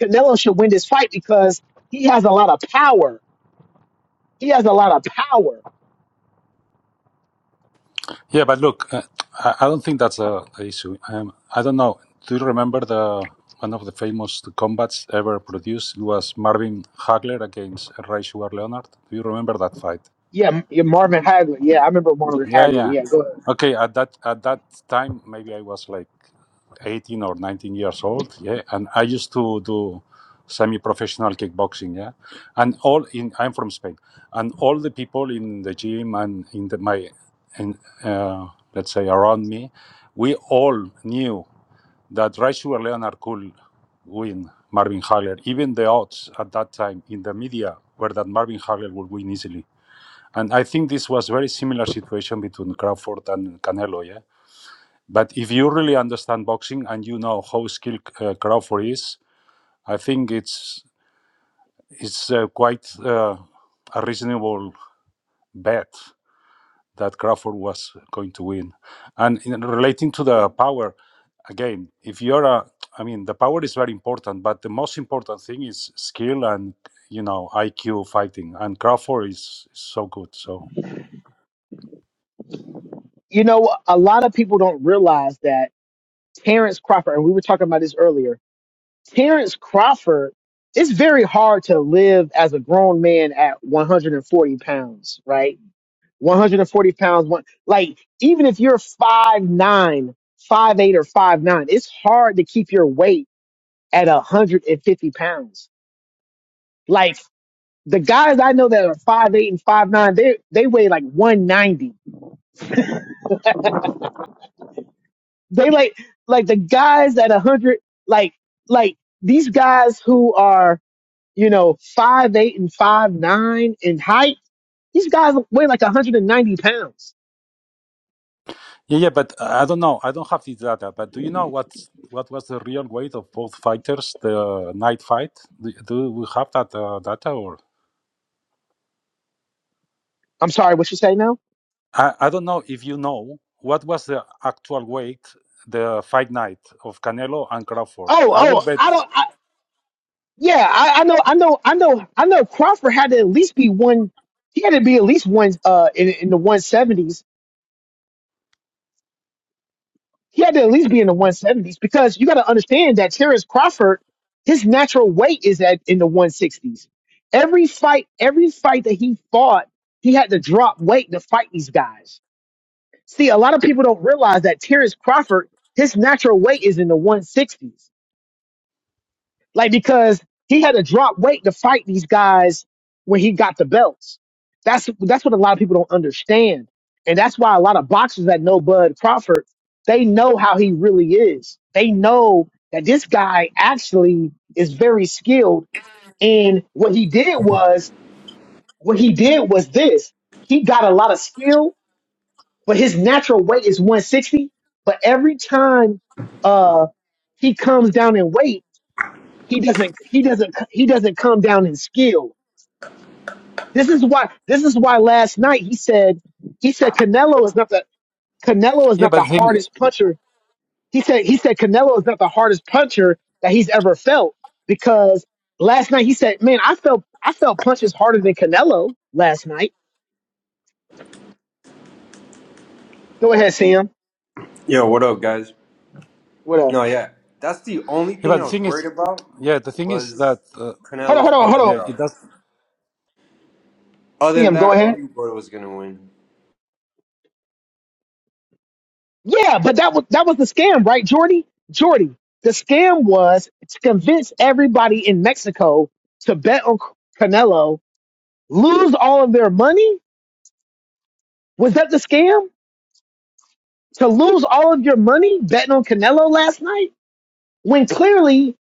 [SPEAKER 1] Canelo should win this fight because he has a lot of power. He has a lot of power.
[SPEAKER 6] Yeah, but look, uh, I I don't think that's a, a issue. Um, I don't know. Do you remember the one of the famous combats ever produced? It was Marvin Hagler against Ray Sugar Leonard. Do you remember that fight?
[SPEAKER 1] Yeah, yeah, Marvin Hagler. Yeah, I remember Marvin
[SPEAKER 6] Yeah,
[SPEAKER 1] Hagler.
[SPEAKER 6] yeah.
[SPEAKER 1] Yeah, go ahead.
[SPEAKER 6] Okay, at that at that time, maybe I was like 18 or 19 years old yeah and i used to do semi-professional kickboxing yeah and all in i'm from spain and all the people in the gym and in the my in, uh, let's say around me we all knew that Rachel leonard could win marvin hagler even the odds at that time in the media were that marvin hagler would win easily and i think this was very similar situation between crawford and canelo yeah but if you really understand boxing and you know how skilled uh, Crawford is, I think it's it's uh, quite uh, a reasonable bet that Crawford was going to win. And in relating to the power, again, if you're a, I mean, the power is very important, but the most important thing is skill and you know IQ fighting. And Crawford is, is so good, so.
[SPEAKER 1] You know, a lot of people don't realize that Terrence Crawford, and we were talking about this earlier. Terrence Crawford, it's very hard to live as a grown man at 140 pounds, right? 140 pounds, one like even if you're five nine, five eight or five nine, it's hard to keep your weight at 150 pounds. Like the guys I know that are five eight and five nine, they they weigh like 190. They like like the guys at 100, like like these guys who are you know, five eight and five nine in height. These guys weigh like 190 pounds.
[SPEAKER 6] Yeah, yeah, but uh, I don't know. I don't have this data. But do you know what what was the real weight of both fighters the night fight? Do, do we have that uh, data or
[SPEAKER 1] I'm sorry, what you say now?
[SPEAKER 6] I, I don't know if you know what was the actual weight the fight night of Canelo and Crawford.
[SPEAKER 1] Oh,
[SPEAKER 6] I will
[SPEAKER 1] oh,
[SPEAKER 6] bet.
[SPEAKER 1] I don't. I, yeah, I, I know, I know, I know, I know. Crawford had to at least be one. He had to be at least one uh, in in the 170s. He had to at least be in the 170s because you got to understand that Terrence Crawford, his natural weight is at in the 160s. Every fight, every fight that he fought, he had to drop weight to fight these guys. See, a lot of people don't realize that Terrence Crawford, his natural weight is in the 160s. Like, because he had to drop weight to fight these guys when he got the belts. That's, that's what a lot of people don't understand. And that's why a lot of boxers that know Bud Crawford, they know how he really is. They know that this guy actually is very skilled. And what he did was, what he did was this. He got a lot of skill but his natural weight is 160. But every time uh he comes down in weight, he doesn't he doesn't he doesn't come down in skill. This is why this is why last night he said he said Canelo is not the Canelo is
[SPEAKER 6] Yeah,
[SPEAKER 1] not
[SPEAKER 6] but
[SPEAKER 1] the
[SPEAKER 6] the thing.
[SPEAKER 1] hardest puncher. He said he said Canelo is not the hardest puncher that he's ever felt because last night he said, "Man, I felt I felt punches harder than Canelo last night." Go ahead.
[SPEAKER 7] Yo, what up, guys?
[SPEAKER 1] What up?
[SPEAKER 7] No, yeah, that's the only
[SPEAKER 6] Yeah, but
[SPEAKER 7] thing I
[SPEAKER 6] the
[SPEAKER 7] was
[SPEAKER 6] thing
[SPEAKER 7] worried
[SPEAKER 6] is,
[SPEAKER 7] about
[SPEAKER 6] yeah, the thing is
[SPEAKER 7] was
[SPEAKER 6] that uh,
[SPEAKER 1] Hold on,
[SPEAKER 7] Canelo's
[SPEAKER 1] hold on, hold
[SPEAKER 7] punching
[SPEAKER 6] yeah,
[SPEAKER 1] on.
[SPEAKER 6] it
[SPEAKER 7] power.
[SPEAKER 6] does.
[SPEAKER 7] Other
[SPEAKER 1] See
[SPEAKER 7] than
[SPEAKER 1] him. Go
[SPEAKER 7] that, I
[SPEAKER 1] ahead.
[SPEAKER 7] knew Gordo was gonna win.
[SPEAKER 1] Yeah, but that was that was the scam, right, Jordy? Jordy, the scam was to convince everybody in Mexico to bet on C- Canelo, lose all of their money. Was that the scam? To lose all of your money betting on Canelo last night, when clearly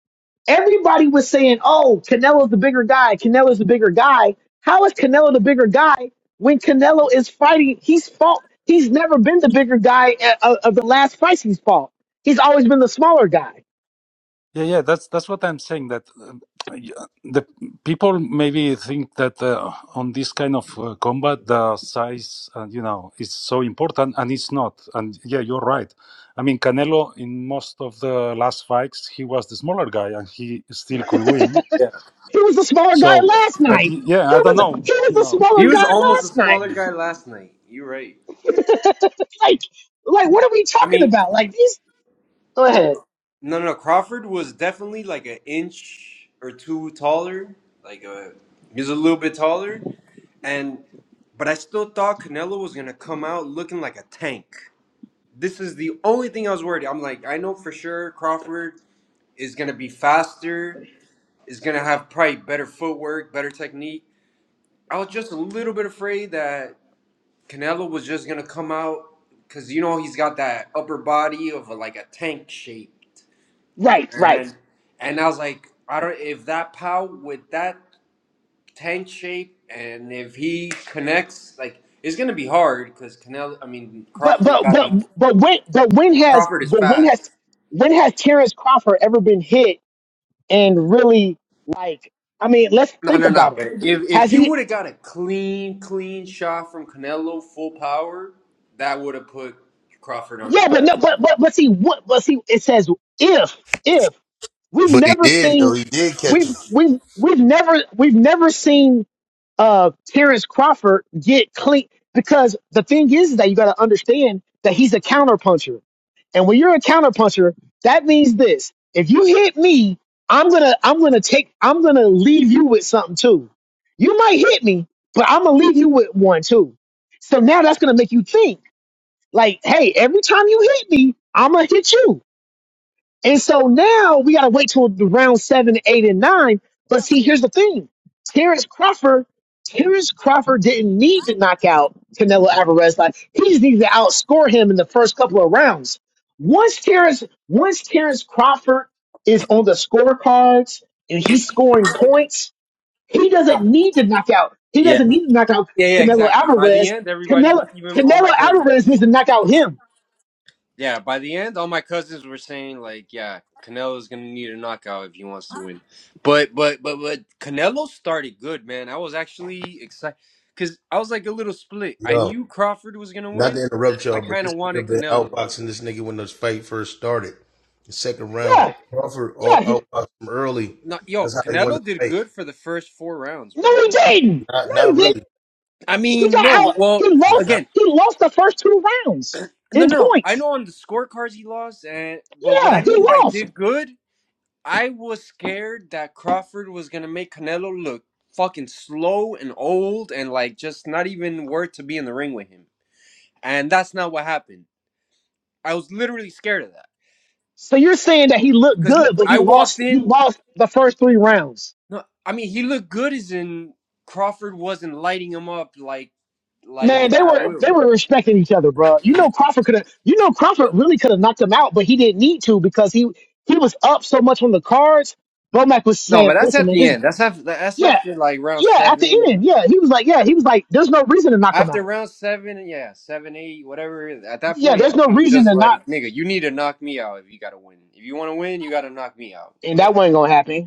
[SPEAKER 1] everybody was saying, "Oh, Canelo's the bigger guy. Canelo's the bigger guy." How is Canelo the bigger guy when Canelo is fighting? He's fought. He's never been the bigger guy uh, of of the last fights he's fought. He's always been the smaller guy.
[SPEAKER 6] Yeah, yeah, that's that's what I'm saying. That uh, y- uh, the people maybe think that uh, on this kind of uh, combat, the size, uh, you know, is so important, and it's not. And yeah, you're right. I mean, Canelo in most of the last fights, he was the smaller guy, and he still could win.
[SPEAKER 7] Yeah,
[SPEAKER 1] He was a smaller guy
[SPEAKER 6] So,
[SPEAKER 1] last
[SPEAKER 6] but
[SPEAKER 1] night.
[SPEAKER 6] y- yeah,
[SPEAKER 1] He
[SPEAKER 6] I don't
[SPEAKER 1] was a,
[SPEAKER 6] know,
[SPEAKER 1] he was
[SPEAKER 6] you
[SPEAKER 1] a
[SPEAKER 6] know.
[SPEAKER 7] he
[SPEAKER 1] smaller
[SPEAKER 7] was
[SPEAKER 1] guy
[SPEAKER 7] almost a
[SPEAKER 1] last night.
[SPEAKER 7] smaller
[SPEAKER 6] Yeah,
[SPEAKER 7] guy last night. You're right.
[SPEAKER 1] Like like what are we
[SPEAKER 7] I
[SPEAKER 1] talking
[SPEAKER 7] mean,
[SPEAKER 1] about? Like these go ahead.
[SPEAKER 7] no, no, Crawford was definitely like an inch or two taller. Like, uh, he was a little bit taller, and but I still thought Canelo was gonna come out looking like a tank. This is the only thing I was worried. I'm like, I know for sure Crawford is gonna be faster is going to have probably better footwork, better technique. I was just a little bit afraid that Canelo was just going to come out because you know he's got that upper body of a, like a tank shape,
[SPEAKER 1] Right, right.
[SPEAKER 7] and and I was like, I don't if that pow with that tank shape and if he connects, like it's going to be hard because Canelo. I mean
[SPEAKER 1] But
[SPEAKER 7] Crawford
[SPEAKER 1] but
[SPEAKER 7] got
[SPEAKER 1] but
[SPEAKER 7] the
[SPEAKER 1] but when but when has
[SPEAKER 7] Crawford is
[SPEAKER 1] but when has
[SPEAKER 7] fast.
[SPEAKER 1] when has Terrence Crawford ever been hit and really like I mean, let's
[SPEAKER 7] No,
[SPEAKER 1] think
[SPEAKER 7] no, no.
[SPEAKER 1] about it.
[SPEAKER 7] But if if
[SPEAKER 1] Has
[SPEAKER 7] he
[SPEAKER 1] he
[SPEAKER 7] would have got a clean, clean shot from Canelo, full power, that would have put Crawford on his
[SPEAKER 1] yeah, but no
[SPEAKER 7] ass.
[SPEAKER 1] but but but see what but see it says if if we've
[SPEAKER 8] But he
[SPEAKER 1] never
[SPEAKER 8] did though.
[SPEAKER 1] seen
[SPEAKER 8] He did catch him.
[SPEAKER 1] we've we've we've never we've never seen uh, Terrence Crawford get clean because the thing is that you got to understand that he's a counterpuncher, and when you're a counterpuncher, that means this: if you hit me, I'm gonna I'm gonna take I'm gonna leave you with something too. You might hit me, but I'm gonna leave you with one too. So now that's gonna make you think like, hey, every time you hit me, I'm gonna hit you. And so now we got to wait till the round seven, eight, and nine. But see, here's the thing: Terrence Crawford, Terrence Crawford didn't need to knock out Canelo Alvarez. Like he just needed to outscore him in the first couple of rounds. Once Terrence, once Terrence Crawford is on the scorecards and he's scoring points, he doesn't need to knock out. He
[SPEAKER 7] Yeah.
[SPEAKER 1] doesn't need to knock out
[SPEAKER 7] Yeah, yeah,
[SPEAKER 1] Canelo
[SPEAKER 7] exactly. By the
[SPEAKER 1] Alvarez.
[SPEAKER 7] end, everybody,
[SPEAKER 1] Canelo,
[SPEAKER 7] even all
[SPEAKER 1] Canelo
[SPEAKER 7] my
[SPEAKER 1] Alvarez
[SPEAKER 7] cousins.
[SPEAKER 1] needs to knock out him.
[SPEAKER 7] Yeah, by the end, all my cousins were saying like, yeah, Canelo's gonna need a knockout if he wants to win. But but but but Canelo started good, man. I was actually excited because I was like a little split. I
[SPEAKER 8] Yo,
[SPEAKER 7] knew Crawford was gonna
[SPEAKER 8] not
[SPEAKER 7] win.
[SPEAKER 8] to interrupt
[SPEAKER 7] I
[SPEAKER 8] y'all, but
[SPEAKER 7] kind
[SPEAKER 8] this
[SPEAKER 7] of wanted
[SPEAKER 8] nigga been
[SPEAKER 7] Canelo to win.
[SPEAKER 8] outboxing this nigga when this fight first started. The second round,
[SPEAKER 1] Yeah,
[SPEAKER 8] Crawford out-
[SPEAKER 1] yeah.
[SPEAKER 8] outboxed him early.
[SPEAKER 7] No,
[SPEAKER 8] That's
[SPEAKER 7] yo,
[SPEAKER 8] how he won the
[SPEAKER 7] Canelo did
[SPEAKER 8] fight.
[SPEAKER 7] good for the first four rounds, bro.
[SPEAKER 1] No, he didn't.
[SPEAKER 8] Not,
[SPEAKER 1] No, he
[SPEAKER 8] not
[SPEAKER 1] didn't.
[SPEAKER 8] really.
[SPEAKER 7] I
[SPEAKER 1] He
[SPEAKER 7] mean,
[SPEAKER 1] got
[SPEAKER 7] no,
[SPEAKER 1] out. He
[SPEAKER 7] well,
[SPEAKER 8] He
[SPEAKER 1] lost.
[SPEAKER 8] not-
[SPEAKER 7] again,
[SPEAKER 1] He lost the first two rounds
[SPEAKER 7] no,
[SPEAKER 1] in
[SPEAKER 7] no, no. I
[SPEAKER 1] points.
[SPEAKER 7] know on the scorecards he lost, and but what I
[SPEAKER 1] Yeah, he
[SPEAKER 7] mean by
[SPEAKER 1] lost.
[SPEAKER 7] did good, I was scared that Crawford was gonna make Canelo look fucking slow and old and like just not even worth to be in the ring with him, and that's not what happened. I was literally scared of that
[SPEAKER 1] So you're saying that he looked
[SPEAKER 7] because
[SPEAKER 1] good, but he
[SPEAKER 7] I walked
[SPEAKER 1] lost. He
[SPEAKER 7] in.
[SPEAKER 1] lost the first three rounds.
[SPEAKER 7] No, I mean he looked good as in Crawford wasn't lighting him up like like
[SPEAKER 1] Man, they
[SPEAKER 7] at
[SPEAKER 1] were
[SPEAKER 7] will.
[SPEAKER 1] they were respecting each other, bro. You know Crawford could have. You know Crawford really could have knocked him out, but he didn't need to because he he was up so much on the cards. Bomac was
[SPEAKER 7] No, but
[SPEAKER 1] saying,
[SPEAKER 7] that's
[SPEAKER 1] "Listen,
[SPEAKER 7] at
[SPEAKER 1] man,
[SPEAKER 7] the
[SPEAKER 1] just
[SPEAKER 7] end. That's after. That's
[SPEAKER 1] yeah,
[SPEAKER 7] after like round
[SPEAKER 1] yeah." At the
[SPEAKER 7] seven.
[SPEAKER 1] end, yeah, he was like, "Yeah," he was like, "There's no reason to knock him
[SPEAKER 7] After
[SPEAKER 1] out."
[SPEAKER 7] round seven, yeah, seven, eight, whatever. it is, At that
[SPEAKER 1] Yeah,
[SPEAKER 7] point,
[SPEAKER 1] there's
[SPEAKER 7] yeah,
[SPEAKER 1] no
[SPEAKER 7] he was
[SPEAKER 1] reason
[SPEAKER 7] just
[SPEAKER 1] to not,
[SPEAKER 7] like, "Nigga, you need to knock me out if you gotta win. If you want to win, you gotta knock me out."
[SPEAKER 1] and
[SPEAKER 7] But
[SPEAKER 1] that wasn't gonna happen.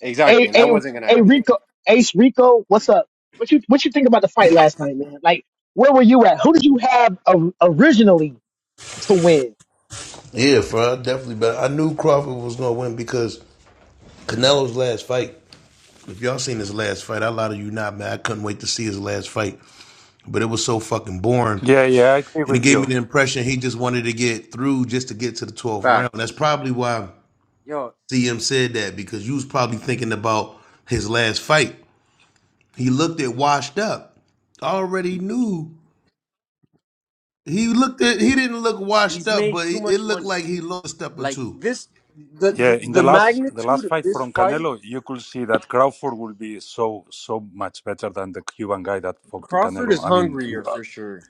[SPEAKER 7] exactly,
[SPEAKER 1] Hey,
[SPEAKER 7] and that
[SPEAKER 1] hey,
[SPEAKER 7] wasn't gonna
[SPEAKER 1] hey,
[SPEAKER 7] happen.
[SPEAKER 1] Rico, Ace Rico, what's up? What you what you think about the fight last night, man? Like, where were you at? Who did you have o- originally to win?
[SPEAKER 8] yeah, for definitely. But I knew Crawford was gonna win because Canelo's last fight. If y'all seen his last fight, I lied to you not, man. I couldn't wait to see his last fight, but it was so fucking boring.
[SPEAKER 6] yeah, yeah I agree
[SPEAKER 8] And it
[SPEAKER 6] with
[SPEAKER 8] gave me
[SPEAKER 6] you.
[SPEAKER 8] the impression he just wanted to get through just to get to the 12th round. That's
[SPEAKER 7] Facts.
[SPEAKER 8] probably why
[SPEAKER 7] Yo,
[SPEAKER 8] CM said that because you was probably thinking about his last fight. He looked at washed up. Already knew he looked at he didn't look washed
[SPEAKER 7] he's
[SPEAKER 8] up,
[SPEAKER 7] made
[SPEAKER 8] but
[SPEAKER 7] too
[SPEAKER 8] it
[SPEAKER 7] much
[SPEAKER 8] looked
[SPEAKER 7] money.
[SPEAKER 8] like he lost a step or
[SPEAKER 7] Like
[SPEAKER 8] two.
[SPEAKER 7] this, the
[SPEAKER 6] Yeah,
[SPEAKER 7] the,
[SPEAKER 6] in the
[SPEAKER 7] the
[SPEAKER 6] last the
[SPEAKER 7] magnitude
[SPEAKER 6] last
[SPEAKER 7] of
[SPEAKER 6] fight
[SPEAKER 7] this
[SPEAKER 6] from
[SPEAKER 7] fight,
[SPEAKER 6] Canelo, you could see that Crawford will be so so much better than the Cuban guy that fought
[SPEAKER 7] Crawford is
[SPEAKER 6] Canelo. I mean,
[SPEAKER 7] hungrier
[SPEAKER 6] uh,
[SPEAKER 7] for sure.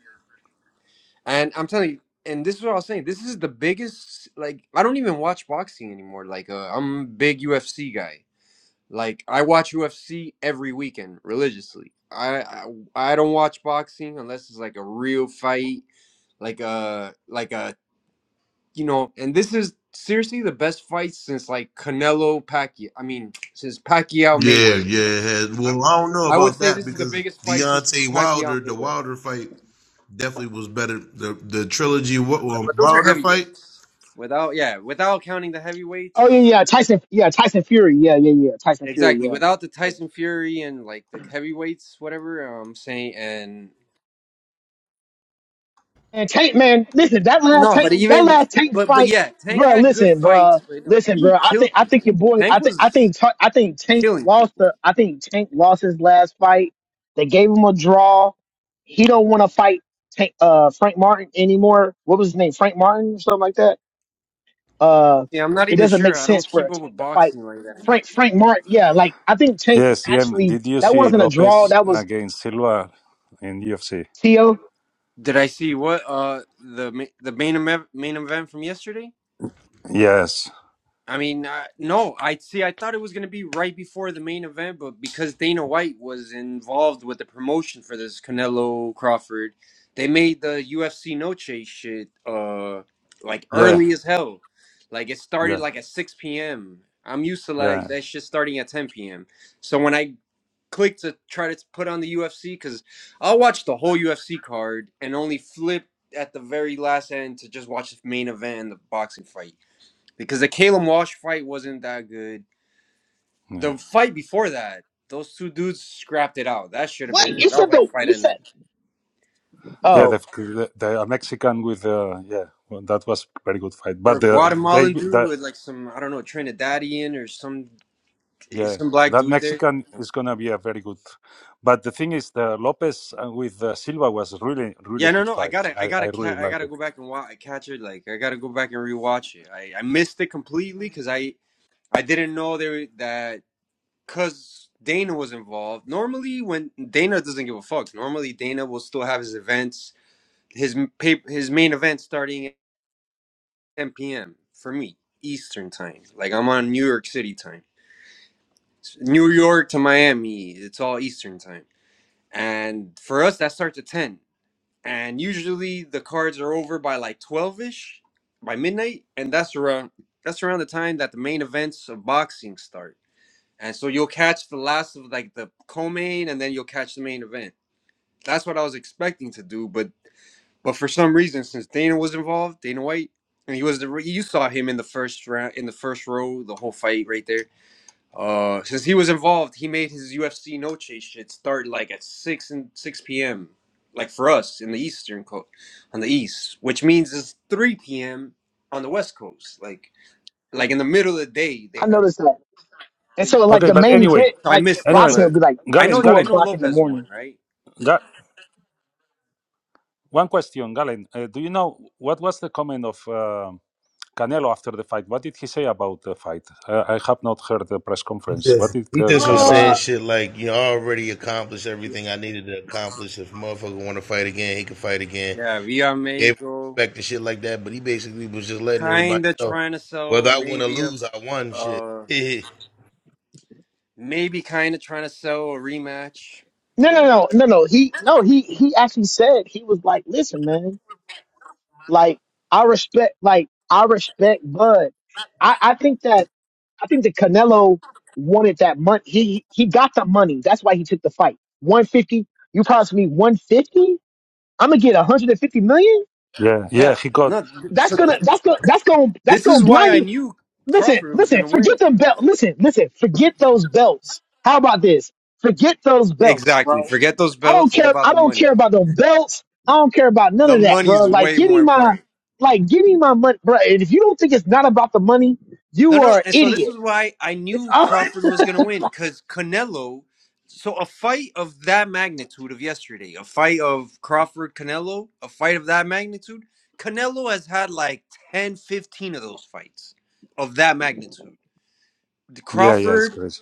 [SPEAKER 7] And I'm telling you, and this is what I was saying. This is the biggest. Like, I don't even watch boxing anymore. Like, uh, I'm a big UFC guy. Like I watch UFC every weekend religiously. I, I I don't watch boxing unless it's like a real fight, like a like a you know. And this is seriously the best fight since like Canelo Pacquiao. I mean, since Pacquiao
[SPEAKER 8] Yeah,
[SPEAKER 7] Mayweather.
[SPEAKER 8] yeah. well, I don't know
[SPEAKER 7] I would
[SPEAKER 8] about
[SPEAKER 7] say
[SPEAKER 8] that
[SPEAKER 7] this is the
[SPEAKER 8] because
[SPEAKER 7] biggest fight since
[SPEAKER 8] Deontay
[SPEAKER 7] Pacquiao
[SPEAKER 8] Wilder, the
[SPEAKER 7] Mayweather.
[SPEAKER 8] Wilder fight definitely was better. The the trilogy
[SPEAKER 7] No,
[SPEAKER 8] um,
[SPEAKER 7] But those are
[SPEAKER 8] Wilder fight.
[SPEAKER 7] heavyweights. Without yeah, without counting the
[SPEAKER 1] Oh yeah,
[SPEAKER 7] heavyweights.
[SPEAKER 1] yeah, Tyson, yeah, Tyson Fury, yeah, yeah, yeah, Tyson Fury,
[SPEAKER 7] Exactly.
[SPEAKER 1] yeah,
[SPEAKER 7] Without the Tyson Fury and like the heavyweights, whatever um, I'm saying, and
[SPEAKER 1] And Tank man, listen, that last
[SPEAKER 7] No, but
[SPEAKER 1] Tank, that
[SPEAKER 7] even
[SPEAKER 1] last Tank
[SPEAKER 7] but but
[SPEAKER 1] fight,
[SPEAKER 7] yeah, Tank
[SPEAKER 1] bro.
[SPEAKER 7] had good
[SPEAKER 1] Listen,
[SPEAKER 7] fights,
[SPEAKER 1] bro.
[SPEAKER 7] but no,
[SPEAKER 1] Listen,
[SPEAKER 7] he
[SPEAKER 1] bro. I think
[SPEAKER 7] killed
[SPEAKER 1] I think
[SPEAKER 7] people.
[SPEAKER 1] your boy.
[SPEAKER 7] Tank
[SPEAKER 1] I think I
[SPEAKER 7] was
[SPEAKER 1] think Ta- I think Tank
[SPEAKER 7] killing
[SPEAKER 1] lost
[SPEAKER 7] people.
[SPEAKER 1] the. I think Tank lost his last fight. They gave him a draw. He don't want to fight Tank, uh, Frank Martin anymore. What was his name? Frank Martin or something like that. Uh,
[SPEAKER 7] Yeah, I'm not
[SPEAKER 1] it
[SPEAKER 7] even
[SPEAKER 1] doesn't make
[SPEAKER 7] sure. I
[SPEAKER 1] sense
[SPEAKER 7] don't
[SPEAKER 1] for
[SPEAKER 7] keep
[SPEAKER 1] a
[SPEAKER 7] up with
[SPEAKER 1] Tank to fight
[SPEAKER 7] boxing like that. anymore.
[SPEAKER 1] Frank Frank Martin. Yeah, like I think Tank
[SPEAKER 6] yes, yeah.
[SPEAKER 1] actually
[SPEAKER 6] Did you
[SPEAKER 1] that
[SPEAKER 6] see
[SPEAKER 1] wasn't a draw.
[SPEAKER 6] Lopez
[SPEAKER 1] That was
[SPEAKER 6] against Silva in UFC?
[SPEAKER 1] Tio.
[SPEAKER 7] Did I see what uh the ma- the main event main event from yesterday?
[SPEAKER 6] Yes,
[SPEAKER 7] I mean, uh, no, I see. I thought it was going to be right before the main event, but because Dana White was involved with the promotion for this Canelo Crawford, they made the UFC Noche shit uh like
[SPEAKER 6] yeah,
[SPEAKER 7] early as hell. Like it started
[SPEAKER 6] yeah,
[SPEAKER 7] like at six p.m. I'm used to like
[SPEAKER 6] yeah,
[SPEAKER 7] that shit starting at ten p.m. So when I clicked to try to put on the UFC, because I'll watch the whole UFC card and only flip at the very last end to just watch the main event and the boxing fight because the Caleb Walsh fight wasn't that good.
[SPEAKER 6] yeah,
[SPEAKER 7] The fight before that, those two dudes scrapped it out. That should have
[SPEAKER 1] Wait,
[SPEAKER 7] been
[SPEAKER 1] you
[SPEAKER 7] that was
[SPEAKER 1] said
[SPEAKER 7] like
[SPEAKER 1] the
[SPEAKER 7] fight
[SPEAKER 1] you
[SPEAKER 7] at
[SPEAKER 1] said.
[SPEAKER 7] night.
[SPEAKER 6] yeah.
[SPEAKER 1] Oh,
[SPEAKER 6] The the, the Mexican with the yeah, well, that was very good fight.
[SPEAKER 7] Or
[SPEAKER 6] But the they
[SPEAKER 7] Guatemalan dude
[SPEAKER 6] the,
[SPEAKER 7] with like some I don't know Trinidadian or some
[SPEAKER 6] Yeah,
[SPEAKER 7] some black
[SPEAKER 6] that
[SPEAKER 7] dude there.
[SPEAKER 6] Mexican is gonna be a very good. But the thing is, the Lopez uh, with uh, Silva was really, really
[SPEAKER 7] Yeah, no,
[SPEAKER 6] good
[SPEAKER 7] no. I
[SPEAKER 6] fight.
[SPEAKER 7] gotta, I
[SPEAKER 6] I, I
[SPEAKER 7] gotta, ca-
[SPEAKER 6] really
[SPEAKER 7] I
[SPEAKER 6] like
[SPEAKER 7] gotta
[SPEAKER 6] it.
[SPEAKER 7] go back and watch, catch it. Like, I gotta go back and rewatch it. I, I missed it completely because I, I didn't know there that because Dana was involved. Normally, when Dana doesn't give a fuck, normally Dana will still have his events, his paper, his main event starting 10 p.m. for me, Eastern time. Like I'm on New York City time. New York to Miami, it's all Eastern time. And for us, that starts at 10. And usually the cards are over by like 12 ish, by midnight. And that's around that's around the time that the main events of boxing start. And so you'll catch the last of like the co-main, and then you'll catch the main event. That's what I was expecting to do, but But for some reason, since Dana was involved, Dana White, and he was the re- you saw him in the first round, in the first row, the whole fight right there. Uh, since he was involved, he made his UFC no chase shit start like at six and six p.m. Like for us in the Eastern coast, on the East, which means it's three p.m. on the West Coast. Like like in the middle of the day, they
[SPEAKER 1] I
[SPEAKER 7] have
[SPEAKER 1] noticed that. And
[SPEAKER 7] the
[SPEAKER 1] so
[SPEAKER 7] UFC.
[SPEAKER 1] like
[SPEAKER 6] Okay,
[SPEAKER 1] the
[SPEAKER 6] but
[SPEAKER 1] main
[SPEAKER 6] anyway,
[SPEAKER 1] event,
[SPEAKER 7] So I
[SPEAKER 1] like in
[SPEAKER 7] missed it,
[SPEAKER 6] anyway,
[SPEAKER 1] boxing, would
[SPEAKER 7] but
[SPEAKER 1] be like
[SPEAKER 7] I
[SPEAKER 6] Galen,
[SPEAKER 7] know
[SPEAKER 1] two
[SPEAKER 7] I
[SPEAKER 6] Galen,
[SPEAKER 7] know
[SPEAKER 1] o'clock in the
[SPEAKER 7] Lopez won,
[SPEAKER 1] morning.
[SPEAKER 7] right?
[SPEAKER 6] Ga- one question, Galen. Uh, do you know what was the comment of uh, Canelo after the fight? What did he say about the fight? Uh, I have not heard the press conference.
[SPEAKER 8] Yeah,
[SPEAKER 6] What did
[SPEAKER 8] He
[SPEAKER 6] uh,
[SPEAKER 8] just was
[SPEAKER 6] Canelo
[SPEAKER 1] Uh,
[SPEAKER 8] saying
[SPEAKER 6] say?
[SPEAKER 8] shit like, "You know, I already accomplished everything I needed to accomplish. If a motherfucker want to fight again, he can fight again.
[SPEAKER 7] Yeah, Via
[SPEAKER 8] gave him
[SPEAKER 7] Mexico.
[SPEAKER 8] respect and shit like that. But he basically was just letting everybody
[SPEAKER 7] kind of
[SPEAKER 8] know
[SPEAKER 7] trying to
[SPEAKER 8] whether
[SPEAKER 7] sell
[SPEAKER 8] I win or
[SPEAKER 7] maybe a
[SPEAKER 8] lose, I won. Shit.
[SPEAKER 7] uh
[SPEAKER 8] yeah,
[SPEAKER 7] maybe kind of trying to sell a rematch
[SPEAKER 1] no, no,
[SPEAKER 7] but
[SPEAKER 1] no, no, no. He no, he he actually said he was like, listen, man, like I respect, like I respect Bud. I I think that I think that Canelo wanted that money. He he got the money. That's why he took the fight. One fifty. You promised me one fifty. I'm gonna get one hundred and fifty million.
[SPEAKER 6] Yeah, yeah,
[SPEAKER 7] yeah
[SPEAKER 6] he got.
[SPEAKER 7] no
[SPEAKER 1] That's
[SPEAKER 7] so
[SPEAKER 1] gonna that's gonna that's gonna that's
[SPEAKER 7] this
[SPEAKER 1] gonna
[SPEAKER 7] is why
[SPEAKER 1] blind
[SPEAKER 7] i
[SPEAKER 1] you.
[SPEAKER 7] knew
[SPEAKER 1] listen,
[SPEAKER 7] crawford was
[SPEAKER 1] listen,
[SPEAKER 7] gonna win
[SPEAKER 1] forget them belt. Listen, listen, forget those belts. How about this? Forget those belts,
[SPEAKER 7] exactly
[SPEAKER 1] bro.
[SPEAKER 7] forget those
[SPEAKER 1] I don't
[SPEAKER 7] belts it's
[SPEAKER 1] care.
[SPEAKER 7] about
[SPEAKER 1] I
[SPEAKER 7] the
[SPEAKER 1] don't
[SPEAKER 7] money
[SPEAKER 1] care about those belts. I don't care about none
[SPEAKER 7] the
[SPEAKER 1] of that, bro.
[SPEAKER 7] money's
[SPEAKER 1] Like,
[SPEAKER 7] way
[SPEAKER 1] give me
[SPEAKER 7] more
[SPEAKER 1] my,
[SPEAKER 7] important
[SPEAKER 1] like, give me my money, bro. And if you don't think it's not about the money,
[SPEAKER 7] No,
[SPEAKER 1] you
[SPEAKER 7] no.
[SPEAKER 1] are an
[SPEAKER 7] And so this
[SPEAKER 1] idiot.
[SPEAKER 7] is why I
[SPEAKER 1] It's
[SPEAKER 7] knew Crawford was going to win because Canelo. So a fight of that magnitude of yesterday, a fight of Crawford Canelo, a fight of that magnitude, Canelo has had like 10, 15 of those fights of that magnitude. The
[SPEAKER 6] Yeah, yeah, it's
[SPEAKER 7] Crawford
[SPEAKER 6] crazy.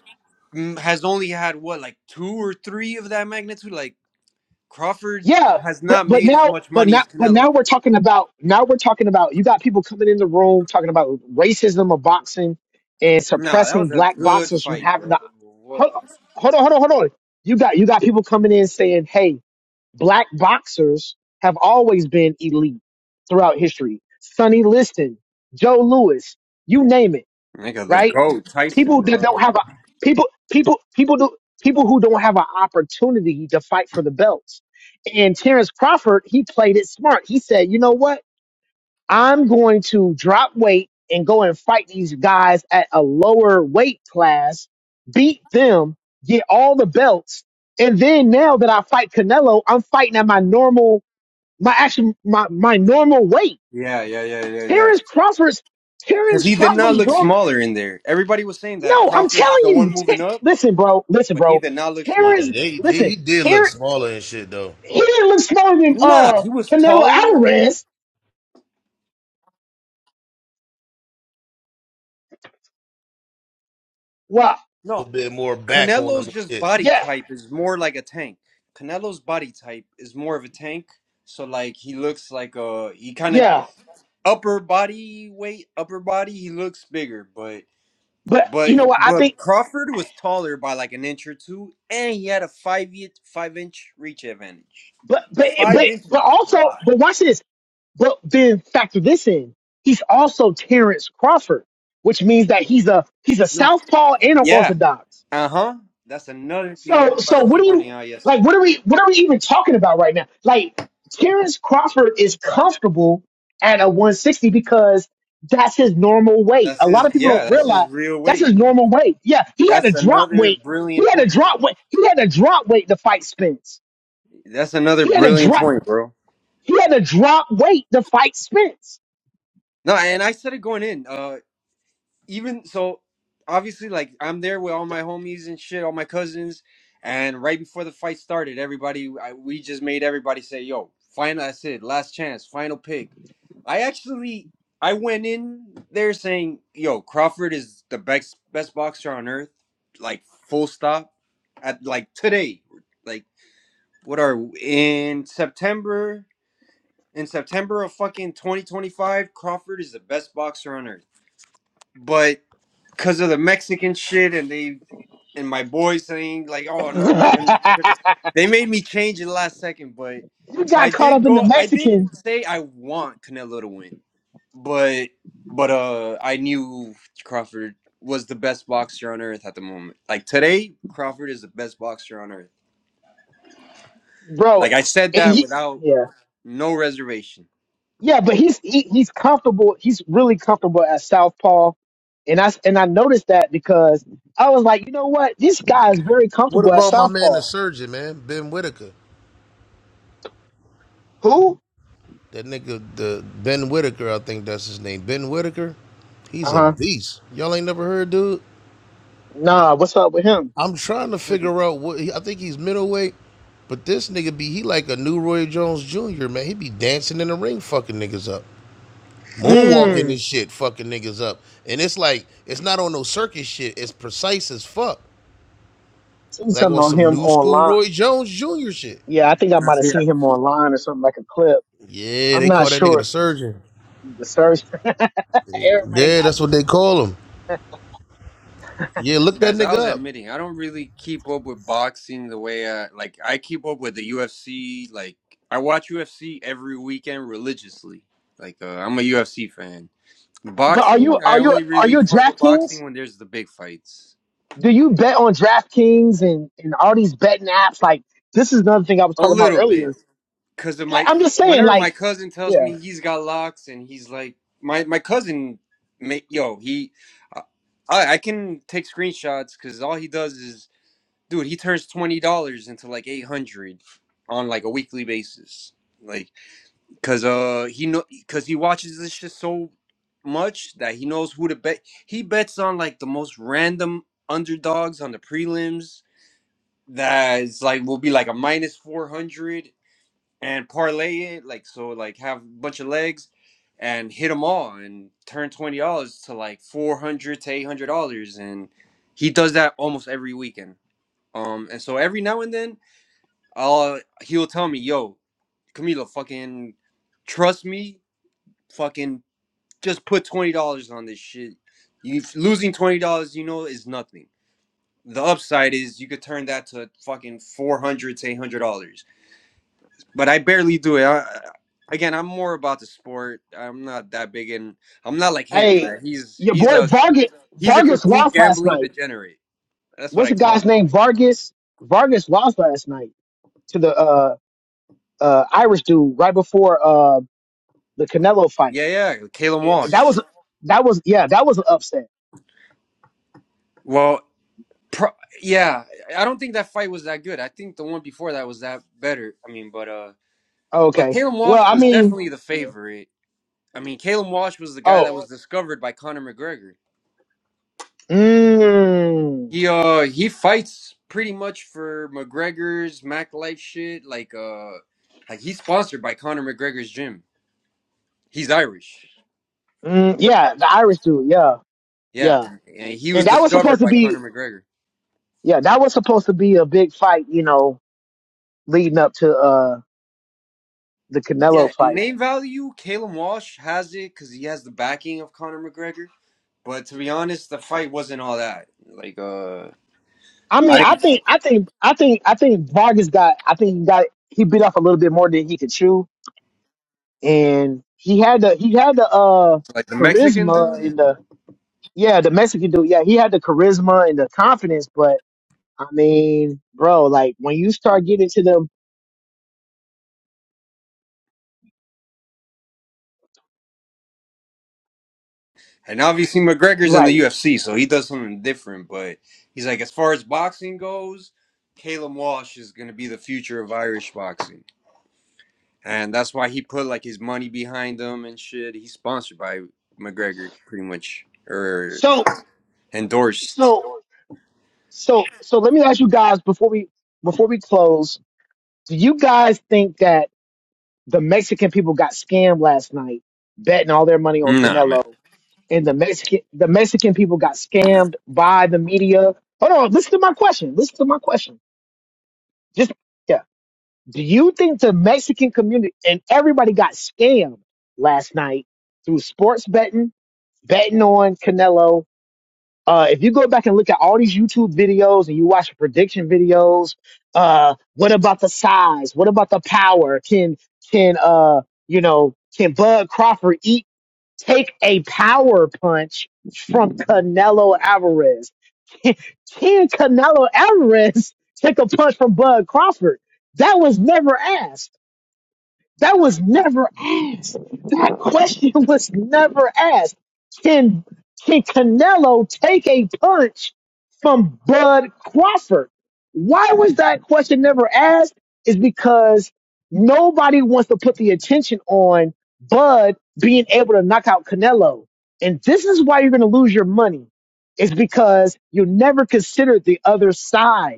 [SPEAKER 7] mm, has only had what, like two or three of that magnitude? Like Crawford
[SPEAKER 1] Yeah,
[SPEAKER 7] has
[SPEAKER 1] but
[SPEAKER 7] not
[SPEAKER 1] but
[SPEAKER 7] made as
[SPEAKER 1] now
[SPEAKER 7] much
[SPEAKER 1] but
[SPEAKER 7] money
[SPEAKER 1] now
[SPEAKER 7] as
[SPEAKER 1] but
[SPEAKER 7] Canelo.
[SPEAKER 1] now we're talking about now we're talking about you got people coming in the room talking about racism of boxing and
[SPEAKER 7] Nah, that
[SPEAKER 1] suppressing
[SPEAKER 7] was a
[SPEAKER 1] black
[SPEAKER 7] good
[SPEAKER 1] boxers from
[SPEAKER 7] fight,
[SPEAKER 1] having
[SPEAKER 7] bro.
[SPEAKER 1] the
[SPEAKER 7] What?
[SPEAKER 1] hold, hold on hold on hold on you got you got people coming in saying hey black boxers have always been elite throughout history Sonny Liston Joe Lewis you name it
[SPEAKER 7] Nigga, the
[SPEAKER 1] right
[SPEAKER 7] GOAT, Tyson,
[SPEAKER 1] people that
[SPEAKER 7] bro.
[SPEAKER 1] don't have a people people people do people who don't have an opportunity to fight for the belts. And Terrence Crawford, he played it smart. He said, "You know what? I'm going to drop weight and go and fight these guys at a lower weight class, beat them, get all the belts, and then now that I fight Canelo, I'm fighting at my normal my actually my my normal weight."
[SPEAKER 7] Yeah, yeah, yeah, yeah, yeah.
[SPEAKER 1] Terrence Crawford's
[SPEAKER 7] Because
[SPEAKER 1] Terrence
[SPEAKER 7] he did not
[SPEAKER 1] Crawford's
[SPEAKER 7] look
[SPEAKER 1] norm.
[SPEAKER 7] smaller in there. Everybody was saying that
[SPEAKER 1] No, I'm
[SPEAKER 7] Crawford's
[SPEAKER 1] telling
[SPEAKER 7] the one
[SPEAKER 1] you. Ter-
[SPEAKER 7] moving up,
[SPEAKER 1] listen, bro. Listen,
[SPEAKER 7] but he
[SPEAKER 1] bro.
[SPEAKER 7] did not look
[SPEAKER 1] Terrence,
[SPEAKER 7] smaller in there.
[SPEAKER 8] they, they
[SPEAKER 1] listen.
[SPEAKER 8] he did look
[SPEAKER 1] Ter,
[SPEAKER 8] smaller and shit though.
[SPEAKER 1] he didn't look smaller than
[SPEAKER 7] Nah,
[SPEAKER 1] uh
[SPEAKER 7] he was
[SPEAKER 1] Canelo
[SPEAKER 7] taller.
[SPEAKER 1] Alvarez. Well,
[SPEAKER 8] A
[SPEAKER 7] No,
[SPEAKER 8] little bit more back on him
[SPEAKER 7] Canelo's
[SPEAKER 8] and
[SPEAKER 7] just
[SPEAKER 8] shit.
[SPEAKER 7] body
[SPEAKER 1] yeah,
[SPEAKER 7] type is more like a tank. Canelo's body type is more of a tank. So like he looks like a he kind of
[SPEAKER 1] yeah.
[SPEAKER 7] upper body weight, upper body. He looks bigger, but
[SPEAKER 1] But
[SPEAKER 7] But
[SPEAKER 1] you know what? I think,
[SPEAKER 7] but Crawford was taller by like an inch or two, and he had a five inch five inch reach advantage.
[SPEAKER 1] but but
[SPEAKER 7] Five
[SPEAKER 1] but
[SPEAKER 7] inches
[SPEAKER 1] but
[SPEAKER 7] is a
[SPEAKER 1] also,
[SPEAKER 7] lot.
[SPEAKER 1] but watch this. But then factor this in. He's also Terrence Crawford, which means that he's a he's a
[SPEAKER 7] No.
[SPEAKER 1] southpaw and an
[SPEAKER 7] Yeah.
[SPEAKER 1] orthodox.
[SPEAKER 7] Uh huh. That's another thing
[SPEAKER 1] So
[SPEAKER 7] everybody
[SPEAKER 1] so
[SPEAKER 7] was
[SPEAKER 1] what do you
[SPEAKER 7] pointing out. yesterday.
[SPEAKER 1] like what are we what are we even talking about right now? Like Terrence Crawford is comfortable at a 160 because that's his normal weight.
[SPEAKER 7] That's
[SPEAKER 1] A lot
[SPEAKER 7] his.
[SPEAKER 1] of people
[SPEAKER 7] Yeah.
[SPEAKER 1] don't
[SPEAKER 7] That's his
[SPEAKER 1] realize
[SPEAKER 7] real
[SPEAKER 1] that's his
[SPEAKER 7] weight.
[SPEAKER 1] normal weight. Yeah, he had to
[SPEAKER 7] That's
[SPEAKER 1] drop
[SPEAKER 7] another
[SPEAKER 1] weight.
[SPEAKER 7] brilliant
[SPEAKER 1] He had to
[SPEAKER 7] point, bro.
[SPEAKER 1] drop weight. He had to drop weight to fight Spence.
[SPEAKER 7] That's another
[SPEAKER 1] He had to
[SPEAKER 7] brilliant
[SPEAKER 1] drop
[SPEAKER 7] point, bro.
[SPEAKER 1] he had to drop weight to fight Spence.
[SPEAKER 7] No, and I said it going in. Uh, even so obviously like i'm there with all my homies and shit all my cousins and right before the fight started everybody I, we just made everybody say yo final that's it last chance final pick i actually i went in there saying yo crawford is the best best boxer on earth like full stop at like today like what are in september in september of fucking 2025 crawford is the best boxer on earth but because of the Mexican shit and they and my boys saying like, "Oh
[SPEAKER 1] you
[SPEAKER 7] no, man," 'Cause they made me change in the last second. But so I
[SPEAKER 1] got caught
[SPEAKER 7] did
[SPEAKER 1] up in the
[SPEAKER 7] go. I did
[SPEAKER 1] Mexican,
[SPEAKER 7] say I want Canelo to win, but but uh, I knew Crawford was the best boxer on earth at the moment. Like today, Crawford is the best boxer on earth.
[SPEAKER 1] bro.
[SPEAKER 7] Like I said
[SPEAKER 1] And
[SPEAKER 7] that
[SPEAKER 1] he
[SPEAKER 7] without
[SPEAKER 1] yeah.
[SPEAKER 7] no reservation.
[SPEAKER 1] Yeah, but he's he, he's comfortable. He's really comfortable at Southpaw, and I and I noticed that because I was like, you know what, this guy is very
[SPEAKER 8] What
[SPEAKER 1] comfortable at
[SPEAKER 8] about my man, the
[SPEAKER 1] Southpaw.
[SPEAKER 8] surgeon, man, Ben Whitaker?
[SPEAKER 1] Who?
[SPEAKER 8] That nigga, the Ben Whitaker, I think that's his name. Ben Whitaker, he's
[SPEAKER 1] Uh
[SPEAKER 8] a
[SPEAKER 1] huh.
[SPEAKER 8] beast. Y'all ain't never heard, dude.
[SPEAKER 1] Nah, what's up with him?
[SPEAKER 8] I'm trying to
[SPEAKER 7] Told
[SPEAKER 8] figure
[SPEAKER 7] you.
[SPEAKER 8] out what he, I think he's middleweight, but this nigga be he like a new Roy Jones Jr. Man, he be dancing in the ring, fucking niggas up. moonwalking
[SPEAKER 1] Mm.
[SPEAKER 8] this shit, fucking niggas up. And it's like it's not on no circus shit. It's precise as fuck,
[SPEAKER 1] Seen
[SPEAKER 8] like on
[SPEAKER 1] something on
[SPEAKER 8] some
[SPEAKER 1] him
[SPEAKER 8] new school
[SPEAKER 1] online.
[SPEAKER 8] Roy Jones Jr. shit.
[SPEAKER 1] Yeah, I think I might have seen him online or something like a clip.
[SPEAKER 8] Yeah,
[SPEAKER 1] I'm
[SPEAKER 8] they
[SPEAKER 1] not
[SPEAKER 8] call that nigga the
[SPEAKER 1] sure.
[SPEAKER 8] surgeon.
[SPEAKER 1] The search. Everybody
[SPEAKER 8] Yeah,
[SPEAKER 1] got.
[SPEAKER 8] that's what they call him. Yeah, look that
[SPEAKER 7] Guys, I
[SPEAKER 8] nigga
[SPEAKER 7] was
[SPEAKER 8] up.
[SPEAKER 7] admitting I don't really keep up with boxing the way I like. I keep up with the UFC. Like I watch UFC every weekend religiously. Like uh, I'm a UFC fan.
[SPEAKER 1] But are you
[SPEAKER 7] Boxing, I
[SPEAKER 1] are you
[SPEAKER 7] only
[SPEAKER 1] are
[SPEAKER 7] really
[SPEAKER 1] you
[SPEAKER 7] fuck with boxing
[SPEAKER 1] DraftKings?
[SPEAKER 7] when there's the big fights.
[SPEAKER 1] Do you bet on DraftKings and and all these betting apps? Like this is another thing I was
[SPEAKER 7] A
[SPEAKER 1] talking about
[SPEAKER 7] little bit
[SPEAKER 1] earlier.
[SPEAKER 7] because of
[SPEAKER 1] Like
[SPEAKER 7] my.
[SPEAKER 1] I'm just saying,
[SPEAKER 7] Whenever
[SPEAKER 1] like.
[SPEAKER 7] my cousin tells
[SPEAKER 1] Yeah.
[SPEAKER 7] me he's got locks and he's like my my cousin, make yo he, I I can take screenshots because all he does is dude he turns twenty dollars into like eight hundred on like a weekly basis like because uh he know because he watches this shit so much that he knows who to bet he bets on like the most random underdogs on the prelims that is like will be like a minus 400 and parlay it like so like have a bunch of legs and hit them all and turn $20 to like 400 to $800 and he does that almost every weekend um, and so every now and then I'll he'll tell me, yo, Camilo, fucking trust me, fucking just put twenty dollars on this shit. You losing twenty dollars, you know, is nothing. The upside is you could turn that to fucking four hundred to eight hundred dollars. But I barely do it. I- again, I'm more about the sport. I'm not that big in. I'm not like him.
[SPEAKER 1] Hey,
[SPEAKER 7] That he's
[SPEAKER 1] your
[SPEAKER 7] he's
[SPEAKER 1] boy
[SPEAKER 7] a
[SPEAKER 1] Vargas
[SPEAKER 7] he's a
[SPEAKER 1] Vargas
[SPEAKER 7] complete
[SPEAKER 1] lost last
[SPEAKER 7] gambling
[SPEAKER 1] night.
[SPEAKER 7] degenerate. That's what
[SPEAKER 1] What's
[SPEAKER 7] I
[SPEAKER 1] the
[SPEAKER 7] call him.
[SPEAKER 1] guy's name? Vargas Vargas lost last night to the uh uh Irish dude right before uh the Canelo fight.
[SPEAKER 7] Yeah, yeah, Caleb
[SPEAKER 1] And that
[SPEAKER 7] Walsh.
[SPEAKER 1] was that was yeah that was an upset.
[SPEAKER 7] Well, Pro- yeah, I don't think that fight was that good. I think the one before that was that better. I mean, but uh, but
[SPEAKER 1] Okay.
[SPEAKER 7] Caleb
[SPEAKER 1] Well,
[SPEAKER 7] Walsh
[SPEAKER 1] I
[SPEAKER 7] was
[SPEAKER 1] mean,
[SPEAKER 7] definitely the
[SPEAKER 1] you know.
[SPEAKER 7] favorite. I mean, Caleb Walsh was the guy that
[SPEAKER 1] Oh.
[SPEAKER 7] was discovered by Conor McGregor.
[SPEAKER 1] Mm,
[SPEAKER 7] He uh he fights pretty much for McGregor's Mac Life shit. Like uh, like he's sponsored by Conor McGregor's gym. He's Irish. For the
[SPEAKER 1] mm, yeah,
[SPEAKER 7] start with.
[SPEAKER 1] the Irish dude. Yeah.
[SPEAKER 7] Yeah,
[SPEAKER 1] Yeah.
[SPEAKER 7] and, and he was
[SPEAKER 1] And that was
[SPEAKER 7] discovered
[SPEAKER 1] supposed to
[SPEAKER 7] by Conor
[SPEAKER 1] be
[SPEAKER 7] McGregor.
[SPEAKER 1] yeah that was supposed to be a big fight. You know, leading up to uh the Canelo
[SPEAKER 7] Yeah, in
[SPEAKER 1] fight
[SPEAKER 7] name value, Caleb Walsh has it because he has the backing of Conor McGregor. But to be honest, the fight wasn't all that. Like, uh,
[SPEAKER 1] I
[SPEAKER 7] I
[SPEAKER 1] mean, I
[SPEAKER 7] didn't
[SPEAKER 1] think, I think, I think, I think Vargas got. I think he got. He bit off a little bit more than he could chew, and he had the he had the uh
[SPEAKER 7] like the Mexican
[SPEAKER 1] charisma
[SPEAKER 7] dude,
[SPEAKER 1] and the yeah the Mexican dude. Yeah, he had the charisma and the confidence, but I mean, bro, like when you start getting to them,
[SPEAKER 7] and obviously McGregor's in the
[SPEAKER 1] right?
[SPEAKER 7] UFC, so he does something different. But he's like, as far as boxing goes, Caleb Walsh is gonna be the future of Irish boxing, and that's why he put like his money behind him and shit. He's sponsored by McGregor, pretty much, or
[SPEAKER 1] So,
[SPEAKER 7] endorsed.
[SPEAKER 1] so, so, so, let me ask you guys before we before we close. Do you guys think that? The Mexican people got scammed last night, betting all their money on
[SPEAKER 7] Nah, man.
[SPEAKER 1] Canelo. And the Mexican the Mexican people got scammed by the media. Hold on, listen to my question. Listen to my question. Just yeah. Do you think the Mexican community and everybody got scammed last night through sports betting, betting on Canelo, uh, if you go back and look at all these YouTube videos and you watch prediction videos, uh, what about the size? What about the power? Can can uh you know can Bud Crawford eat take a power punch from Canelo Alvarez? Can, can Canelo Alvarez take a punch from Bud Crawford? That was never asked. That was never asked. That question was never asked. Can can Canelo take a punch from Bud Crawford? Why was that question never asked? Is because nobody wants to put the attention on Bud being able to knock out Canelo. And this is why you're going to lose your money. It's because you never considered the other side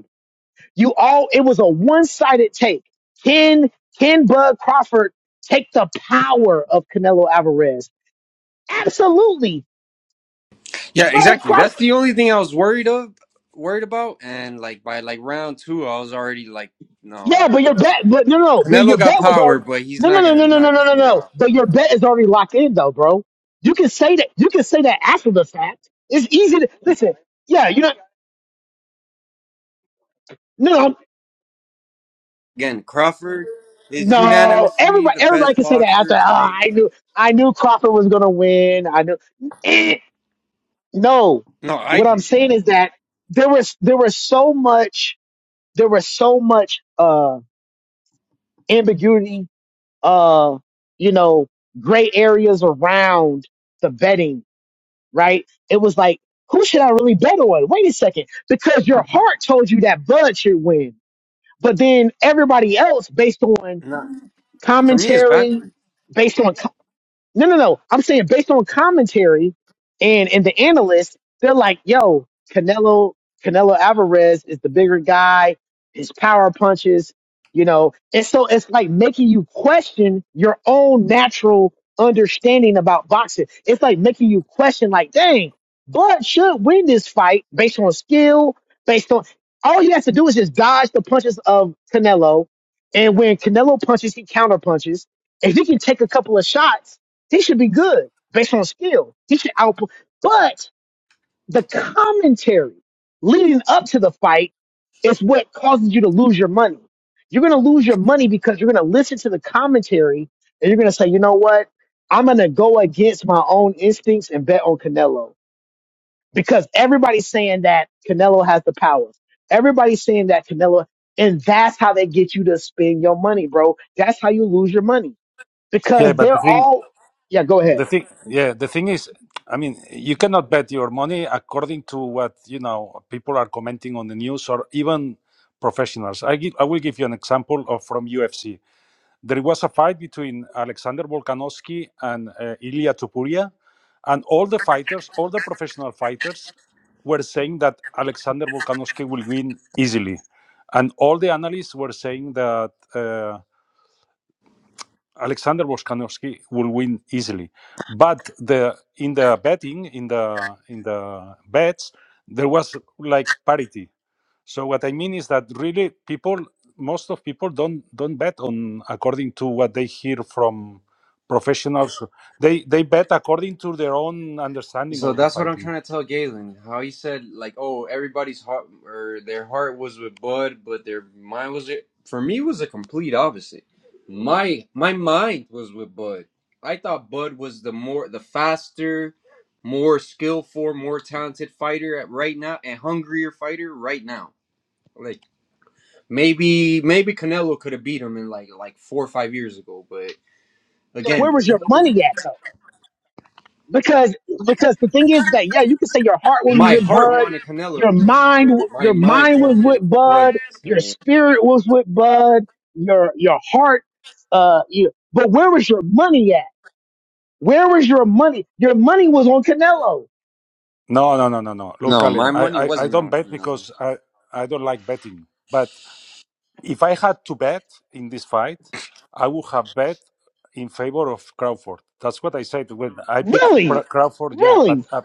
[SPEAKER 1] you all, it was a one-sided take. Can can Bud Crawford take the power of Canelo Alvarez? Absolutely,
[SPEAKER 7] Yeah,
[SPEAKER 1] Bud
[SPEAKER 7] exactly. That's
[SPEAKER 1] Crawford.
[SPEAKER 7] the only thing I was worried of, worried about. And like by like round two, I was already like,
[SPEAKER 1] Yeah,
[SPEAKER 7] no.
[SPEAKER 1] but your
[SPEAKER 7] yo,
[SPEAKER 1] bet, but no, no, no, but your
[SPEAKER 7] Canelo got
[SPEAKER 1] bet was
[SPEAKER 7] power,
[SPEAKER 1] already.
[SPEAKER 7] but he's
[SPEAKER 1] No,
[SPEAKER 7] not
[SPEAKER 1] no, no,
[SPEAKER 7] gonna
[SPEAKER 1] no, no, no, no,
[SPEAKER 7] knock this
[SPEAKER 1] no, no.
[SPEAKER 7] nigga
[SPEAKER 1] no.
[SPEAKER 7] out.
[SPEAKER 1] But your bet is already locked in, though, bro. You can say that. You can say that after the fact. It's easy to listen. Yeah, you know, no, no.
[SPEAKER 7] Again, Crawford is
[SPEAKER 1] no.
[SPEAKER 7] unanimously
[SPEAKER 1] Everybody,
[SPEAKER 7] the
[SPEAKER 1] everybody
[SPEAKER 7] best
[SPEAKER 1] can say that after.
[SPEAKER 7] boxer
[SPEAKER 1] Oh,
[SPEAKER 7] today.
[SPEAKER 1] I knew, I knew Crawford was gonna win. I knew. Eh, No,
[SPEAKER 7] No, I
[SPEAKER 1] what I'm
[SPEAKER 7] do.
[SPEAKER 1] saying is that there was there was so much there was so much uh ambiguity, uh, you know, gray areas around the betting, right? It was like, who should I really bet on? Wait a second, because your heart told you that Bud should win, but then everybody else, based on
[SPEAKER 7] Not for me, it's
[SPEAKER 1] commentary,
[SPEAKER 7] backwards.
[SPEAKER 1] based on No, no, no. I'm saying based on commentary and and the analysts, they're like, yo, Canelo Canelo Alvarez is the bigger guy. His power punches, you know, and so it's like making you question your own natural understanding about boxing. It's like making you question, like, dang, Bud should win this fight based on skill, based on all he has to do is just dodge the punches of Canelo, and when Canelo punches, he counter punches. If he can take a couple of shots he should be good based on skill. He should output. But the commentary leading up to the fight is what causes you to lose your money. You're going to lose your money because you're going to listen to the commentary and you're going to say, you know what? I'm going to go against my own instincts and bet on Canelo because everybody's saying that Canelo has the powers. Everybody's saying that Canelo, and that's how they get you to spend your money, bro. That's how you lose your money
[SPEAKER 6] Yeah,
[SPEAKER 1] because
[SPEAKER 6] but
[SPEAKER 1] they're
[SPEAKER 6] the thing
[SPEAKER 1] all, yeah, go ahead.
[SPEAKER 6] The thing, yeah, the thing is, I mean, you cannot bet your money according to what, you know, people are commenting on the news or even professionals. I give, I will give you an example of from UFC. There was a fight between Alexander Volkanovski and uh, Ilia Topuria, and all the fighters, all the professional fighters, were saying that Alexander Volkanovski will win easily, and all the analysts were saying that. Uh, Alexander Voskanovski will win easily. But the in the betting in the in the bets there was like parity. So what I mean is that really people most of people don't don't bet on according to what they hear from professionals. They they bet according to their own understanding
[SPEAKER 7] So
[SPEAKER 6] of the
[SPEAKER 7] that's what I'm
[SPEAKER 6] fighting.
[SPEAKER 7] trying to tell Galen. How he said like, oh, everybody's heart or their heart was with Bud, but their mind was it. For me, it was a complete opposite. My my mind was with Bud. I thought Bud was the more the faster, more skillful, more talented fighter at right now and hungrier fighter right now. Like maybe maybe Canelo could have beat him in like like four or five years ago, but
[SPEAKER 1] But where
[SPEAKER 7] again,
[SPEAKER 1] was
[SPEAKER 7] it
[SPEAKER 1] your
[SPEAKER 7] was-
[SPEAKER 1] money at though? Because because the thing is that yeah, you can say your heart was
[SPEAKER 7] my
[SPEAKER 1] with
[SPEAKER 7] heart
[SPEAKER 1] Bud,
[SPEAKER 7] wanted Canelo to
[SPEAKER 1] your
[SPEAKER 7] win,
[SPEAKER 1] mind
[SPEAKER 7] but my
[SPEAKER 1] your
[SPEAKER 7] mind
[SPEAKER 1] mind was
[SPEAKER 7] told me
[SPEAKER 1] with
[SPEAKER 7] Bud's
[SPEAKER 1] Bud,
[SPEAKER 7] gonna
[SPEAKER 1] your
[SPEAKER 7] win.
[SPEAKER 1] spirit was with Bud, your your heart uh you, but where was your money at? Where was your money? Your money was on Canelo.
[SPEAKER 6] No, no, no, no, no. Look,
[SPEAKER 7] No,
[SPEAKER 6] Galen,
[SPEAKER 7] my money
[SPEAKER 6] I, I, I
[SPEAKER 7] wasn't
[SPEAKER 6] don't
[SPEAKER 7] on
[SPEAKER 6] bet
[SPEAKER 7] Canelo,
[SPEAKER 6] because I, I don't like betting. But If I had to bet in this fight, I would have bet in favor of Crawford. That's what I said when I picked
[SPEAKER 1] Really?
[SPEAKER 6] Pra- Crawford. Yeah,
[SPEAKER 1] Really?
[SPEAKER 6] but uh,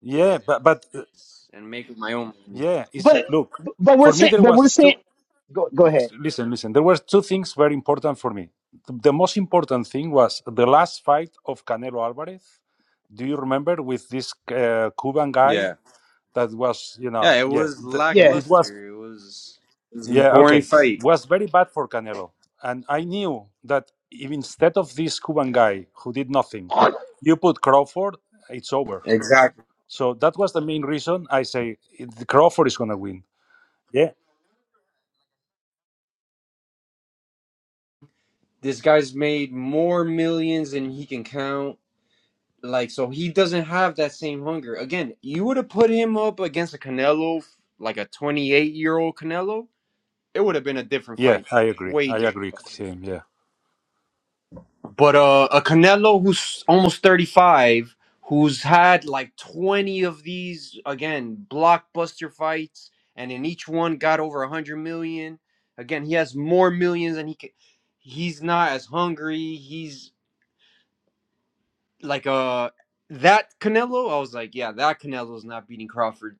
[SPEAKER 6] yeah, but but uh,
[SPEAKER 7] and making my own money.
[SPEAKER 6] yeah, it's
[SPEAKER 1] But
[SPEAKER 6] look
[SPEAKER 1] but we're
[SPEAKER 6] for me.
[SPEAKER 1] saying
[SPEAKER 6] There
[SPEAKER 1] but we're
[SPEAKER 6] was
[SPEAKER 1] saying
[SPEAKER 6] two.
[SPEAKER 1] go go ahead.
[SPEAKER 6] Listen, listen. There were two things very important for me. The, the most important thing was the last fight of Canelo Alvarez. Do you remember with this uh, Cuban guy
[SPEAKER 7] Yeah,
[SPEAKER 6] that was, you
[SPEAKER 7] yeah,
[SPEAKER 6] know,
[SPEAKER 7] it
[SPEAKER 6] yeah,
[SPEAKER 7] was
[SPEAKER 6] the,
[SPEAKER 1] Yeah,
[SPEAKER 6] it was.
[SPEAKER 7] lackluster. It was it was a
[SPEAKER 6] Yeah,
[SPEAKER 7] boring
[SPEAKER 6] okay.
[SPEAKER 7] fight.
[SPEAKER 6] Was very bad for Canelo. And I knew that if instead of this Cuban guy who did nothing, you put Crawford, it's over.
[SPEAKER 7] Exactly.
[SPEAKER 6] So that was the main reason I say it- Crawford is going to win. Yeah.
[SPEAKER 7] This guy's made more millions than he can count. Like, so he doesn't have that same hunger. Again, you would have put him up against a Canelo, like a 28 year old Canelo, it would have been a different
[SPEAKER 6] Yeah,
[SPEAKER 7] fight.
[SPEAKER 6] I agree.
[SPEAKER 7] Way
[SPEAKER 6] I
[SPEAKER 7] different.
[SPEAKER 6] agree, Tim. Yeah.
[SPEAKER 7] But uh, a Canelo who's almost 35, who's had like 20 of these, again, blockbuster fights, and in each one got over 100 million. Again, he has more millions and he can, he's not as hungry. He's like uh that Canelo, I was like, yeah, that Canelo's not beating Crawford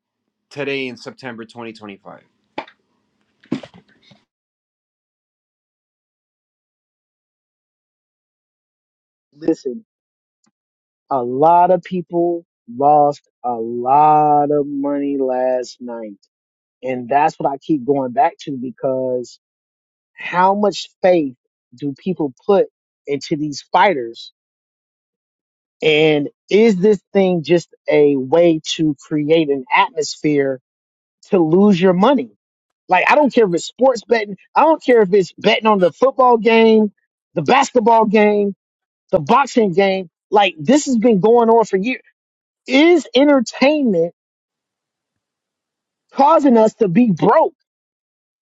[SPEAKER 7] today in September 2025.
[SPEAKER 1] listen, a lot of people lost a lot of money last night And that's what I keep going back to because how much faith do people put into these fighters? And is this thing just a way to create an atmosphere to lose your money? Like, I don't care if it's sports betting. I don't care if it's betting on the football game, the basketball game, the boxing game. Like, this has been going on for years. Is entertainment causing us to be broke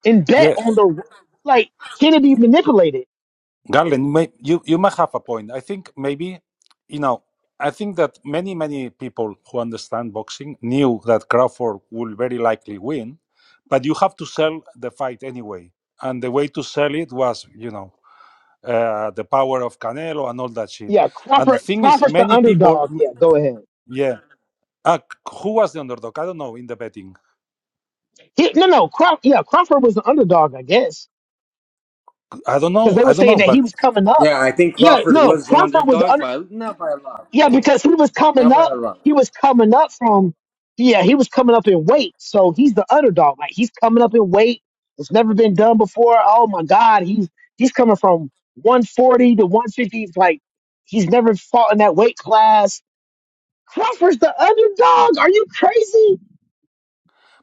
[SPEAKER 1] and bet
[SPEAKER 6] Yeah.
[SPEAKER 1] on the, like, can it be manipulated?
[SPEAKER 6] Garland, may, you, you may have a point. I think maybe, you know, I think that many, many people who understand boxing knew that Crawford will very likely win, but you have to sell the fight anyway. And the way to sell it was, you know, uh, the power of Canelo and all that shit.
[SPEAKER 1] Yeah,
[SPEAKER 6] And the
[SPEAKER 1] Crawford.
[SPEAKER 6] thing is,
[SPEAKER 1] Crawford's the
[SPEAKER 6] many people,
[SPEAKER 1] underdog. Yeah, go ahead.
[SPEAKER 6] yeah. Uh, who was the underdog? I don't know in the betting.
[SPEAKER 1] He, no, no, Crawford. Yeah, Crawford was the underdog, I guess,
[SPEAKER 6] I don't
[SPEAKER 1] because
[SPEAKER 6] know.
[SPEAKER 1] they
[SPEAKER 6] I
[SPEAKER 1] were
[SPEAKER 6] don't
[SPEAKER 1] saying
[SPEAKER 6] know.
[SPEAKER 1] that he
[SPEAKER 6] But
[SPEAKER 1] was coming up.
[SPEAKER 7] Yeah, I think
[SPEAKER 1] Yeah,
[SPEAKER 7] Crawford
[SPEAKER 1] no,
[SPEAKER 7] was the
[SPEAKER 1] Crawford was the
[SPEAKER 7] underdog,
[SPEAKER 1] under.
[SPEAKER 7] but not by a lot.
[SPEAKER 1] Yeah,
[SPEAKER 7] bro.
[SPEAKER 1] because he was coming
[SPEAKER 7] Not by a
[SPEAKER 1] up.
[SPEAKER 7] lot.
[SPEAKER 1] He was coming up from. Yeah, he was coming up in weight, so he's the underdog. Like he's coming up in weight. It's never been done before. Oh my God, he's he's coming from 140 to 150. Like he's never fought in that weight class Crawford's the underdog. Are you crazy?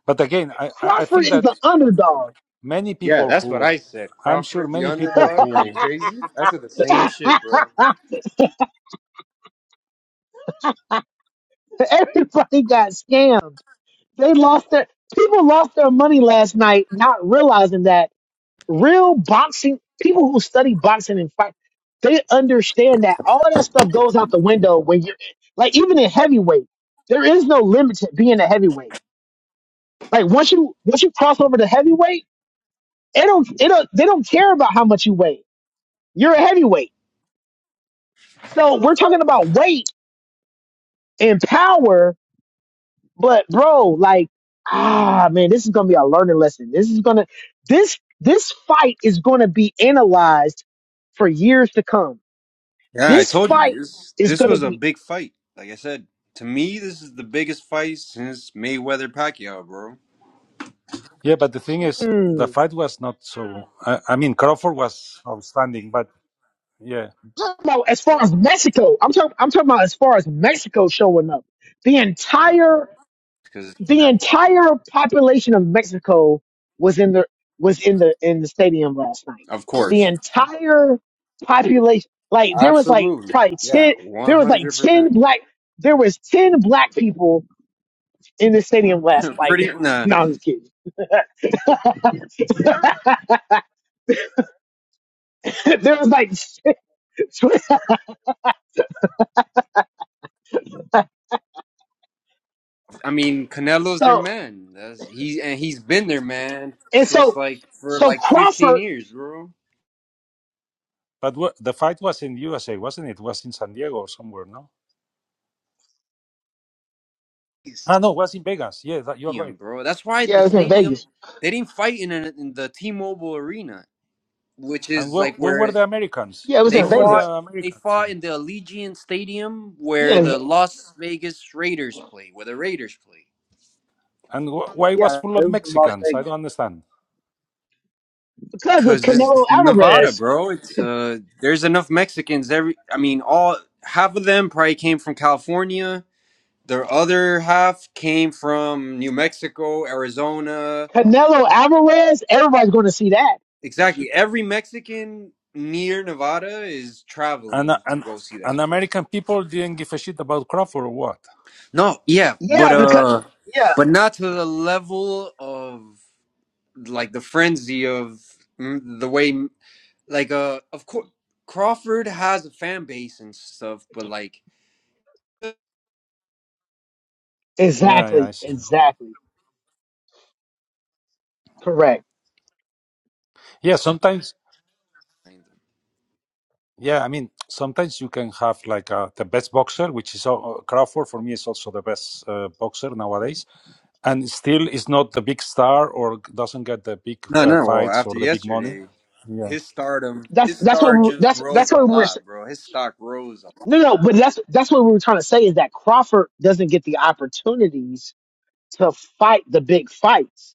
[SPEAKER 6] but again, I, I I
[SPEAKER 1] Crawford
[SPEAKER 6] think
[SPEAKER 1] is
[SPEAKER 6] that
[SPEAKER 1] the underdog.
[SPEAKER 6] many
[SPEAKER 7] Yeah,
[SPEAKER 6] people
[SPEAKER 7] that's what
[SPEAKER 6] who
[SPEAKER 7] I said.
[SPEAKER 6] I'm sure
[SPEAKER 7] Crawford, the
[SPEAKER 6] many people
[SPEAKER 7] underdog. Are you
[SPEAKER 6] who.
[SPEAKER 7] crazy? That's the same shit, bro.
[SPEAKER 1] Everybody got scammed. They lost their people lost their money last night, not realizing that real boxing people who study boxing and fight, they understand that all that stuff goes out the window when you're like even in heavyweight, there is no limit to being a heavyweight. Like once you once you cross over to heavyweight, it don't it don't they don't care about how much you weigh. You're a heavyweight. So we're talking about weight in power, but bro, like, ah, man, this is gonna be a learning lesson. This is gonna, this, this fight is gonna be analyzed for years to come.
[SPEAKER 7] Yeah, I
[SPEAKER 1] This
[SPEAKER 7] told
[SPEAKER 1] fight
[SPEAKER 7] you this.
[SPEAKER 1] is
[SPEAKER 7] This
[SPEAKER 1] gonna
[SPEAKER 7] was a
[SPEAKER 1] be,
[SPEAKER 7] big fight. Like I said, to me, this is the biggest fight since Mayweather Pacquiao, bro.
[SPEAKER 6] Yeah, but the thing is, the
[SPEAKER 1] mm,
[SPEAKER 6] fight was not so. I, I mean, Crawford was outstanding, but yeah,
[SPEAKER 1] Well, as far as Mexico, I'm talking, I'm talking about as far as Mexico showing up. The entire
[SPEAKER 7] Because
[SPEAKER 1] the entire population of Mexico was in the was in the in the stadium last night.
[SPEAKER 7] of
[SPEAKER 1] The
[SPEAKER 7] course,
[SPEAKER 1] entire population, like there was like
[SPEAKER 7] absolutely,
[SPEAKER 1] probably
[SPEAKER 7] yeah,
[SPEAKER 1] ten,
[SPEAKER 7] one
[SPEAKER 1] there was like
[SPEAKER 7] hundred
[SPEAKER 1] ten
[SPEAKER 7] percent.
[SPEAKER 1] black, there was ten black people in the stadium last night.
[SPEAKER 7] Pretty nah.
[SPEAKER 1] no, I'm just kidding. there was like
[SPEAKER 7] I mean, Canelo's their
[SPEAKER 1] so
[SPEAKER 7] man. That's he and he's been their man
[SPEAKER 1] and
[SPEAKER 7] since
[SPEAKER 1] so
[SPEAKER 7] like for
[SPEAKER 1] so
[SPEAKER 7] like 15
[SPEAKER 1] Crawford,
[SPEAKER 7] years, bro.
[SPEAKER 6] but wha- the fight was in USA, wasn't it? Was in San Diego or somewhere? No. Ah, no, was in Vegas. Yeah, that, you're
[SPEAKER 7] Stadium,
[SPEAKER 6] right.
[SPEAKER 7] bro. That's why
[SPEAKER 1] yeah,
[SPEAKER 7] the
[SPEAKER 1] it was in,
[SPEAKER 7] stadium they didn't fight in, an, in the T-Mobile Arena, which
[SPEAKER 6] And
[SPEAKER 7] is
[SPEAKER 6] wh-
[SPEAKER 7] like
[SPEAKER 6] when were
[SPEAKER 7] where
[SPEAKER 6] the Americans?
[SPEAKER 1] yeah, it was
[SPEAKER 7] they
[SPEAKER 1] in
[SPEAKER 6] When were the
[SPEAKER 7] fought.
[SPEAKER 1] Vegas.
[SPEAKER 7] They
[SPEAKER 6] Americans?
[SPEAKER 7] fought in the Allegiant Stadium
[SPEAKER 1] Yeah,
[SPEAKER 7] where
[SPEAKER 1] in
[SPEAKER 7] the
[SPEAKER 1] Ve-
[SPEAKER 7] Las Vegas Raiders play, where the Raiders play.
[SPEAKER 6] And wh- why it was
[SPEAKER 1] yeah,
[SPEAKER 6] full
[SPEAKER 1] it
[SPEAKER 6] of
[SPEAKER 1] was in
[SPEAKER 7] Like
[SPEAKER 1] Las Vegas
[SPEAKER 6] Mexicans? I don't understand.
[SPEAKER 1] because of
[SPEAKER 7] because
[SPEAKER 1] Canelo
[SPEAKER 7] it's Nevada,
[SPEAKER 1] Alvarez.
[SPEAKER 7] bro. It's uh there's enough Mexicans every I mean all half of them probably came from California The other half came from New Mexico, Arizona.
[SPEAKER 1] Canelo Alvarez, everybody's going to see that.
[SPEAKER 7] Exactly. Every Mexican near Nevada is
[SPEAKER 6] And uh,
[SPEAKER 7] traveling to
[SPEAKER 6] and
[SPEAKER 7] go see that
[SPEAKER 6] and
[SPEAKER 7] shit.
[SPEAKER 6] American people didn't give a shit about Crawford or what?
[SPEAKER 7] No, yeah, but
[SPEAKER 1] Yeah, because
[SPEAKER 7] uh
[SPEAKER 1] yeah,
[SPEAKER 7] but not to the level of like the frenzy of mm, the way like uh of course Crawford has a fan base and stuff, but like
[SPEAKER 6] Yeah, yeah, I
[SPEAKER 1] exactly,
[SPEAKER 6] see.
[SPEAKER 1] exactly, correct.
[SPEAKER 6] Yeah, sometimes Yeah, I mean, sometimes you can have like uh the best boxer, which is uh, Crawford for me is also the best uh, boxer nowadays, and still is not the big star or doesn't get the big
[SPEAKER 7] no,
[SPEAKER 6] uh,
[SPEAKER 7] no. Well,
[SPEAKER 6] fights or
[SPEAKER 7] after
[SPEAKER 6] the big money.
[SPEAKER 7] yesterday,
[SPEAKER 6] Yeah,
[SPEAKER 7] his stardom,
[SPEAKER 1] That's
[SPEAKER 7] his
[SPEAKER 1] that's what
[SPEAKER 7] star
[SPEAKER 1] we we're,
[SPEAKER 7] just
[SPEAKER 1] that's
[SPEAKER 7] rose
[SPEAKER 1] that's
[SPEAKER 7] a
[SPEAKER 1] what we we're
[SPEAKER 7] lot, bro. His stock rose. a.
[SPEAKER 1] no no, but that's that's what we were trying to say is that Crawford doesn't get the opportunities to fight the big fights,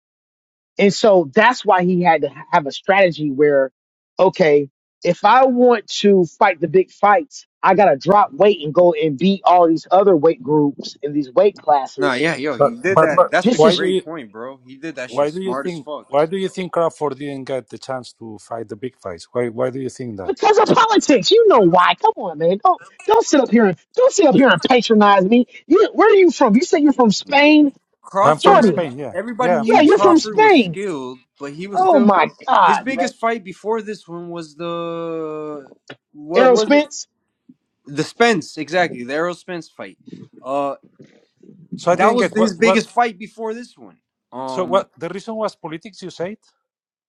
[SPEAKER 1] and so that's why he had to have a strategy where, okay, if I want to fight the big fights, I gotta drop weight and go and beat all these other weight groups in these weight
[SPEAKER 7] Nah,
[SPEAKER 1] classes
[SPEAKER 7] yeah, yo, he
[SPEAKER 6] but
[SPEAKER 7] did
[SPEAKER 6] but
[SPEAKER 7] that. That's
[SPEAKER 6] wh-
[SPEAKER 7] a
[SPEAKER 6] why do
[SPEAKER 7] great
[SPEAKER 6] you
[SPEAKER 7] point, bro. He did that
[SPEAKER 6] why
[SPEAKER 7] shit
[SPEAKER 6] do you
[SPEAKER 7] smart as
[SPEAKER 6] think
[SPEAKER 7] fuck.
[SPEAKER 6] why do you think Crawford didn't get the chance to fight the big fights? Why why do you think that?
[SPEAKER 1] Because of politics, you know why? Come on, man. Don't don't sit up here and don't sit up here and patronize me. You, where are you from? You say you're from Spain,
[SPEAKER 6] I'm from
[SPEAKER 7] Crawford,
[SPEAKER 1] Jordan.
[SPEAKER 6] Spain. Yeah,
[SPEAKER 7] everybody
[SPEAKER 6] yeah, I'm
[SPEAKER 1] Yeah,
[SPEAKER 7] knew
[SPEAKER 6] from
[SPEAKER 1] you're from
[SPEAKER 6] Spain.
[SPEAKER 7] Crawford was
[SPEAKER 1] Spain.
[SPEAKER 7] skilled, but he was
[SPEAKER 1] Oh
[SPEAKER 7] still
[SPEAKER 1] my
[SPEAKER 7] his
[SPEAKER 1] God, man.
[SPEAKER 7] biggest fight before this one was the what
[SPEAKER 1] Errol
[SPEAKER 7] was it?
[SPEAKER 1] Spence.
[SPEAKER 7] The Spence, exactly, the Errol Spence fight. Uh,
[SPEAKER 6] So I
[SPEAKER 7] that
[SPEAKER 6] didn't
[SPEAKER 7] was
[SPEAKER 6] get
[SPEAKER 7] his
[SPEAKER 6] what what.
[SPEAKER 7] biggest fight before this one.
[SPEAKER 6] So
[SPEAKER 7] Um,
[SPEAKER 6] what the reason was politics? You said.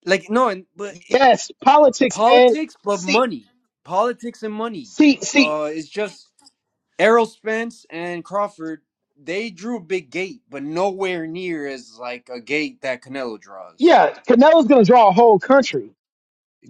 [SPEAKER 7] like no, and but it,
[SPEAKER 1] Yes, politics, man.
[SPEAKER 7] politics, but
[SPEAKER 1] See,
[SPEAKER 7] money, politics and money.
[SPEAKER 1] see, see.
[SPEAKER 7] Uh, it's just. Errol Spence and Crawford, they drew a big gate, but nowhere near as like a gate that Canelo draws.
[SPEAKER 1] Yeah, Canelo's gonna draw a whole country,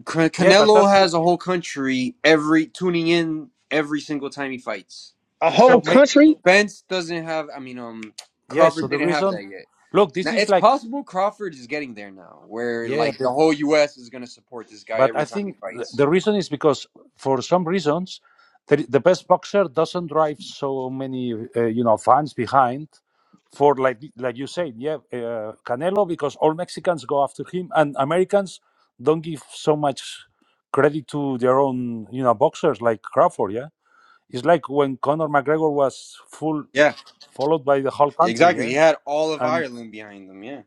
[SPEAKER 7] Can-
[SPEAKER 6] Yeah, but
[SPEAKER 7] Canelo
[SPEAKER 6] that's the-
[SPEAKER 7] has a whole country every tuning in every single time he fights.
[SPEAKER 1] a whole
[SPEAKER 6] so. ma-
[SPEAKER 1] country.
[SPEAKER 7] Spence doesn't have. I mean, um,
[SPEAKER 6] Yeah, so
[SPEAKER 7] Crawford
[SPEAKER 6] the
[SPEAKER 7] didn't have that
[SPEAKER 6] reason.
[SPEAKER 7] yet.
[SPEAKER 6] Look, this
[SPEAKER 7] Now
[SPEAKER 6] is
[SPEAKER 7] it's
[SPEAKER 6] like
[SPEAKER 7] possible Crawford is getting there now, where
[SPEAKER 6] yeah.
[SPEAKER 7] like
[SPEAKER 6] The,
[SPEAKER 7] the whole U.S. is gonna support this guy
[SPEAKER 6] But
[SPEAKER 7] every
[SPEAKER 6] I
[SPEAKER 7] time he
[SPEAKER 6] think th-
[SPEAKER 7] fights.
[SPEAKER 6] the reason is because for some reasons, the, the best boxer doesn't drive so many, uh, you know, fans behind. For like like you said, yeah, uh, Canelo because all Mexicans go after him, and Americans don't give so much credit to their own, you know, boxers like Crawford. Yeah, it's like when Conor McGregor was full
[SPEAKER 7] Yeah,
[SPEAKER 6] followed by the whole country.
[SPEAKER 7] exactly.
[SPEAKER 6] Yeah,
[SPEAKER 7] He had all of
[SPEAKER 6] and.
[SPEAKER 7] Ireland behind him. Yeah.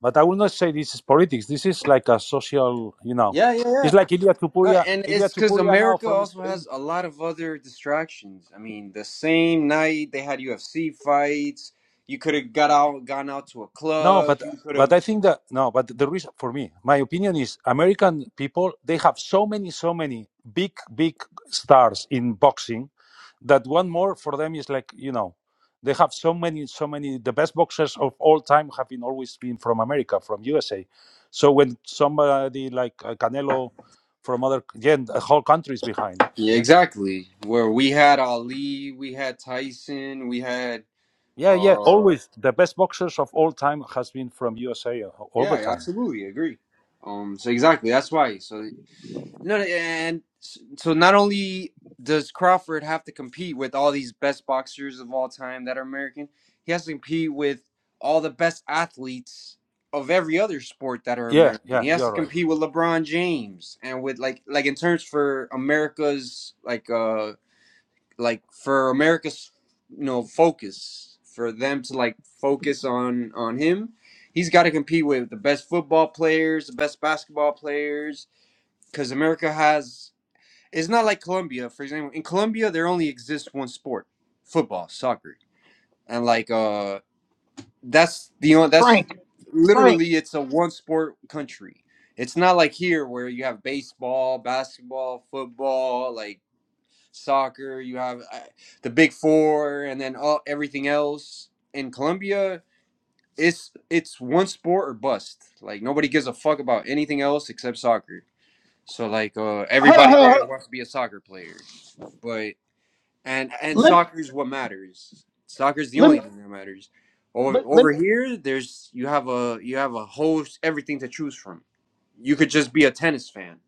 [SPEAKER 6] But I will not say this is politics. This is like a social, you know.
[SPEAKER 7] Yeah, yeah, yeah.
[SPEAKER 6] It's like Ilya
[SPEAKER 7] No,
[SPEAKER 6] Tupuria,
[SPEAKER 7] and
[SPEAKER 6] Ilya
[SPEAKER 7] it's because
[SPEAKER 6] Tupuria now
[SPEAKER 7] America
[SPEAKER 6] from
[SPEAKER 7] also has
[SPEAKER 6] Spain.
[SPEAKER 7] a lot of other distractions. I mean, the same night they had UFC fights, you could have got out, gone out to a
[SPEAKER 6] No,
[SPEAKER 7] club.
[SPEAKER 6] but
[SPEAKER 7] You could
[SPEAKER 6] but
[SPEAKER 7] have,
[SPEAKER 6] I think that no, but the reason for me, my opinion is American people they have so many so many big big stars in boxing that one more for them is like you know they have so many so many the best boxers of all time have been always been from America from USA. So when somebody like uh, Canelo from other again, the whole country is behind.
[SPEAKER 7] yeah,
[SPEAKER 6] Yeah
[SPEAKER 7] exactly. Where we had Ali, we had Tyson, we had,
[SPEAKER 6] Yeah, yeah,
[SPEAKER 7] uh,
[SPEAKER 6] always. The best boxers of all time has been from USA all
[SPEAKER 7] yeah,
[SPEAKER 6] the
[SPEAKER 7] I
[SPEAKER 6] time.
[SPEAKER 7] absolutely agree. Um, so exactly, that's why. So No, no, and so not only does Crawford have to compete with all these best boxers of all time that are American, he has to compete with all the best athletes of every other sport that are
[SPEAKER 6] Yeah,
[SPEAKER 7] American.
[SPEAKER 6] yeah,
[SPEAKER 7] He has to
[SPEAKER 6] you're right.
[SPEAKER 7] compete with LeBron James and with like like in terms for America's like uh like for America's you know focus for them to like focus on on him. He's got to compete with the best football players, the best basketball players, because America has it's not like Colombia, for example. In Colombia, there only exists one sport: football, soccer, and like uh, that's the only that's literally it's a one sport country. It's not like here where you have baseball, basketball, football, like soccer. You have uh, the big four, and then all everything else. In Colombia, it's it's one sport or bust. Like nobody gives a fuck about anything else except soccer. So like uh,
[SPEAKER 1] Hold on,
[SPEAKER 7] everybody
[SPEAKER 1] hold on,
[SPEAKER 7] there
[SPEAKER 1] hold on.
[SPEAKER 7] wants to be a soccer player but and and
[SPEAKER 1] Let
[SPEAKER 7] soccer is what matters. Soccer is the
[SPEAKER 1] let me-
[SPEAKER 7] only thing that matters. Over
[SPEAKER 1] let let
[SPEAKER 7] over here, there's you have a you have a whole everything to choose from. You could just be a tennis fan.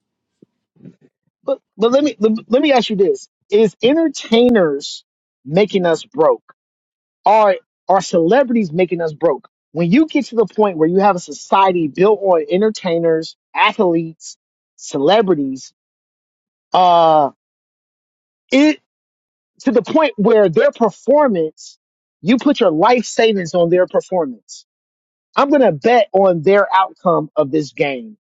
[SPEAKER 1] but, but let me let, let me ask you this: Is entertainers making us broke? are are celebrities making us broke? When you get to the point where you have a society built on entertainers, athletes, celebrities, uh, it to the point where their performance, you put your life savings on their performance. I'm gonna bet on their outcome of this game.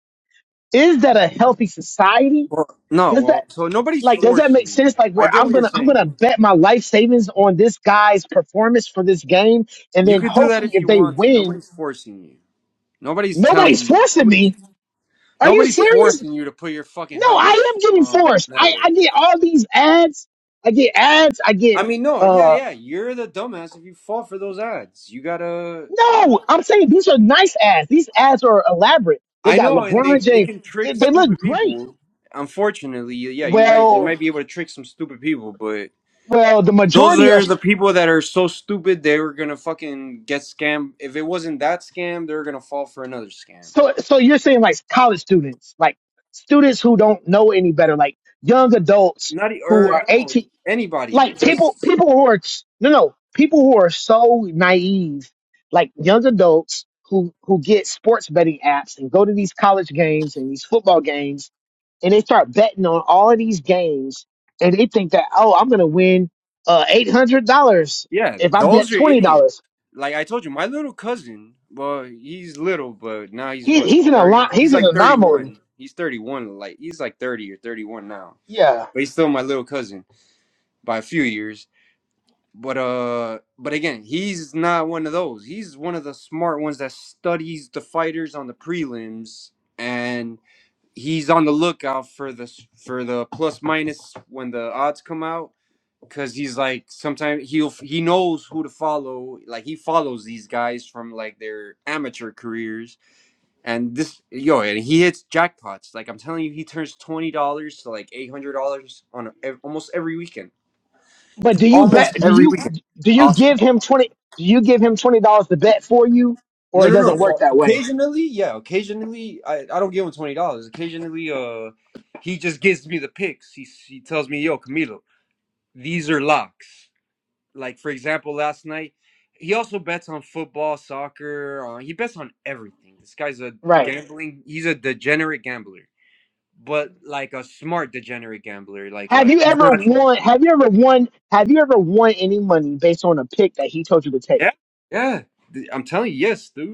[SPEAKER 1] Is that a healthy society?
[SPEAKER 7] Well, no,
[SPEAKER 1] Does
[SPEAKER 7] well,
[SPEAKER 1] that
[SPEAKER 7] so nobody's
[SPEAKER 1] like does that
[SPEAKER 7] forcing
[SPEAKER 1] make
[SPEAKER 7] you.
[SPEAKER 1] sense? Like
[SPEAKER 7] I
[SPEAKER 1] where
[SPEAKER 7] get
[SPEAKER 1] I'm
[SPEAKER 7] what you're
[SPEAKER 1] gonna I'm
[SPEAKER 7] saying.
[SPEAKER 1] gonna bet my life savings on this guy's performance for this game, and
[SPEAKER 7] You
[SPEAKER 1] then
[SPEAKER 7] could do that
[SPEAKER 1] hopefully
[SPEAKER 7] if
[SPEAKER 1] if
[SPEAKER 7] you
[SPEAKER 1] they
[SPEAKER 7] want to.
[SPEAKER 1] win.
[SPEAKER 7] Nobody's forcing you. Nobody's telling
[SPEAKER 1] Nobody's
[SPEAKER 7] you.
[SPEAKER 1] forcing
[SPEAKER 7] Nobody's
[SPEAKER 1] me. Are you
[SPEAKER 7] nobody's
[SPEAKER 1] serious?
[SPEAKER 7] forcing you to put your fucking
[SPEAKER 1] No,
[SPEAKER 7] house
[SPEAKER 1] I am getting
[SPEAKER 7] on
[SPEAKER 1] forced. I,
[SPEAKER 7] Canelo.
[SPEAKER 1] I get all these ads. I get ads. I
[SPEAKER 7] I
[SPEAKER 1] get,
[SPEAKER 7] mean, no, yeah,
[SPEAKER 1] uh,
[SPEAKER 7] yeah. You're the dumbass if you fall for those ads. You gotta like
[SPEAKER 1] no, I'm saying these are nice ads. These ads are elaborate. They
[SPEAKER 7] I
[SPEAKER 1] got
[SPEAKER 7] know, and they
[SPEAKER 1] LeBron
[SPEAKER 7] they
[SPEAKER 1] James.
[SPEAKER 7] can
[SPEAKER 1] They,
[SPEAKER 7] trick
[SPEAKER 1] they look
[SPEAKER 7] stupid
[SPEAKER 1] great.
[SPEAKER 7] people. Unfortunately, yeah, you're right. They
[SPEAKER 1] Well,
[SPEAKER 7] might be able to trick some stupid people, but
[SPEAKER 1] well, the
[SPEAKER 7] those
[SPEAKER 1] majority are,
[SPEAKER 7] are the
[SPEAKER 1] st-
[SPEAKER 7] people that are so stupid they were gonna fucking get scammed. If it wasn't that scam, they're gonna fall for another scam.
[SPEAKER 1] so, so you're saying like college students, like students who don't know any better, like young adults
[SPEAKER 7] Not e-
[SPEAKER 1] who
[SPEAKER 7] or
[SPEAKER 1] are
[SPEAKER 7] no
[SPEAKER 1] 18.
[SPEAKER 7] anybody.
[SPEAKER 1] like people
[SPEAKER 7] Just
[SPEAKER 1] people who are no no people who are so naive like young adults who who get sports betting apps and go to these college games and these football games and they start betting on all of these games and they think that oh i'm gonna win uh eight hundred dollars
[SPEAKER 7] yeah,
[SPEAKER 1] if i
[SPEAKER 7] those
[SPEAKER 1] bet
[SPEAKER 7] are
[SPEAKER 1] twenty
[SPEAKER 7] idiots.
[SPEAKER 1] dollars
[SPEAKER 7] Like I told you, my little cousin. Well, he's little, but now he's
[SPEAKER 1] he,
[SPEAKER 7] what like
[SPEAKER 1] he's an
[SPEAKER 7] thirty.
[SPEAKER 1] a
[SPEAKER 7] He's
[SPEAKER 1] he's an
[SPEAKER 7] like
[SPEAKER 1] anomaly
[SPEAKER 7] thirty-one. He's thirty-one. Like he's like thirty or thirty-one now,
[SPEAKER 1] yeah
[SPEAKER 7] but he's still my little cousin by a few years but uh but again he's not one of those he's one of the smart ones that studies the fighters on the prelims and he's on the lookout for the for the plus minus when the odds come out because he's like sometimes he'll he knows who to follow like he follows these guys from like their amateur careers and this yo and he hits jackpots like i'm telling you he turns $20 to like $800 on a, ev- almost every weekend
[SPEAKER 1] but do you bet
[SPEAKER 7] almost
[SPEAKER 1] do
[SPEAKER 7] every
[SPEAKER 1] you
[SPEAKER 7] weekend
[SPEAKER 1] do you
[SPEAKER 7] I'll
[SPEAKER 1] give him twenty do you give him twenty dollars to bet for you
[SPEAKER 7] No,
[SPEAKER 1] or it
[SPEAKER 7] no, no.
[SPEAKER 1] doesn't work
[SPEAKER 7] So
[SPEAKER 1] that way
[SPEAKER 7] occasionally, yeah, occasionally I, I don't give him twenty dollars. Occasionally, uh, he just gives me the picks. He he tells me, "Yo, Camilo, these are locks." Like for example, last night he also bets on football, soccer. Uh, he bets on everything. This guy's a
[SPEAKER 1] Right.
[SPEAKER 7] gambling. He's a degenerate gambler, but like a smart degenerate gambler. Like
[SPEAKER 1] Have
[SPEAKER 7] a
[SPEAKER 1] you
[SPEAKER 7] he's
[SPEAKER 1] ever
[SPEAKER 7] not.
[SPEAKER 1] won? Have you ever won? Have you ever won any money based on a pick that he told you to take?
[SPEAKER 7] Yeah, yeah. th- I'm telling you, yes, dude.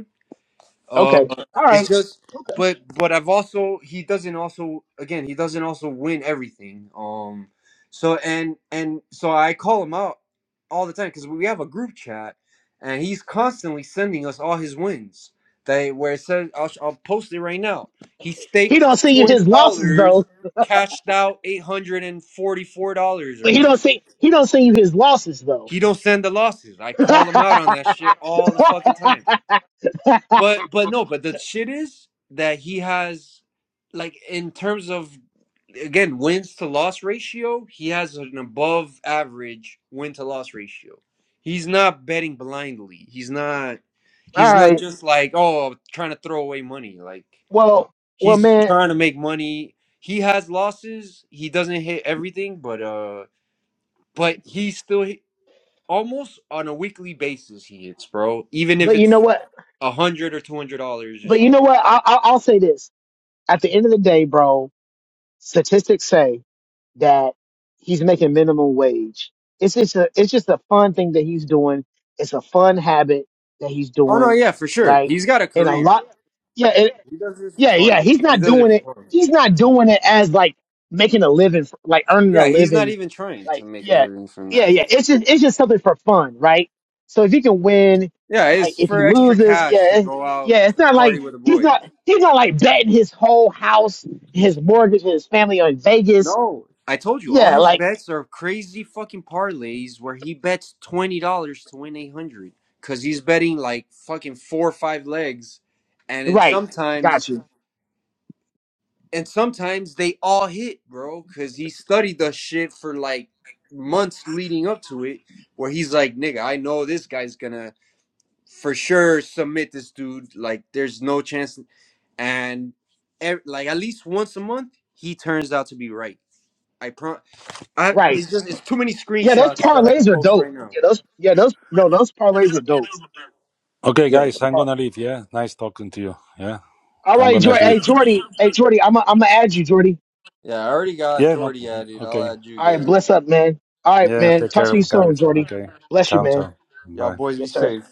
[SPEAKER 7] Uh,
[SPEAKER 1] Okay, all
[SPEAKER 7] it's
[SPEAKER 1] right.
[SPEAKER 7] just, but but I've also he doesn't also again he doesn't also win everything. Um, so and and so I call him out all the time because we have a group chat, and he's constantly sending us all his wins. They where it says I'll, sh- I'll post it right now. He
[SPEAKER 1] He
[SPEAKER 7] staked
[SPEAKER 1] don't send you
[SPEAKER 7] twenty
[SPEAKER 1] his losses
[SPEAKER 7] dollars,
[SPEAKER 1] though,
[SPEAKER 7] cashed out eight hundred and forty four dollars or
[SPEAKER 1] but he don't
[SPEAKER 7] whatever.
[SPEAKER 1] see he don't send you his losses though.
[SPEAKER 7] He don't send the losses. I
[SPEAKER 1] all
[SPEAKER 7] call him out on that shit all the fucking time. But but no, but the shit is that he has like in terms of again wins to loss ratio, he has an above average win to loss ratio. He's not betting blindly. He's not he's not
[SPEAKER 1] right.
[SPEAKER 7] just like, oh, trying to throw away money. Like
[SPEAKER 1] Well, well,
[SPEAKER 7] he's
[SPEAKER 1] man.
[SPEAKER 7] trying to make money. He has losses. He doesn't hit everything, but uh but he still hit, almost on a weekly basis he hits, bro. Even if
[SPEAKER 1] But you
[SPEAKER 7] it's
[SPEAKER 1] know what?
[SPEAKER 7] a hundred or two hundred dollars or
[SPEAKER 1] But you
[SPEAKER 7] something.
[SPEAKER 1] know what? I, I, I'll say this. At the end of the day, bro, statistics say that he's making minimum wage. It's just a it's just a fun thing that he's doing. It's a fun habit that he's
[SPEAKER 7] Oh no,
[SPEAKER 1] doing,
[SPEAKER 7] yeah, for sure.
[SPEAKER 1] right?
[SPEAKER 7] He's got a
[SPEAKER 1] And a
[SPEAKER 7] career.
[SPEAKER 1] lot, yeah.
[SPEAKER 7] He does this for
[SPEAKER 1] Yeah, yeah.
[SPEAKER 7] fun.
[SPEAKER 1] He's
[SPEAKER 7] He
[SPEAKER 1] not
[SPEAKER 7] does it
[SPEAKER 1] doing it.
[SPEAKER 7] for fun.
[SPEAKER 1] He's not doing it as like making a living, for, like earning a
[SPEAKER 7] Yeah, he's not
[SPEAKER 1] living.
[SPEAKER 7] even trying to
[SPEAKER 1] Like,
[SPEAKER 7] make a
[SPEAKER 1] yeah,
[SPEAKER 7] living from
[SPEAKER 1] yeah,
[SPEAKER 7] that.
[SPEAKER 1] yeah. It's just, it's just something for fun, right? So if he can win,
[SPEAKER 7] Yeah,
[SPEAKER 1] like
[SPEAKER 7] it's
[SPEAKER 1] if he
[SPEAKER 7] for extra
[SPEAKER 1] loses,
[SPEAKER 7] cash to
[SPEAKER 1] yeah, it's,
[SPEAKER 7] go out
[SPEAKER 1] yeah. It's not
[SPEAKER 7] party
[SPEAKER 1] like
[SPEAKER 7] with the
[SPEAKER 1] he's
[SPEAKER 7] boys.
[SPEAKER 1] not, he's not like betting his whole house, his mortgage, and his family on Vegas.
[SPEAKER 7] No, I told you all
[SPEAKER 1] Yeah,
[SPEAKER 7] his
[SPEAKER 1] like,
[SPEAKER 7] bets are crazy fucking parlays where he bets twenty dollars to win eight hundred because he's betting like fucking four or five legs, and it
[SPEAKER 1] right.
[SPEAKER 7] sometimes
[SPEAKER 1] Got you.
[SPEAKER 7] and sometimes they all hit, bro, because he studied the shit for like months leading up to it, where he's like, nigga, I know this guy's gonna for sure submit this dude. Like, there's no chance. And ev- like at least once a month, he turns out to be right. I pro, I
[SPEAKER 1] Right.
[SPEAKER 7] it's just it's too many
[SPEAKER 1] Yeah, those
[SPEAKER 7] screenshots that I could
[SPEAKER 1] parlays are
[SPEAKER 7] post
[SPEAKER 1] dope.
[SPEAKER 7] right now.
[SPEAKER 1] Yeah, those, yeah, those, no, those parlays are dope.
[SPEAKER 6] Okay,
[SPEAKER 1] Yeah. The
[SPEAKER 6] guys, I'm
[SPEAKER 1] par-
[SPEAKER 6] gonna leave. Yeah, nice talking to you. Yeah,
[SPEAKER 1] All
[SPEAKER 6] I'm
[SPEAKER 1] right,
[SPEAKER 6] gonna
[SPEAKER 1] Jordy.
[SPEAKER 6] sleep.
[SPEAKER 1] Hey, Jordy. Hey, Jordy. I'm, i I'm gonna add you, Jordy.
[SPEAKER 7] Yeah, I already got
[SPEAKER 6] Yeah, no.
[SPEAKER 7] Jordy added. I'll
[SPEAKER 6] Okay.
[SPEAKER 7] add you
[SPEAKER 1] All right,
[SPEAKER 7] guys.
[SPEAKER 1] bless up, man. All right,
[SPEAKER 6] Yeah,
[SPEAKER 1] man.
[SPEAKER 6] take
[SPEAKER 1] Talk to
[SPEAKER 6] care,
[SPEAKER 1] you soon,
[SPEAKER 6] guys.
[SPEAKER 1] Jordy.
[SPEAKER 6] Okay.
[SPEAKER 1] Bless you,
[SPEAKER 6] Ciao,
[SPEAKER 1] man.
[SPEAKER 6] ciao.
[SPEAKER 7] Y'all
[SPEAKER 6] Bye.
[SPEAKER 7] boys be
[SPEAKER 1] Yes, sir.
[SPEAKER 7] safe.